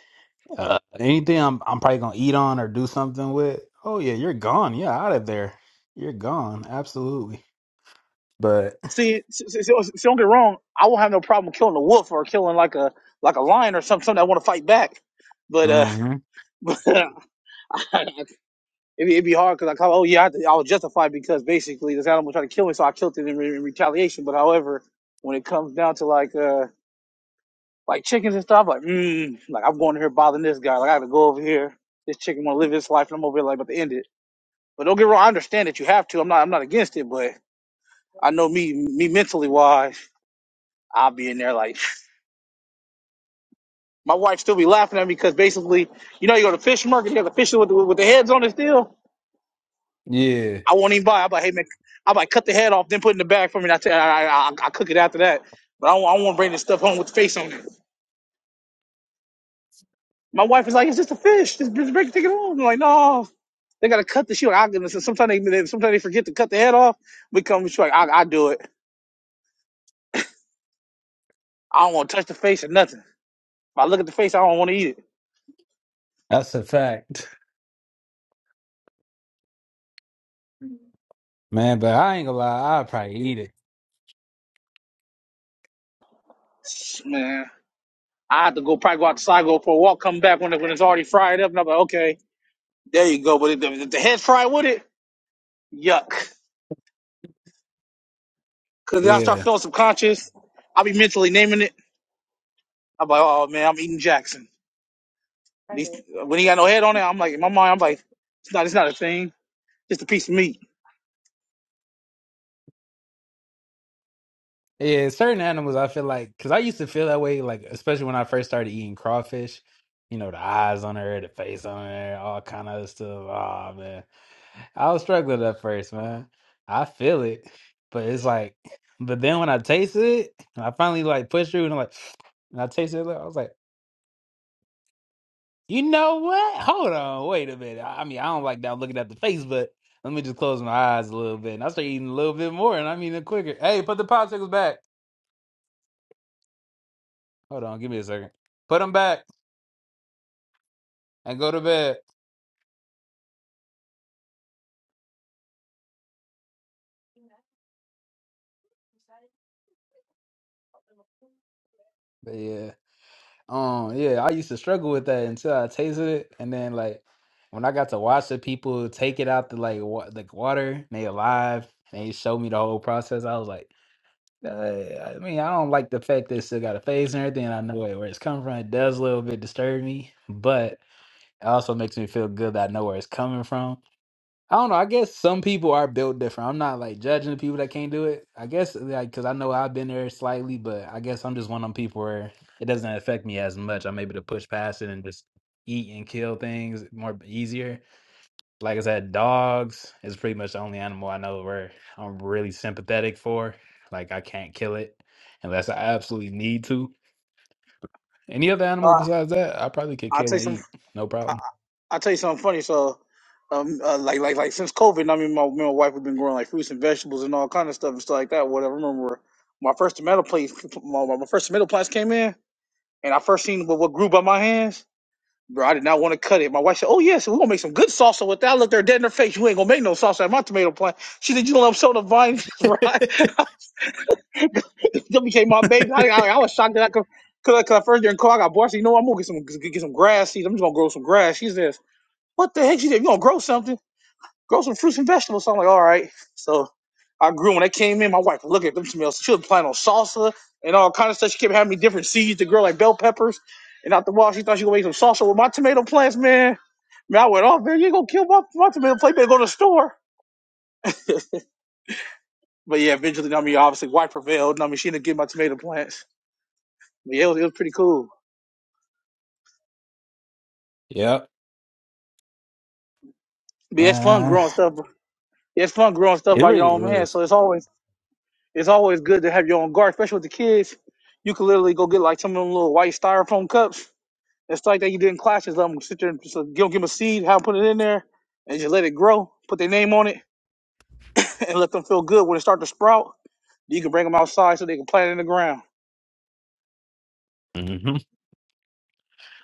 [SPEAKER 5] uh, anything I'm I'm probably gonna eat on or do something with. Oh yeah, you're gone. Yeah, out of there. You're gone. Absolutely. But
[SPEAKER 1] See, see, see, see, don't get wrong. I won't have no problem killing a wolf or killing like a like a lion or something, something I want to fight back. But uh,
[SPEAKER 5] hmm
[SPEAKER 1] but It'd be, it'd be hard because I call, oh yeah, I, had to- I was justified because basically this animal tried to kill me, so I killed it in, re- in retaliation. But however, when it comes down to like uh like chickens and stuff, like mm, like I'm going here bothering this guy, like I gotta go over here. This chicken want to live his life, and I'm over here like about to end it. But don't get wrong, I understand that you have to. I'm not I'm not against it, but I know me me mentally wise, I'll be in there like my wife still be laughing at me because basically, you know, you go to fish market, you got the fish with the, with the heads on it still.
[SPEAKER 5] yeah,
[SPEAKER 1] I won't even buy. I am like, hey man, I am like cut the head off, then put it in the bag for me. And I tell, you, I, I, I, I cook it after that. But I, don't- I want to bring this stuff home with the face on it. My wife is like, it's just a fish. Just bring take it home. I'm like, no, they gotta cut the shit. I goodness. And sometimes they, they sometimes they forget to cut the head off. We come, she's like, I, I do it. I don't want to touch the face or nothing. If I look at the face, I don't want to eat it.
[SPEAKER 5] that's a fact, man. But I ain't gonna lie. I'll probably eat it.
[SPEAKER 1] Man, I have to go probably go outside, go for a walk, come back when it, when it's already fried up, and I'm like, okay, there you go. But if the, if the head's fried with it, yuck. Cause then I
[SPEAKER 5] Yeah.
[SPEAKER 1] start feeling subconscious. I'll be mentally naming it. I'm like, oh man, I'm eating Jackson. These, when he got no head on it, I'm like, in my mind, I'm like, it's not, it's not a thing. Just a piece of meat.
[SPEAKER 5] Yeah, certain animals I feel like because I used to feel that way, like especially when I first started eating crawfish. You know, the eyes on her, the face on her, all kind of stuff. Oh man, I was struggling at first, man. I feel it, but it's like, but then when I taste it, and I finally like push through and I'm like, and I tasted it. I was like, you know what? Hold on, wait a minute. I I mean, I don't like that looking at the face, but let me just close my eyes a little bit, and I start eating a little bit more, and I'm eating it quicker. Hey, put the popsicles back. Hold on, give me a second. Put them back and go to bed. But yeah, um, yeah, I used to struggle with that until I tasted it, and then like when I got to watch the people take it out the like wa- the water, and they alive, and they showed me the whole process. I was like, uh, I mean, I don't like the fact that it still got a phase and everything. and I know it, where it's coming from. It does a little bit disturb me, but it also makes me feel good that I know where it's coming from. I don't know. I guess some people are built different. I'm not like judging the people that can't do it. I guess like because I know I've been there slightly, but I guess I'm just one of them people where it doesn't affect me as much. I'm able to push past it and just eat and kill things more easier. Like I said, dogs is pretty much the only animal I know where I'm really sympathetic for. Like I can't kill it unless I absolutely need to. Any other animal
[SPEAKER 1] Uh,
[SPEAKER 5] besides that, I probably could
[SPEAKER 1] I'll
[SPEAKER 5] kill
[SPEAKER 1] take
[SPEAKER 5] and
[SPEAKER 1] some.
[SPEAKER 5] eat, no problem.
[SPEAKER 1] i tell you something funny. So, um, uh, like, like, like since COVID, I mean, my, me and my wife have been growing like fruits and vegetables and all kind of stuff and stuff like that. Whatever. I remember my first tomato place, my, my first tomato plants came in, and I first seen what, what grew by my hands. Bro, I did not want to cut it. My wife said, "Oh yes, we're gonna make some good salsa with that." I looked her dead in her face. You ain't gonna make no salsa at my tomato plant. She said, "You gonna upsell the vine?" right? that became my baby. I, I, I was shocked that I could. Cause, I- cause I first during call, I got bored. I said, "You know, what? I'm gonna get some get, get some grass seeds. I'm just gonna grow some grass." She says, "What the heck?" She said, "You gonna grow something?" grow some fruits and vegetables. So I'm like, all right. So I grew. When I came in, my wife look at them smells. She was planning on salsa and all kind of stuff. She kept having me different seeds to grow, like bell peppers. And out the wall, she thought she was gonna make some salsa with my tomato plants, man. Man, I went off, man. You ain't gonna kill my, my tomato plant. You Better go to the store. But yeah, eventually, I mean, obviously, wife prevailed. and I mean, she didn't get my tomato plants. But yeah, it was, it was pretty cool.
[SPEAKER 5] Yep.
[SPEAKER 1] But yeah, it's fun
[SPEAKER 5] Uh,
[SPEAKER 1] growing stuff. Yeah, it's fun growing stuff
[SPEAKER 5] it
[SPEAKER 1] by your own
[SPEAKER 5] really
[SPEAKER 1] hand. So it's always it's always good to have your own garden, especially with the kids. You can literally go get like some of them little white styrofoam cups It's like that you did in classes. Let them sit there and just uh, you don't give them a seed, have them put it in there, and just let it grow. Put their name on it, and let them feel good when it start to sprout. You can bring them outside so they can plant it in the ground.
[SPEAKER 5] is.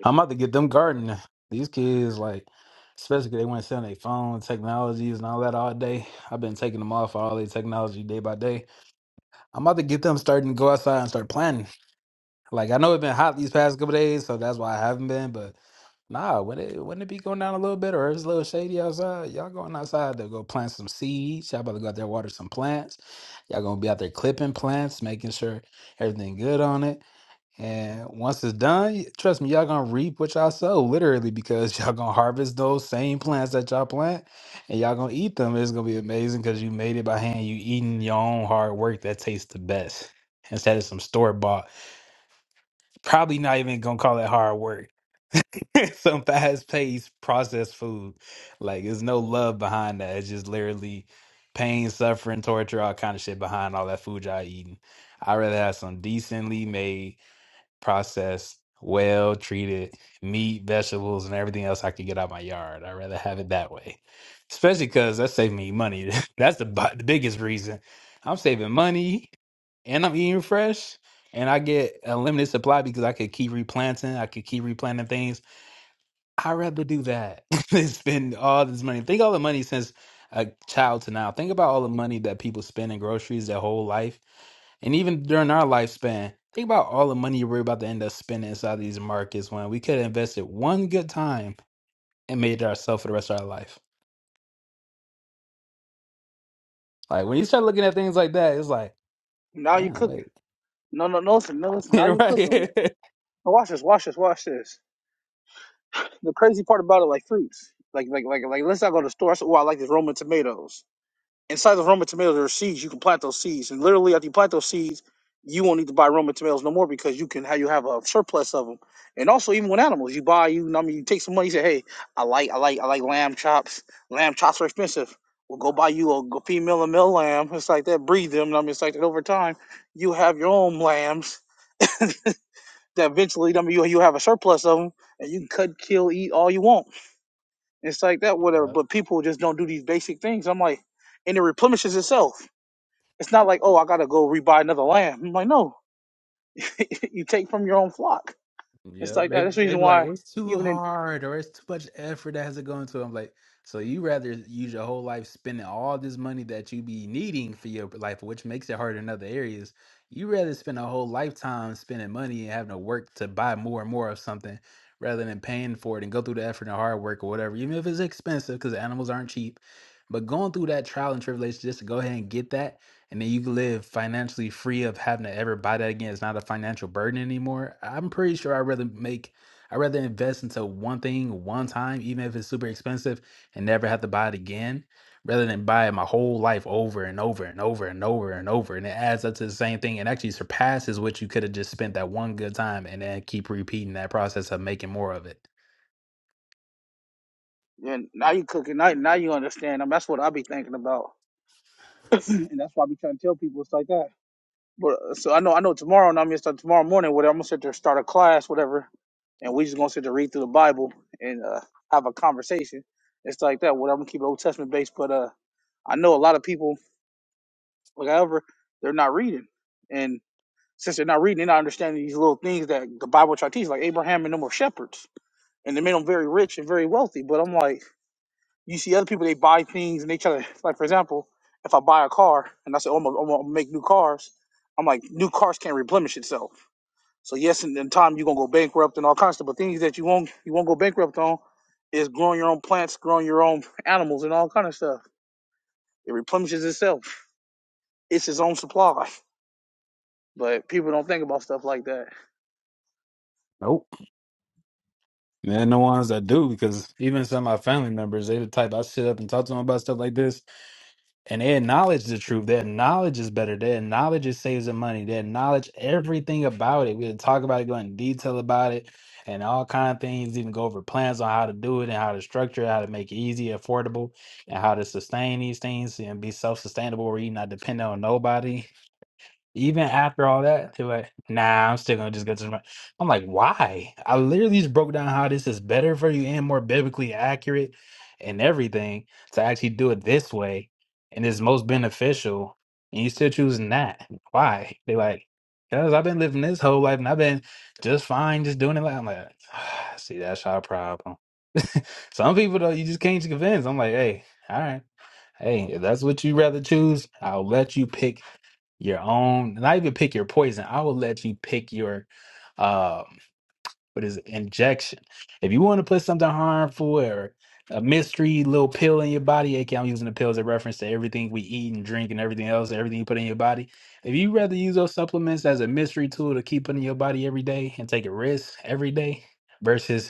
[SPEAKER 5] I'm about to get them gardening. These kids, like, especially 'cause they went sitting on their phone technologies and all that all day. I've been taking them off all their technology day by day. I'm about to get them starting to go outside and start planting. Like, I know it's been hot these past couple days, so that's why I haven't been. But nah, when it when it be going down a little bit or it's a little shady outside, y'all going outside to go plant some seeds. Y'all about to go out there water some plants. Y'all gonna be out there clipping plants, making sure everything good on it. And once it's done, y- trust me, y'all gonna reap what y'all sow, literally, because y'all gonna harvest those same plants that y'all plant and y'all gonna eat them. It's gonna be amazing because you made it by hand. You eating your own hard work that tastes the best instead of some store bought. Probably not even gonna call it hard work. some fast paced processed food. Like there's no love behind that. It's just literally pain, suffering, torture, all kind of shit behind all that food y'all eating. I'd rather have some decently made processed, well treated meat, vegetables, and everything else I could get out of my yard. I'd rather have it that way, especially because that saved me money. That's the, bi- the biggest reason. I'm saving money and I'm eating fresh. And I get a limited supply because I could keep replanting. I could keep replanting things I'd rather do that than spend all this money. Think all the money since a child to now. Think about all the money that people spend in groceries their whole life. And even during our lifespan, think about all the money we're about to end up spending inside these markets when we could have invested one good time and made it ourselves for the rest of our life. Like when you start looking at things like that, it's like,
[SPEAKER 1] Now you
[SPEAKER 5] damn,
[SPEAKER 1] cooking.
[SPEAKER 5] wait.
[SPEAKER 1] No, no, no, listen, no, listen. Now you cooking.
[SPEAKER 5] right?
[SPEAKER 1] Now watch this, watch this, watch this. The crazy part about it, like fruits, like, like, like, like. Let's not go to the store. That's why I like these Roman tomatoes. Inside the Roma tomatoes, there are seeds. You can plant those seeds, and literally after you plant those seeds, you won't need to buy Roma tomatoes no more because you can have you have a surplus of them. And also, even with animals, you buy you. I mean, you take some money. You say, hey, I like I like I like lamb chops. Lamb chops are expensive. Well, go buy you a female and male lamb. It's like that. Breed them. I mean, it's like that. Over time, you have your own lambs that eventually, I mean, you you have a surplus of them, and you can cut, kill, eat all you want. It's like that, whatever.
[SPEAKER 5] Yep.
[SPEAKER 1] But people just don't do these basic things. I'm like, and it replenishes itself. It's not like, oh, I gotta go rebuy another lamb. I'm like, no, you take from your own flock. It's
[SPEAKER 5] Yeah,
[SPEAKER 1] like that.
[SPEAKER 5] maybe
[SPEAKER 1] That's the reason
[SPEAKER 5] maybe like
[SPEAKER 1] why
[SPEAKER 5] it's too
[SPEAKER 1] even in
[SPEAKER 5] hard or it's too much effort that has to go into it. I'm like, so you rather use your whole life spending all this money that you be needing for your life, which makes it harder in other areas. You rather spend a whole lifetime spending money and having to work to buy more and more of something rather than paying for it and go through the effort and hard work or whatever, even if it's expensive because animals aren't cheap. But going through that trial and tribulation just to go ahead and get that and then you can live financially free of having to ever buy that again. It's not a financial burden anymore. I'm pretty sure I'd rather make, I'd rather invest into one thing one time, even if it's super expensive, and never have to buy it again, rather than buy it my whole life over and over and over and over and over. And it adds up to the same thing and actually surpasses what you could have just spent that one good time and then keep repeating that process of making more of it.
[SPEAKER 1] and now you cooking, now now you understand. I mean, that's what I be thinking about, and that's why I be trying to tell people it's like that. But uh, so I know, I know tomorrow, and I'm gonna start tomorrow morning. Whatever, I'm gonna sit there, start a class, whatever, and we just gonna sit there read through the Bible and uh, have a conversation. It's like that. What I'm gonna keep it Old Testament based, but uh, I know a lot of people, like however, they're not reading, and Since they're not reading, they're not understanding these little things that the Bible try to teach, like Abraham and them were shepherds, and they made them very rich and very wealthy. But I'm like, you see other people, they buy things and they try to, like for example, if I buy a car and I say, oh, I'm gonna, make new cars, I'm like, new cars can't replenish itself. So yes, in, in time you're gonna go bankrupt and all kinds of stuff. But things that you won't you won't go bankrupt on is growing your own plants, growing your own animals, and all kind of stuff. It replenishes itself. It's its own supply. But people don't think about stuff like that.
[SPEAKER 5] Nope. And the ones that do, because even some of my family members, they the type I sit up and talk to them about stuff like this and they acknowledge the truth. Their knowledge is better. Their knowledge is saves them money. Their knowledge everything about it. We could talk about it, go in detail about it, and all kind of things. Even go over plans on how to do it and how to structure it, how to make it easy, affordable, and how to sustain these things and be self sustainable, where you're not dependent on nobody even after all that, they were like, nah, I'm still gonna just go to the Bible." I'm like, why? I literally just broke down how this is better for you and more biblically accurate and everything to actually do it this way and it's most beneficial. And you still choosing that. Why? They like, because I've been living this whole life and I've been just fine just doing it like I'm like, see, that's our problem. Some people though, you just can't convince. I'm like, hey, all right. Hey, if that's what you rather choose, I'll let you pick your own not even pick your poison i will let you pick your um what is it injection if you want to put something harmful or a mystery little pill in your body aka i'm using the pill as a reference to everything we eat and drink and everything else everything you put in your body if you rather use those supplements as a mystery tool to keep putting in your body every day and take a risk every day versus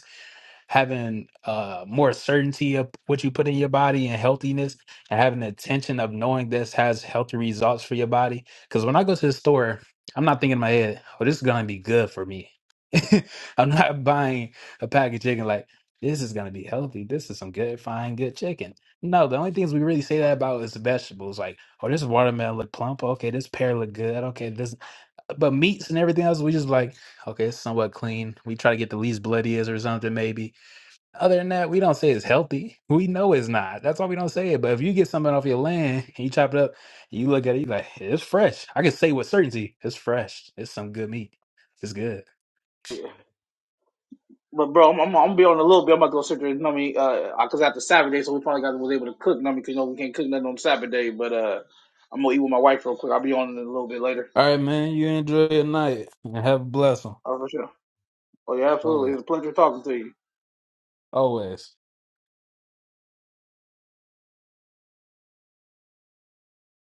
[SPEAKER 5] having uh more certainty of what you put in your body and healthiness and having the attention of knowing this has healthy results for your body because when i go to the store i'm not thinking in my head oh this is gonna be good for me i'm not buying a pack of chicken like this is gonna be healthy this is some good fine good chicken no the only things we really say that about is vegetables like oh this watermelon look plump okay this pear look good okay this but meats and everything else we just like okay it's somewhat clean we try to get the least bloodiest or something maybe other than that, we don't say it's healthy. We know it's not. That's why we don't say it. But if you get something off your land and you chop it up, and you look at it, you like, "Hey, it's fresh. I can say with certainty, it's fresh. It's some good meat. It's good.
[SPEAKER 1] But bro, I'm, I'm, I'm gonna be on a little bit. I'm about to go sit there. You know what I mean? Uh, cause after Saturday, so we probably got was able to cook. You know what I mean? 'Cause you know we can't cook nothing on Saturday. But uh, I'm gonna eat with my wife real quick. I'll be on in a little bit later.
[SPEAKER 5] All right, man. You enjoy your night and have a blessing.
[SPEAKER 1] Oh for sure. Oh yeah, absolutely. It
[SPEAKER 5] Always.
[SPEAKER 1] was a pleasure talking to you.
[SPEAKER 5] Always.